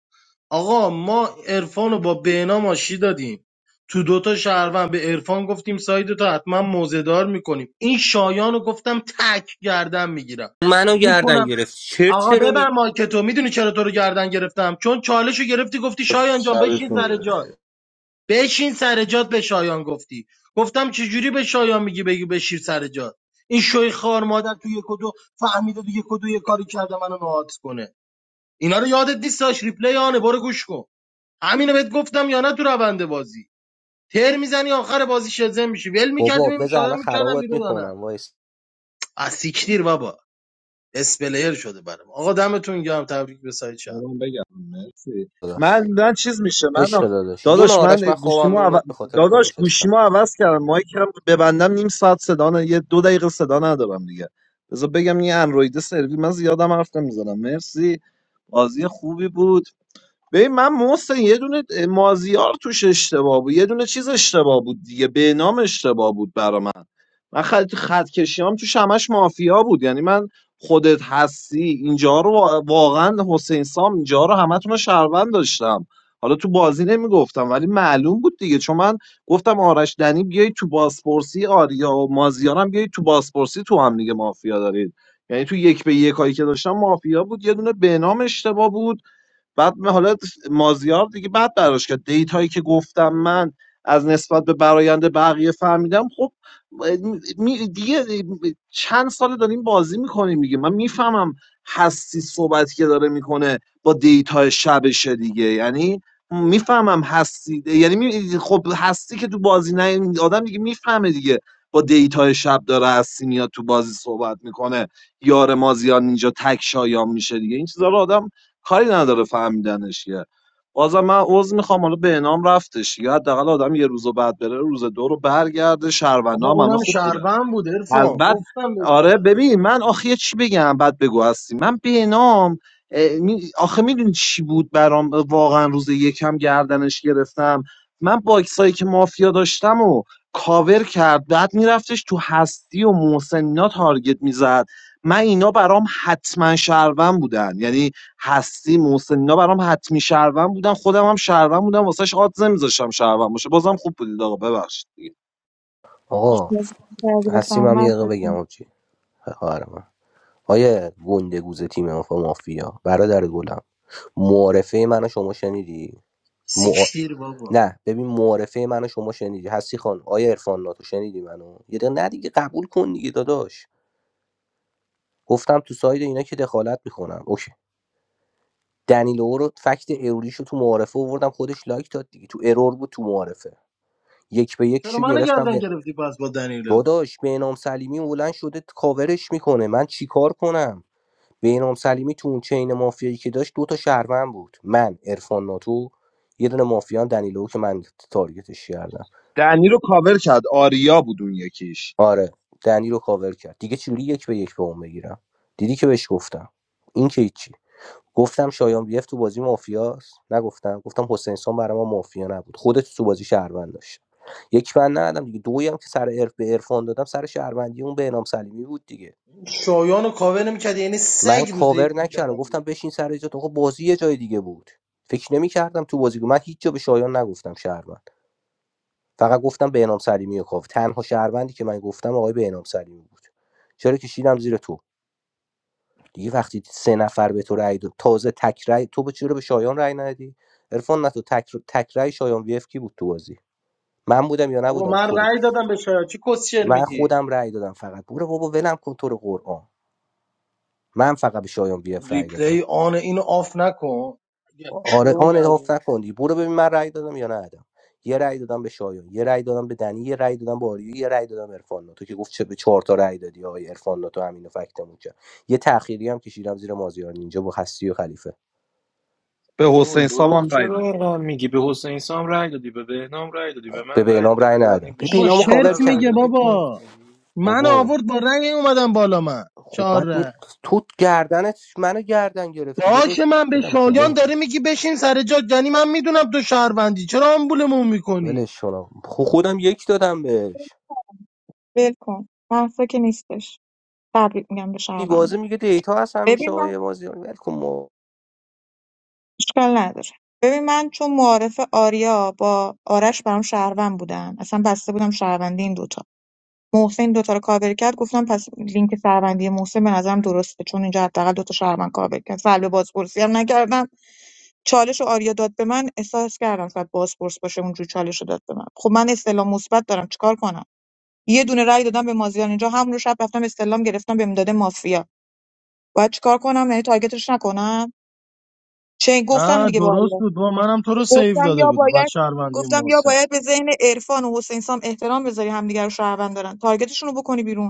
آقا ما عرفان رو با بهنام آشی دادیم تو دوتا شهروند به عرفان گفتیم سایدتو حتما موزهدار میکنیم این شایان رو گفتم تک گردن میگیرم منو گردن میکنم گرفت چرت آقا چرا ببر می مایکتو میدونی چرا تو رو گردن گرفتم چون چالش رو گرفتی گفتی شایان جان بشین شبتون سر بخیر جات بشین سر جات به شایان گفتی گفتم چجوری به شایان میگی بگی بشین سر جات این شوی خار مادر تو یک و دو فهمیده تو یک و دو یه کاری کرده منو نهات کنه اینا رو یادت نیست داشت ریپلی آنه برو گوش کن همینو بهت گفتم یا نه تو روند بازی تر میزنی آخر بازی شزن میشی ول بابا میکردیم می بذار شاید الان میکردم خرابت بیرون یا نه میکنم وایس از بابا اسپلیر شده برام آقا دمتون گرم تبریک به سایت شهر من بگم مرسی داداش من من چیز میشه من عشق داداش جون داداش من آرش من خوابم گوشیمو عو... میومد به خاطر تو داداش نشستم گوشیمو عوض کردم مایکم ببندم نیم ساعت صدا نه یه دو دقیقه صدا ندارم دیگه بذار بگم یه اندروید سرویس من زیادم حرف نمیزنم مرسی بازی خوبی بود ببین من محسن یه دونه مازیار توش اشتباه بود یه دونه چیز اشتباه بود دیگه به نام اشتباه بود برا من من خط, خط کشیام توش همش مافیا بود یعنی من خودت هستی اینجا رو وا- واقعا حسین سام اینجا رو همتون رو شهروند داشتم حالا تو بازی نمیگفتم ولی معلوم بود دیگه چون من گفتم آرش دنی بیای تو بازپرسی آریا و مازیارم بیای تو بازپرسی تو هم دیگه مافیا دارید یعنی تو یک به یکایی که داشتم مافیا بود یه دونه به نام اشتباه بود بعد من حالا مازیار دیگه بعد براش کرد دیتایی که گفتم من از نسبت به برایند بقیه فهمیدم خب می- دیگه چند سال داریم بازی میکنیم دیگه من میفهمم هستی صحبتی که داره میکنه با دیتای شبشه دیگه یعنی میفهمم هستی یعنی می- خب هستی که تو بازی نه آدم دیگه میفهمه دیگه با دیتای شب داره هستی میاد تو بازی صحبت میکنه یار مازیار اینجا تک شایان میشه دیگه این چیزا رو آدم کاری نداره فهمیدنش که بازم من عذر میخوام حالا به نام رفتش یا حداقل آدم یه روز بعد بره روز دو رو برگرده بابا شهروندام همه اونم خوب بودن شهروند بود از عرفان بعد گفتم به چه آره ببین من آخه یه چی بگم بعد بگو هستی من بینام اه، می- آخه میدونی چی بود برام واقعا روز یکم گردنش گرفتم من باکسایی که مافیا داشتم و کاور کرد بعد میرفتش تو هستی و محسن اینا تارگت میزد من اینا برام حتما شهروند بودن یعنی هستی محسن اینا برام حتمی شهروند بودن خودم هم شهروند بودم واسهش آدزه میذاشتم شهروند باشه بازم خوب بودید آقا ببخشید هیچ آقا بازی کرده باشم و هستیم هم من یه دقیقه فکر بگم کنم. آجی خواهر من آیه گندگوز تیم آفا مافیا برادر گلم معارفه منو شما شنیدی مع... سیکتیر بابا نه ببین معارفه منو شما شنیدی هستی خان آیه عرفان ناتو شنیدی منو یه دقیقه نه دیگه قبول کن دیگه داداش گفتم تو ساید اینا که دخالت میکنم اوکی دنیلو رو فکت اروریشو تو معارفه آوردم خودش لایک داد دیگه تو ارور بود تو معارفه یک به چرا یکشو منو گرفتم گردن گرفتی پس با دنیلو داداش به نام سلیمی بلند شده کاورش میکنه من چیکار کنم بهنام سلیمی تو اون چین مافیایی که داشت دو تا شهروند بود من عرفان ناتو یه دونه مافیا هم دنیلو که من تارگتش کردم دنی رو کاور کرد آریا بود اون یکیش آره دنی رو کاور کرد دیگه چجوری یک به یک به اون بگیرم دیدی که بهش گفتم این که هیچی گفتم شایان بیف تو بازی مافیاست نگفتم گفتم حسین سام برای ما مافیا نبود خودت تو بازی شهروند داشت یک من ندادم دیگه دویی هم که سر عرف به عرفان دادم سر شهروندی اون بهنام سلیمی بود دیگه شایان رو کاور نمیکردی یعنی من سگ روز یک کاور نکردم میکردم گفتم بیرون بشین سر جات آقا بازی یه جای دیگه بود فکر نمی‌کردم تو بازی بود. من هیچ جا به شایان نگفتم شهروند فقط گفتم به انام سلیمی و کاو تنها شهروندی که من گفتم آقای به انام سلیمی بود چرا کشیدم زیر تو دیگه وقتی سه نفر به تو رأی داد تازه تک رأی تو به چرا به شایان رأی ندی عرفان نه تو تک تک رأی شایان وی اف کی بود تو بازی من بودم یا بابا نبودم من خودت رأی دادم به شایان چی کسچر من میگی خودم رأی دادم فقط برو بابا ولم کن تو رو قرآن من فقط به شایان وی اف رأی دادم ریپلی آن اینو آف نکن یا آره چونی آن از اضاف نکن برو ببین من رأی دادم یا ندادم یه رأی دادم به شایان یه رأی دادم به دنی یه رأی دادم به آریو یه رأی دادم به عرفان تو که گفت چه به چهار تا رأی دادی آقای عرفان ناتو همین فکتمون کرد یه تأخیری هم کشیدم زیر مازیار اینجا با هستی و خلیفه به بابا حسین سام دروغ هم رای چرا داد اینقدر میگی به حسین سام رای دادی به بهنام رای دادی به خب، به من رای بینام دادی رأی به دنی ندادم به به بابا شیش بینامو چرت کاور نفر رای میگه کردم دادی پوینت بابا میگی من بابا آورد با رنگ اومدم بالا من خب چهار بعد می رنگ تو گردنت منو گردن گرفتی باشه داداش من به خودم کن شایان بابا. داره میگی بشین سر جا یعنی من میدونم تو شهروندی چرا آمبولمون میکنی ولش کن آقا. خب خودم یک دادم بهش ول کن محصا که نیستش تبریک میگم به شهروندا میوازه میگه دیتا هست همیشه ببین من آقای مازیار ولکن اشکال نداره ببین من چون معارف آریا با آرش برام شهروند بودن اصلا بسته بودم شهروندی این دوتا محسن دوتا رو کاور کرد گفتم پس لینک شهروندی محسن به نظرم درسته چون اینجا حداقل دوتا شهروند کاور کرد سلب بازپرسی هم نکردم چالش رو آریا داد به من احساس کردم شاید بازپرس باشه اونجوری چالش رو داد به من خب من استعلام مثبت دارم چیکار کنم یه دونه رای دادم به مازیار اینجا همون رو شب رفتم استعلام گرفتم بهم داده مافیا باید چیکار کنم یعنی تارگتش نکنم چه گفتم نه دیگه به درست آریا بود با منم تو رو سیو گفتم داده یا بودم و باید شهروندی گفتم یا محسن باید به ذهن عرفان و حسین سام احترام بذاری همدیگه رو شهروند دارن تارگتشون رو بکنی بیرون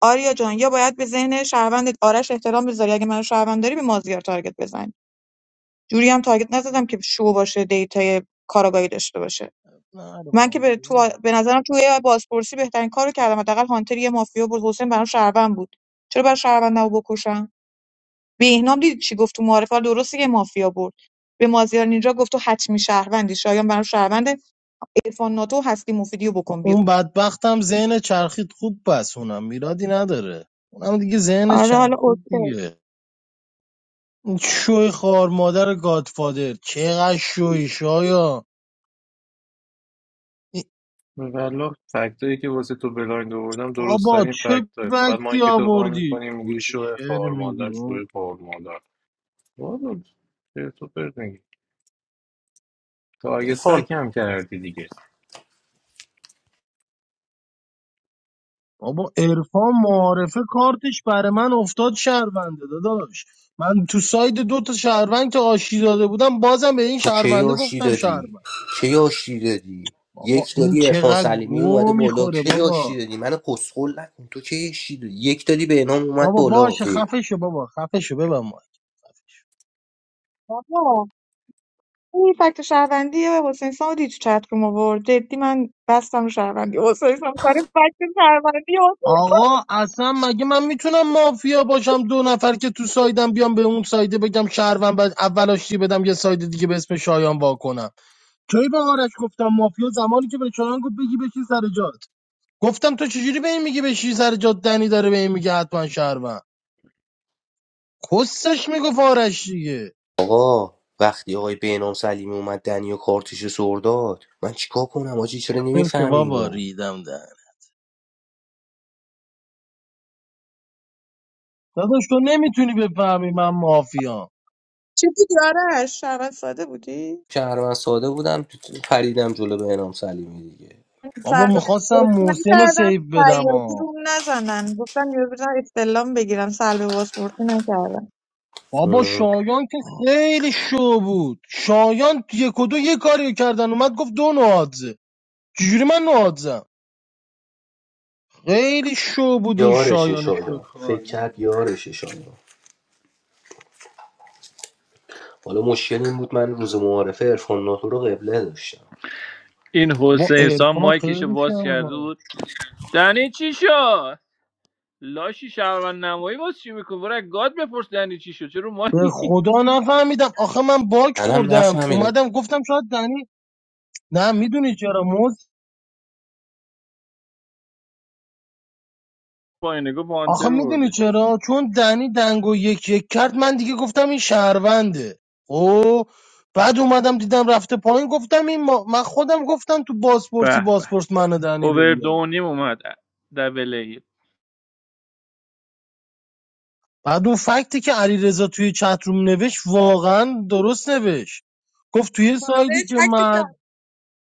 آریا جان یا باید به ذهن شهروندت آرش احترام بذاری اگه منو شهروند داری به مازیار تارگت بزن جوری هم تارگت نزدم که شو باشه دیتای کاراگاهی داشته باشه نه رو من که به, مافیا تو... بود. به نظرم توی بازپرسی بهترین کارو کردم حداقل هانتر یه مافیا بود حسین برام شهروند بود چرا برای شهروند رو بکشم بهنام دیدی چی گفت تو معارفه درسته که مافیا برد به مازیار نینجا گفت تو حتمی شهروندی شایان برام شهروند عرفان ناتو و هستی مفیدی رو خب، بکن اون بیرون بدبختم ذهن چرخید خوب بس اونم میرادی نداره اونم دیگه ذهن آره حالا چرخید اوکی دیگه این شوی خار مادر گادفادر چقدر شوی شایا والله فکتایی که واسه تو بلایند آوردم درست بابا ترین چه فکتاه فقط ما بکتی که تو قام آوردی میکنیم میگی واسه شو شعر خار میگی مادر بابا شو خار مادر بابا چرا تو پرت میگی تارگت بک هم کردی دیگه بابا عرفان معارفه کارتش برای من افتاد شهرونده داداش من تو ساید دو تا شهروند که آشی داده بودم بازم به این تو کی شهرونده آشتی گفتم دادی شهروند کی آشتی دادی بابا یک این دادی عرفان چقدر سلیمی اومده گو بالا میخوره کی آشتی بابا دادی من کسخل نکن تو کی آشتی دادی یک دادی به نام اومد بابا بالا اه. باشه خفه شو بابا خفه شو ببن ما بابا این فکت شهروندی حسین سام رو دید تو چت روم آورد جدی من بستم رو شهروندی حسین سام سر فکت شهروندی حسین سام. آقا اصلا مگه من میتونم مافیا باشم دو نفر که تو سایدم بیام به اون سایده بگم شهروند بعد اول آشتی بدم یه ساید دیگه به اسم شایان واکنم کی به آرش گفتم مافیا زمانی که به شایان گفت بگی بشین سر جات گفتم تو چجوری به این میگی بشین سر جات دنی داره به این میگه حتما شهروند کسش میگفت آرش دیگه آقا وقتی آقای بهنام سلیمی اومد دنی و کارتش سر داد من چیکار کنم آجی چرا خفه نمیفهمی بابا اینو ریدم در داداش تو نمیتونی بفهمی من مافیا چی بودی آرش شهروند ساده بودی شهروند ساده بودم پریدم جلو بهنام سلیمی دیگه بابا سر به میخواستم بازپرسی محسن رو نکردم سیو بدم سیادی ها روم نزنن گفتم یه بزن استلام بگیرم سلب بازپرسی نکردم بابا اه. شایان که خیلی شو بود شایان یک و دو یه کاری کردن اومد گفت دو نوادزه چجوری من نوادزم خیلی شو بود این یارشه شایان شو شایان فکر خارمان. کرد یارشه شایان حالا مشکل این بود من روز معارفه عرفان ناتو رو قبله داشتم این بابا حسین سام ارفان مایکشو خیلی باز کرده شرمه بود دنی چی شد لاشی شهروند نمایی باز چی میکنه برای گاد بپرس دنی چی شد چرا به مایک خدا نفهمیدم آخه من باک منم خوردم نفهمیدم اومدم گفتم شاید دنی نه میدونی چرا موز پایینه گفت آخه هانتر میدونی بردش چرا چون دنی دنگو یک یک کرد من دیگه گفتم این شهرونده او بعد اومدم دیدم رفته پایین گفتم این ما... من خودم گفتم تو بازپرسی به به بازپرس منو دنی رو بیاره اووردونیم اومد در ای بعد اون فکتی که علیرضا توی چتروم نوشت واقعا درست نوشت گفت توی تازه سایدی که فکت من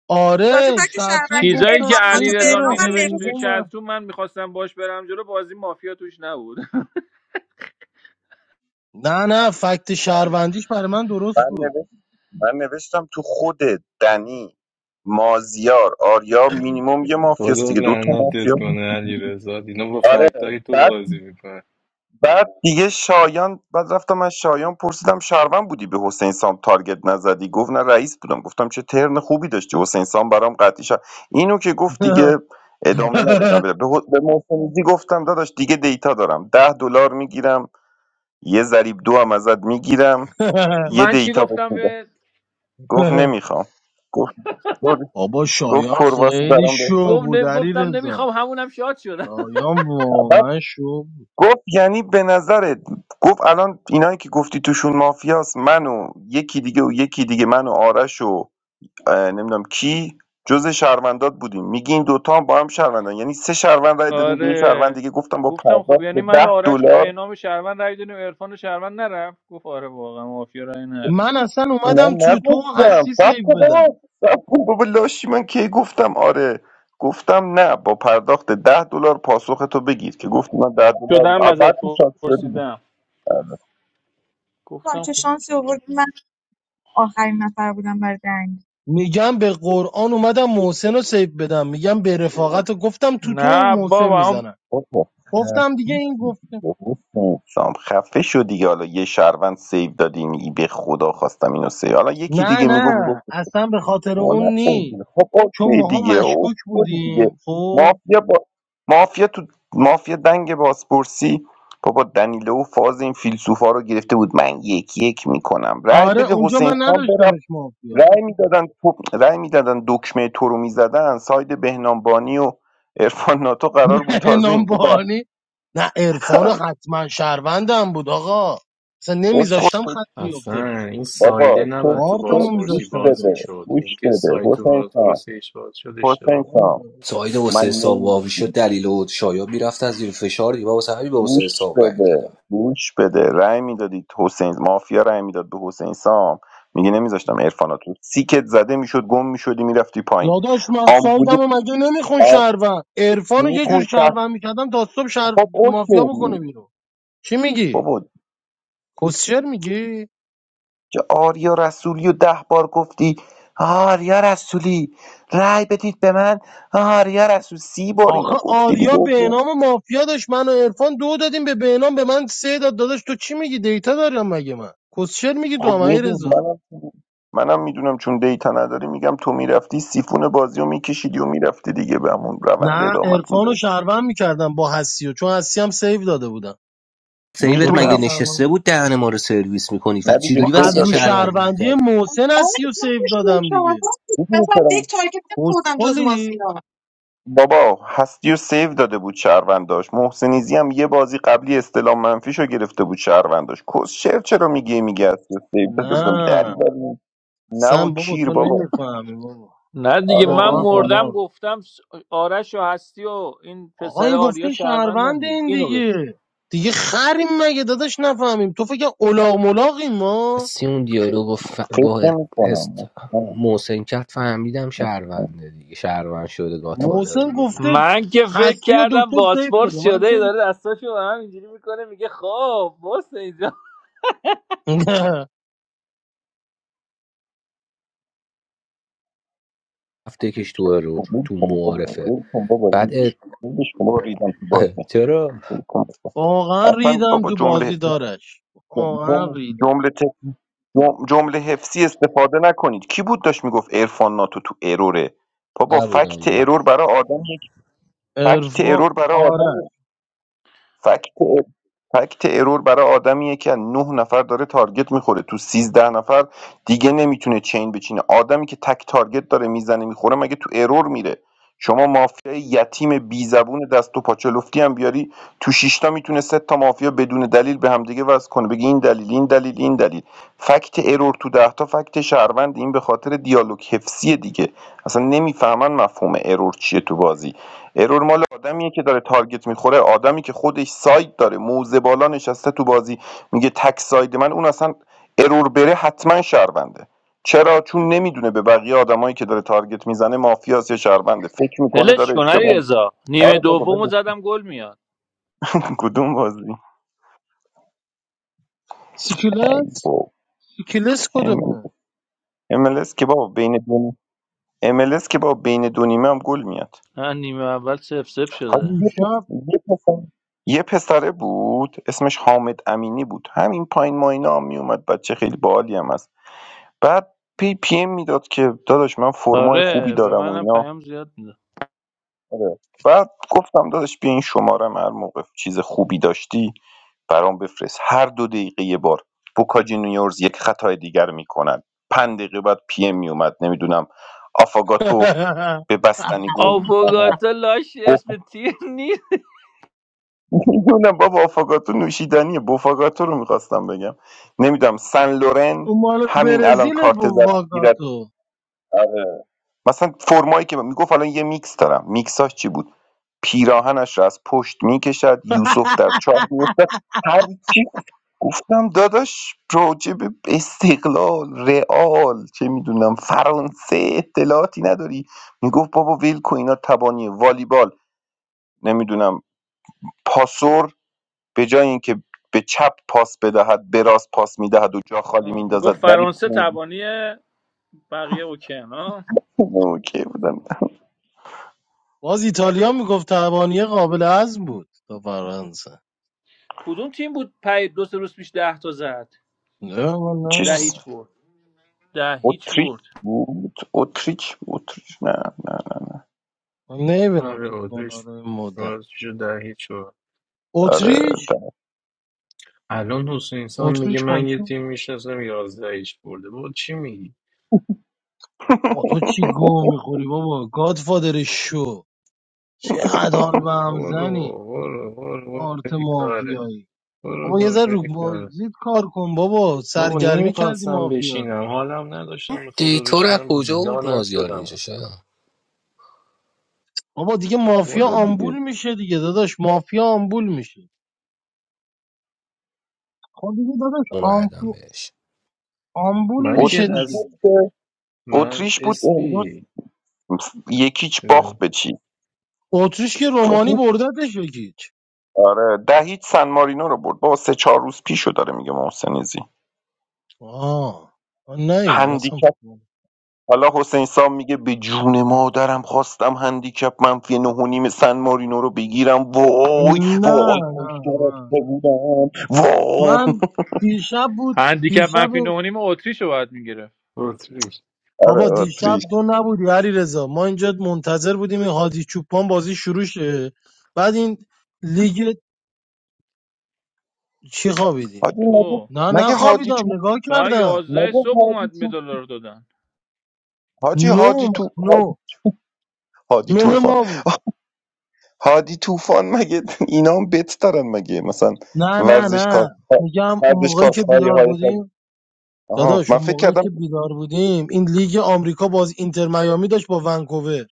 آره تازه فکت چتروم شهروندی چیزایی گفتن که عرفان ناتو این علیرضا به رضا نام چرا می هم نوشت توی مهروزه. هریبون من چترو من میخواستم باش برم جلو بازی مافیا توش نبود نه نه فکت من شهروندیش برای من درست من بود نوشت من نوشتم تو خود دنی مازیار آریا مینیمم یه مافیاست خدا دیگه دو تا لعنتت مافیا بود. کنه علی رضا اینا با آره فکتای تو بعد بازی بعد دیگه شایان بعد رفتم از شایان پرسیدم شهروند بودی به حسین سام تارگت نزدی گفت نه رئیس بودم گفتم چه ترن خوبی داشتی حسین سام برام قطعی شد اینو که گفت دیگه ادامه ندادم به به محسنیزی گفتم داداش دیگه دیتا دارم ده دلار میگیرم یه ضریب دو هم ازت میگیرم یه من چی دیتا بهت گفتم می‌دم. به گفت نمیخوام گفت گفت بابا گفت شایان کرواسی خیلی برام شو بهتره گفت نه- بود علی گفتم نمیخوام رضا همونم شاد شدم شایان بعد واقعا شو بود گفت یعنی به نظرت گفت الان اینایی که گفتی توشون مافیاست من و یکی دیگه و یکی دیگه من و آرش و اه، نمیدونم کی جز شهروندات بودیم میگی این دوتا هم با هم شهروندان یعنی سه شهروند رای دادیم به یه شهروند آره دیگه گفتم با گفتم خب پرداخت یعنی به من و ده آرش و دلار بهنام شهروند رای دادیم عرفان شهروند نرفت گفت آره واقعا مافیا رای نده من اصلا نه اومدم توی تو نگفتم هستی سب سیف کن بدم بابا سب کن بابا لاشی من کی گفتم آره گفتم نه با پرداخت ده دلار پاسخ تو بگیر که گفتی من ده دلار شدم آه، بزد بعد تو شاد شدی پرسیدم چون گفتم چه خب شانسی آورد من آخرین نفر بودم برای دنگ میگم به قرآن اومدم محسن رو سیف بدم میگم به رفاقت رو گفتم تو تو نه محسن بابا میزنم بابا خفه گفتم دیگه این شدی گفته بابا سام خفه شدی حالا یه شهروند سیو دادی میگی به خدا خواستم اینو سیو حالا یکی نه دیگه نه میگفت اصلا به خاطر ما اون نی نخوردیم خب چون اوکی ماها دیگه او مشکوک خوردی دیگه بودیم خب مافیا با مافیا تو مافیا دنگ بازپرسی بابا دنیلو و فاز این فیلسوفا رو گرفته بود من یک یک میکنم رأی آره بده اونجا حسین من خان بره نداشتمش مافیا رأی میدادن تو رأی میدادن دکمه تو رو میزدن ساید بهنامبانی و عرفان ناتو قرار بود تازه نام اینجا بر- بانی نه عرفان حتما شهروندم بود آقا اصلا بس خود نمیذاشتم تو خط بیفته روش اصلا این سایده بابا تو نباید تو کارتمو تو گوش بازپرسی میذاشتم باز جلو بده میشد گوش اینکه بده سایت تو حسین خان بازپرسیش باز شد اشتباه حسین بود. آه، خان سعید آه، من واسه حساب واوی شد دلیل و شایان میرفتن زیر فشار دیگه من واسه همین به گوش حسین حساب رأی بده دادم گوش بده رأی میدادید حسین مافیا رأی میداد به حسین سام میگه نمیذاشتم آه. عرفانا تو سیکت زده میشد گم میشدی میرفتی پایین داداش من آمبولی سایدمو مگه نمیخون آ- شهروند عرفانو یه جور میخوند تحت- شهروند میکردم تا صبح شهر... خب مافیا بکنه اوکی بیرون چی میگی؟ بابا کسشر میگی؟ جا آریا رسولی و ده بار گفتی آریا رسولی رأی بدید به من آریا رسول سی بار آخه اینو گفتی آریا دیگه بهنام و مافیا داشت من و عرفان دو دادیم به بهنام به من سه داد داداش تو چی میگی دیتا دارم مگه من کسشر میگی تو خب هم میدونم رضا منم منم میدونم چون دیتا نداری میگم تو میرفتی سیفون بازی رو میکشیدی و میرفتی دیگه به همون روند نه ادامت عرفان و میداد شهروند میکردم با حسی و چون حسی هم سیو داده بودم سیوت دوتا رو مگه میدونم نشسته شهروند بود دهن ما رو سرویس میکنی و نه دیگه خب چجوری سیو از وصیت رو داده بود شهروندی شهروندی میکردی محسن آره حسی و من که سیو دادم شهروند دیگه بود. میدونی مثلا چرا دیگه تارگت نمی‌خوردم جز کسخلی مازیار بابا هستی و سیو داده بود شهرونداش محسنیزی هم یه بازی قبلی استلام منفیشو گرفته بود شهرونداش کس شعر چرا میگه میگه هستی و سیو داده بودم نه دری بری نه و سم بابا کیر تو بابا نمیفهمی بابا نه تو دیگه آره تو من واقعا میفهم مردم اولاغ گفتم س- آرش و هستی و این آقا پسر این آریا گفته شهروندن شهروند دیگه این اینو دیگه بگو دیگه خریم مگه داداش نفهمیم تو فکر اولاغ ملاقیم ما هستی اون دیالوگ با, ف... فکر با هست... نمیکنم محسن کرد فهمیدم شهرونده دیگه شهروند شده گاتفادر محسن دیگه گفته من که فکر هستی و کردم دکتر سیف بده باسپورس من شده ای سیف داره دستاشو به هم اینجوری میکنه میگه خب باس اینجا نه هفته کش تو ارور خب ول تو کن بابا معارفه ول کن بابا بعد این- ات... ولش کن بابا ریدم تو بازی چرا ول کن بابا واقعا اصلا ریدم بابا تو جمله بازی دارش واقعا جمله ریدم جمله تک- جم- جمله حفظی استفاده نکنید کی بود داشت میگفت ارفان ناتو تو اروره بابا نبودم فکت من ارور برای آدم یک فکت ارور ارفا برای آدم آرش فکت فکت ارور برای آدمیه که از نه نفر داره تارگت میخوره تو سیزده نفر دیگه نمیتونه چین بچینه آدمی که تک تارگت داره میزنه میخوره مگه تو ارور میره شما مافیای یتیم بی زبون دست و پاچه لفتی هم بیاری تو شیشتا میتونه سه تا مافیا بدون دلیل به همدیگه وصل کنه بگی این دلیل این دلیل این دلیل فکت ارور تو ده تا فکت شهروند این به خاطر دیالوگ حفظی دیگه اصلا نمیفهمن مفهوم ارور چیه تو بازی ارور مال آدمیه که داره تارگت میخوره آدمی که خودش ساید داره موزه بالا نشسته تو بازی میگه تک ساید من اون اصلا ارور بره حتما شهرونده چرا چون نمیدونه به بقیه آدمایی که داره تارگت میزنه مافیاس یا شهرونده فکر میکنه داره ولش کن علی اشتباه رضا نیمه آره بابا دومو بگو. زدم گل میاد کدوم بازی سیکلس خب، سیکلس ام کدومه ام اس که بابا بین دو نیم- ام ال اس که بابا بین دو نیمه هم گل میاد نه نیمه اول سف سف شده این حاجی، شب یه پ- یه پسر یه پسره بود اسمش حامد امینی بود همین پایین ماینا هم میومد بچه خیلی باحالی هم هست بعد پی پی ام میداد که داداش من فرمای خوبی آره به دارم و منم اینا پیام زیاد میده آره. بعد گفتم داداش بیا این شماره هر موقع چیز خوبی داشتی برام بفرست هر دو دقیقه یه بار بوکا جونیورز یک خطای دیگر میکنن پنج دقیقه بعد پی ام میومد نمیدونم آفاگاتو به بستنی گل میزند آفوگاتا لاش اسم تیم نیست نمیدونم بابا آفاگاتو نوشیدنیه بوفاگاتو رو میخواستم بگم نمیدونم سن لورن اون مال همین الان برزیل کارت بود زرد میگیرد واگاتو آره. مثلا فرمایی که میگفت الان یه میکس دارم میکساش چی بود پیراهنش را از پشت میکشد یوسف در چاه میفتد هر چی گفتم داداش راجع به استقلال رئال چه میدونم فرانسه اطلاعاتی نداری میگفت بابا ویل کو اینا تبانی والیبال نمیدونم پاسور به جای اینکه به چپ پاس بدهد به راست پاس میدهد و جا خالی آه، میندازد میگفت ولی فرانسه پو تبانی بقیه اوکن ها اوکی بودم باز ایتالیا میگفت تبانیه قابل هضم بود تا فرانسه کدوم تیم بود پی دو سه روز پیش ده تا زد نه من چیز ده نه هیچ برد ده هیچ اتریش برد بود اتریش اتریش نه نه نه. من نمیبینم آره فوتبال آدرس رو این مدت باز شد در هیچ شد آره اتریش ده. الان حسین انسان میگه اتریش با من یه کی تیم میشناسم یازده ایش برده با چی میگی بابا تو چی گو میخوری بابا گادفادر شو چقدر حال به برو هم زنی برو برو برو آرت پیکاره مافیایی برو بابا یه برو ذره رو پیکاره بازید کار کن بابا بابا سرگرمی کردی نمیخواستم مافیا رو بشینم حالم نداشتم به خدا دیتا رو از کجا بشینم بود دانم مازیار شدم اینجا اصلا شاید بابا دیگه مافیا والا دیگه آمبول میشه دیگه داداش مافیا آمبول میشه خب دیگه داداش اون عدم آمفو... بهش آمبول من که میشه اتریش دیگه از بود که- من اتریش بود امروز اسپی یکیچ باخت به چی اتریش که رومانی بردتش یکیچ آره ده هیچ سن مارینو رو برد با سه چهار روز پیشو داره میگه محسن عزیزی. آه من نیدم هندیکپ اصلا حالا حسین سام میگه به جون مادرم خواستم هندیکپ منفی نه و نیم سن مارینو رو بگیرم وای وای نه نه کاش من گرفته بودم وای من دیشب بود هندیکپ دیشب منفی نه و نیم اتریش رو باید میگرفت four, three بابا آره آتری دیشب دو نبودی علی رضا ما اینجا منتظر بودیم این هادی چوپان بازی شروع شه بعد این لیگ چی خوابیدی حاجی مگه تو نه نه مگه هادی خوابیدم تو نگاه تا کردم یازده مگه صبح هادی اومد تو مدال رو دادن حاجی نه هادی اومد، تو نه هادی, هادی نه توفان ما بود هادی توفان مگه اینا هم بت دارن مگه مثلا نه نه ورزشکار نه میگم اون موقعی ورزشکار که خواهی بیدار هایش از بودیم آها داداش من اون فکر موقعی کردم که بیدار بودیم این لیگ آمریکا باز اینتر میامی داشت با ونکوور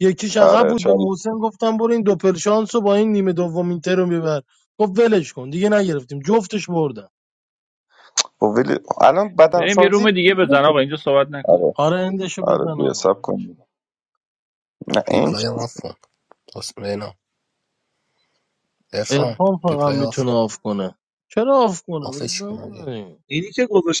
یکیش عقب آره بود به چاری محسن گفتم برو این دوپل شانس رو با این نیمه دوم اینتر رو میبر گفت ولش کن دیگه نگرفتیم جفتش بردن و ولی الان بدن بریم یه سازی روم دیگه بزن آقا اینجا صحبت نکن آره آره اندشو Olha o بزن dia, آقا sabe اندشو. quando na ench. ریپلای هم افون Therefore, عرفان the فقط playoff میتونه آف کنه چرا آف کنه بذار officially ended. بمونه اینی که گذاشت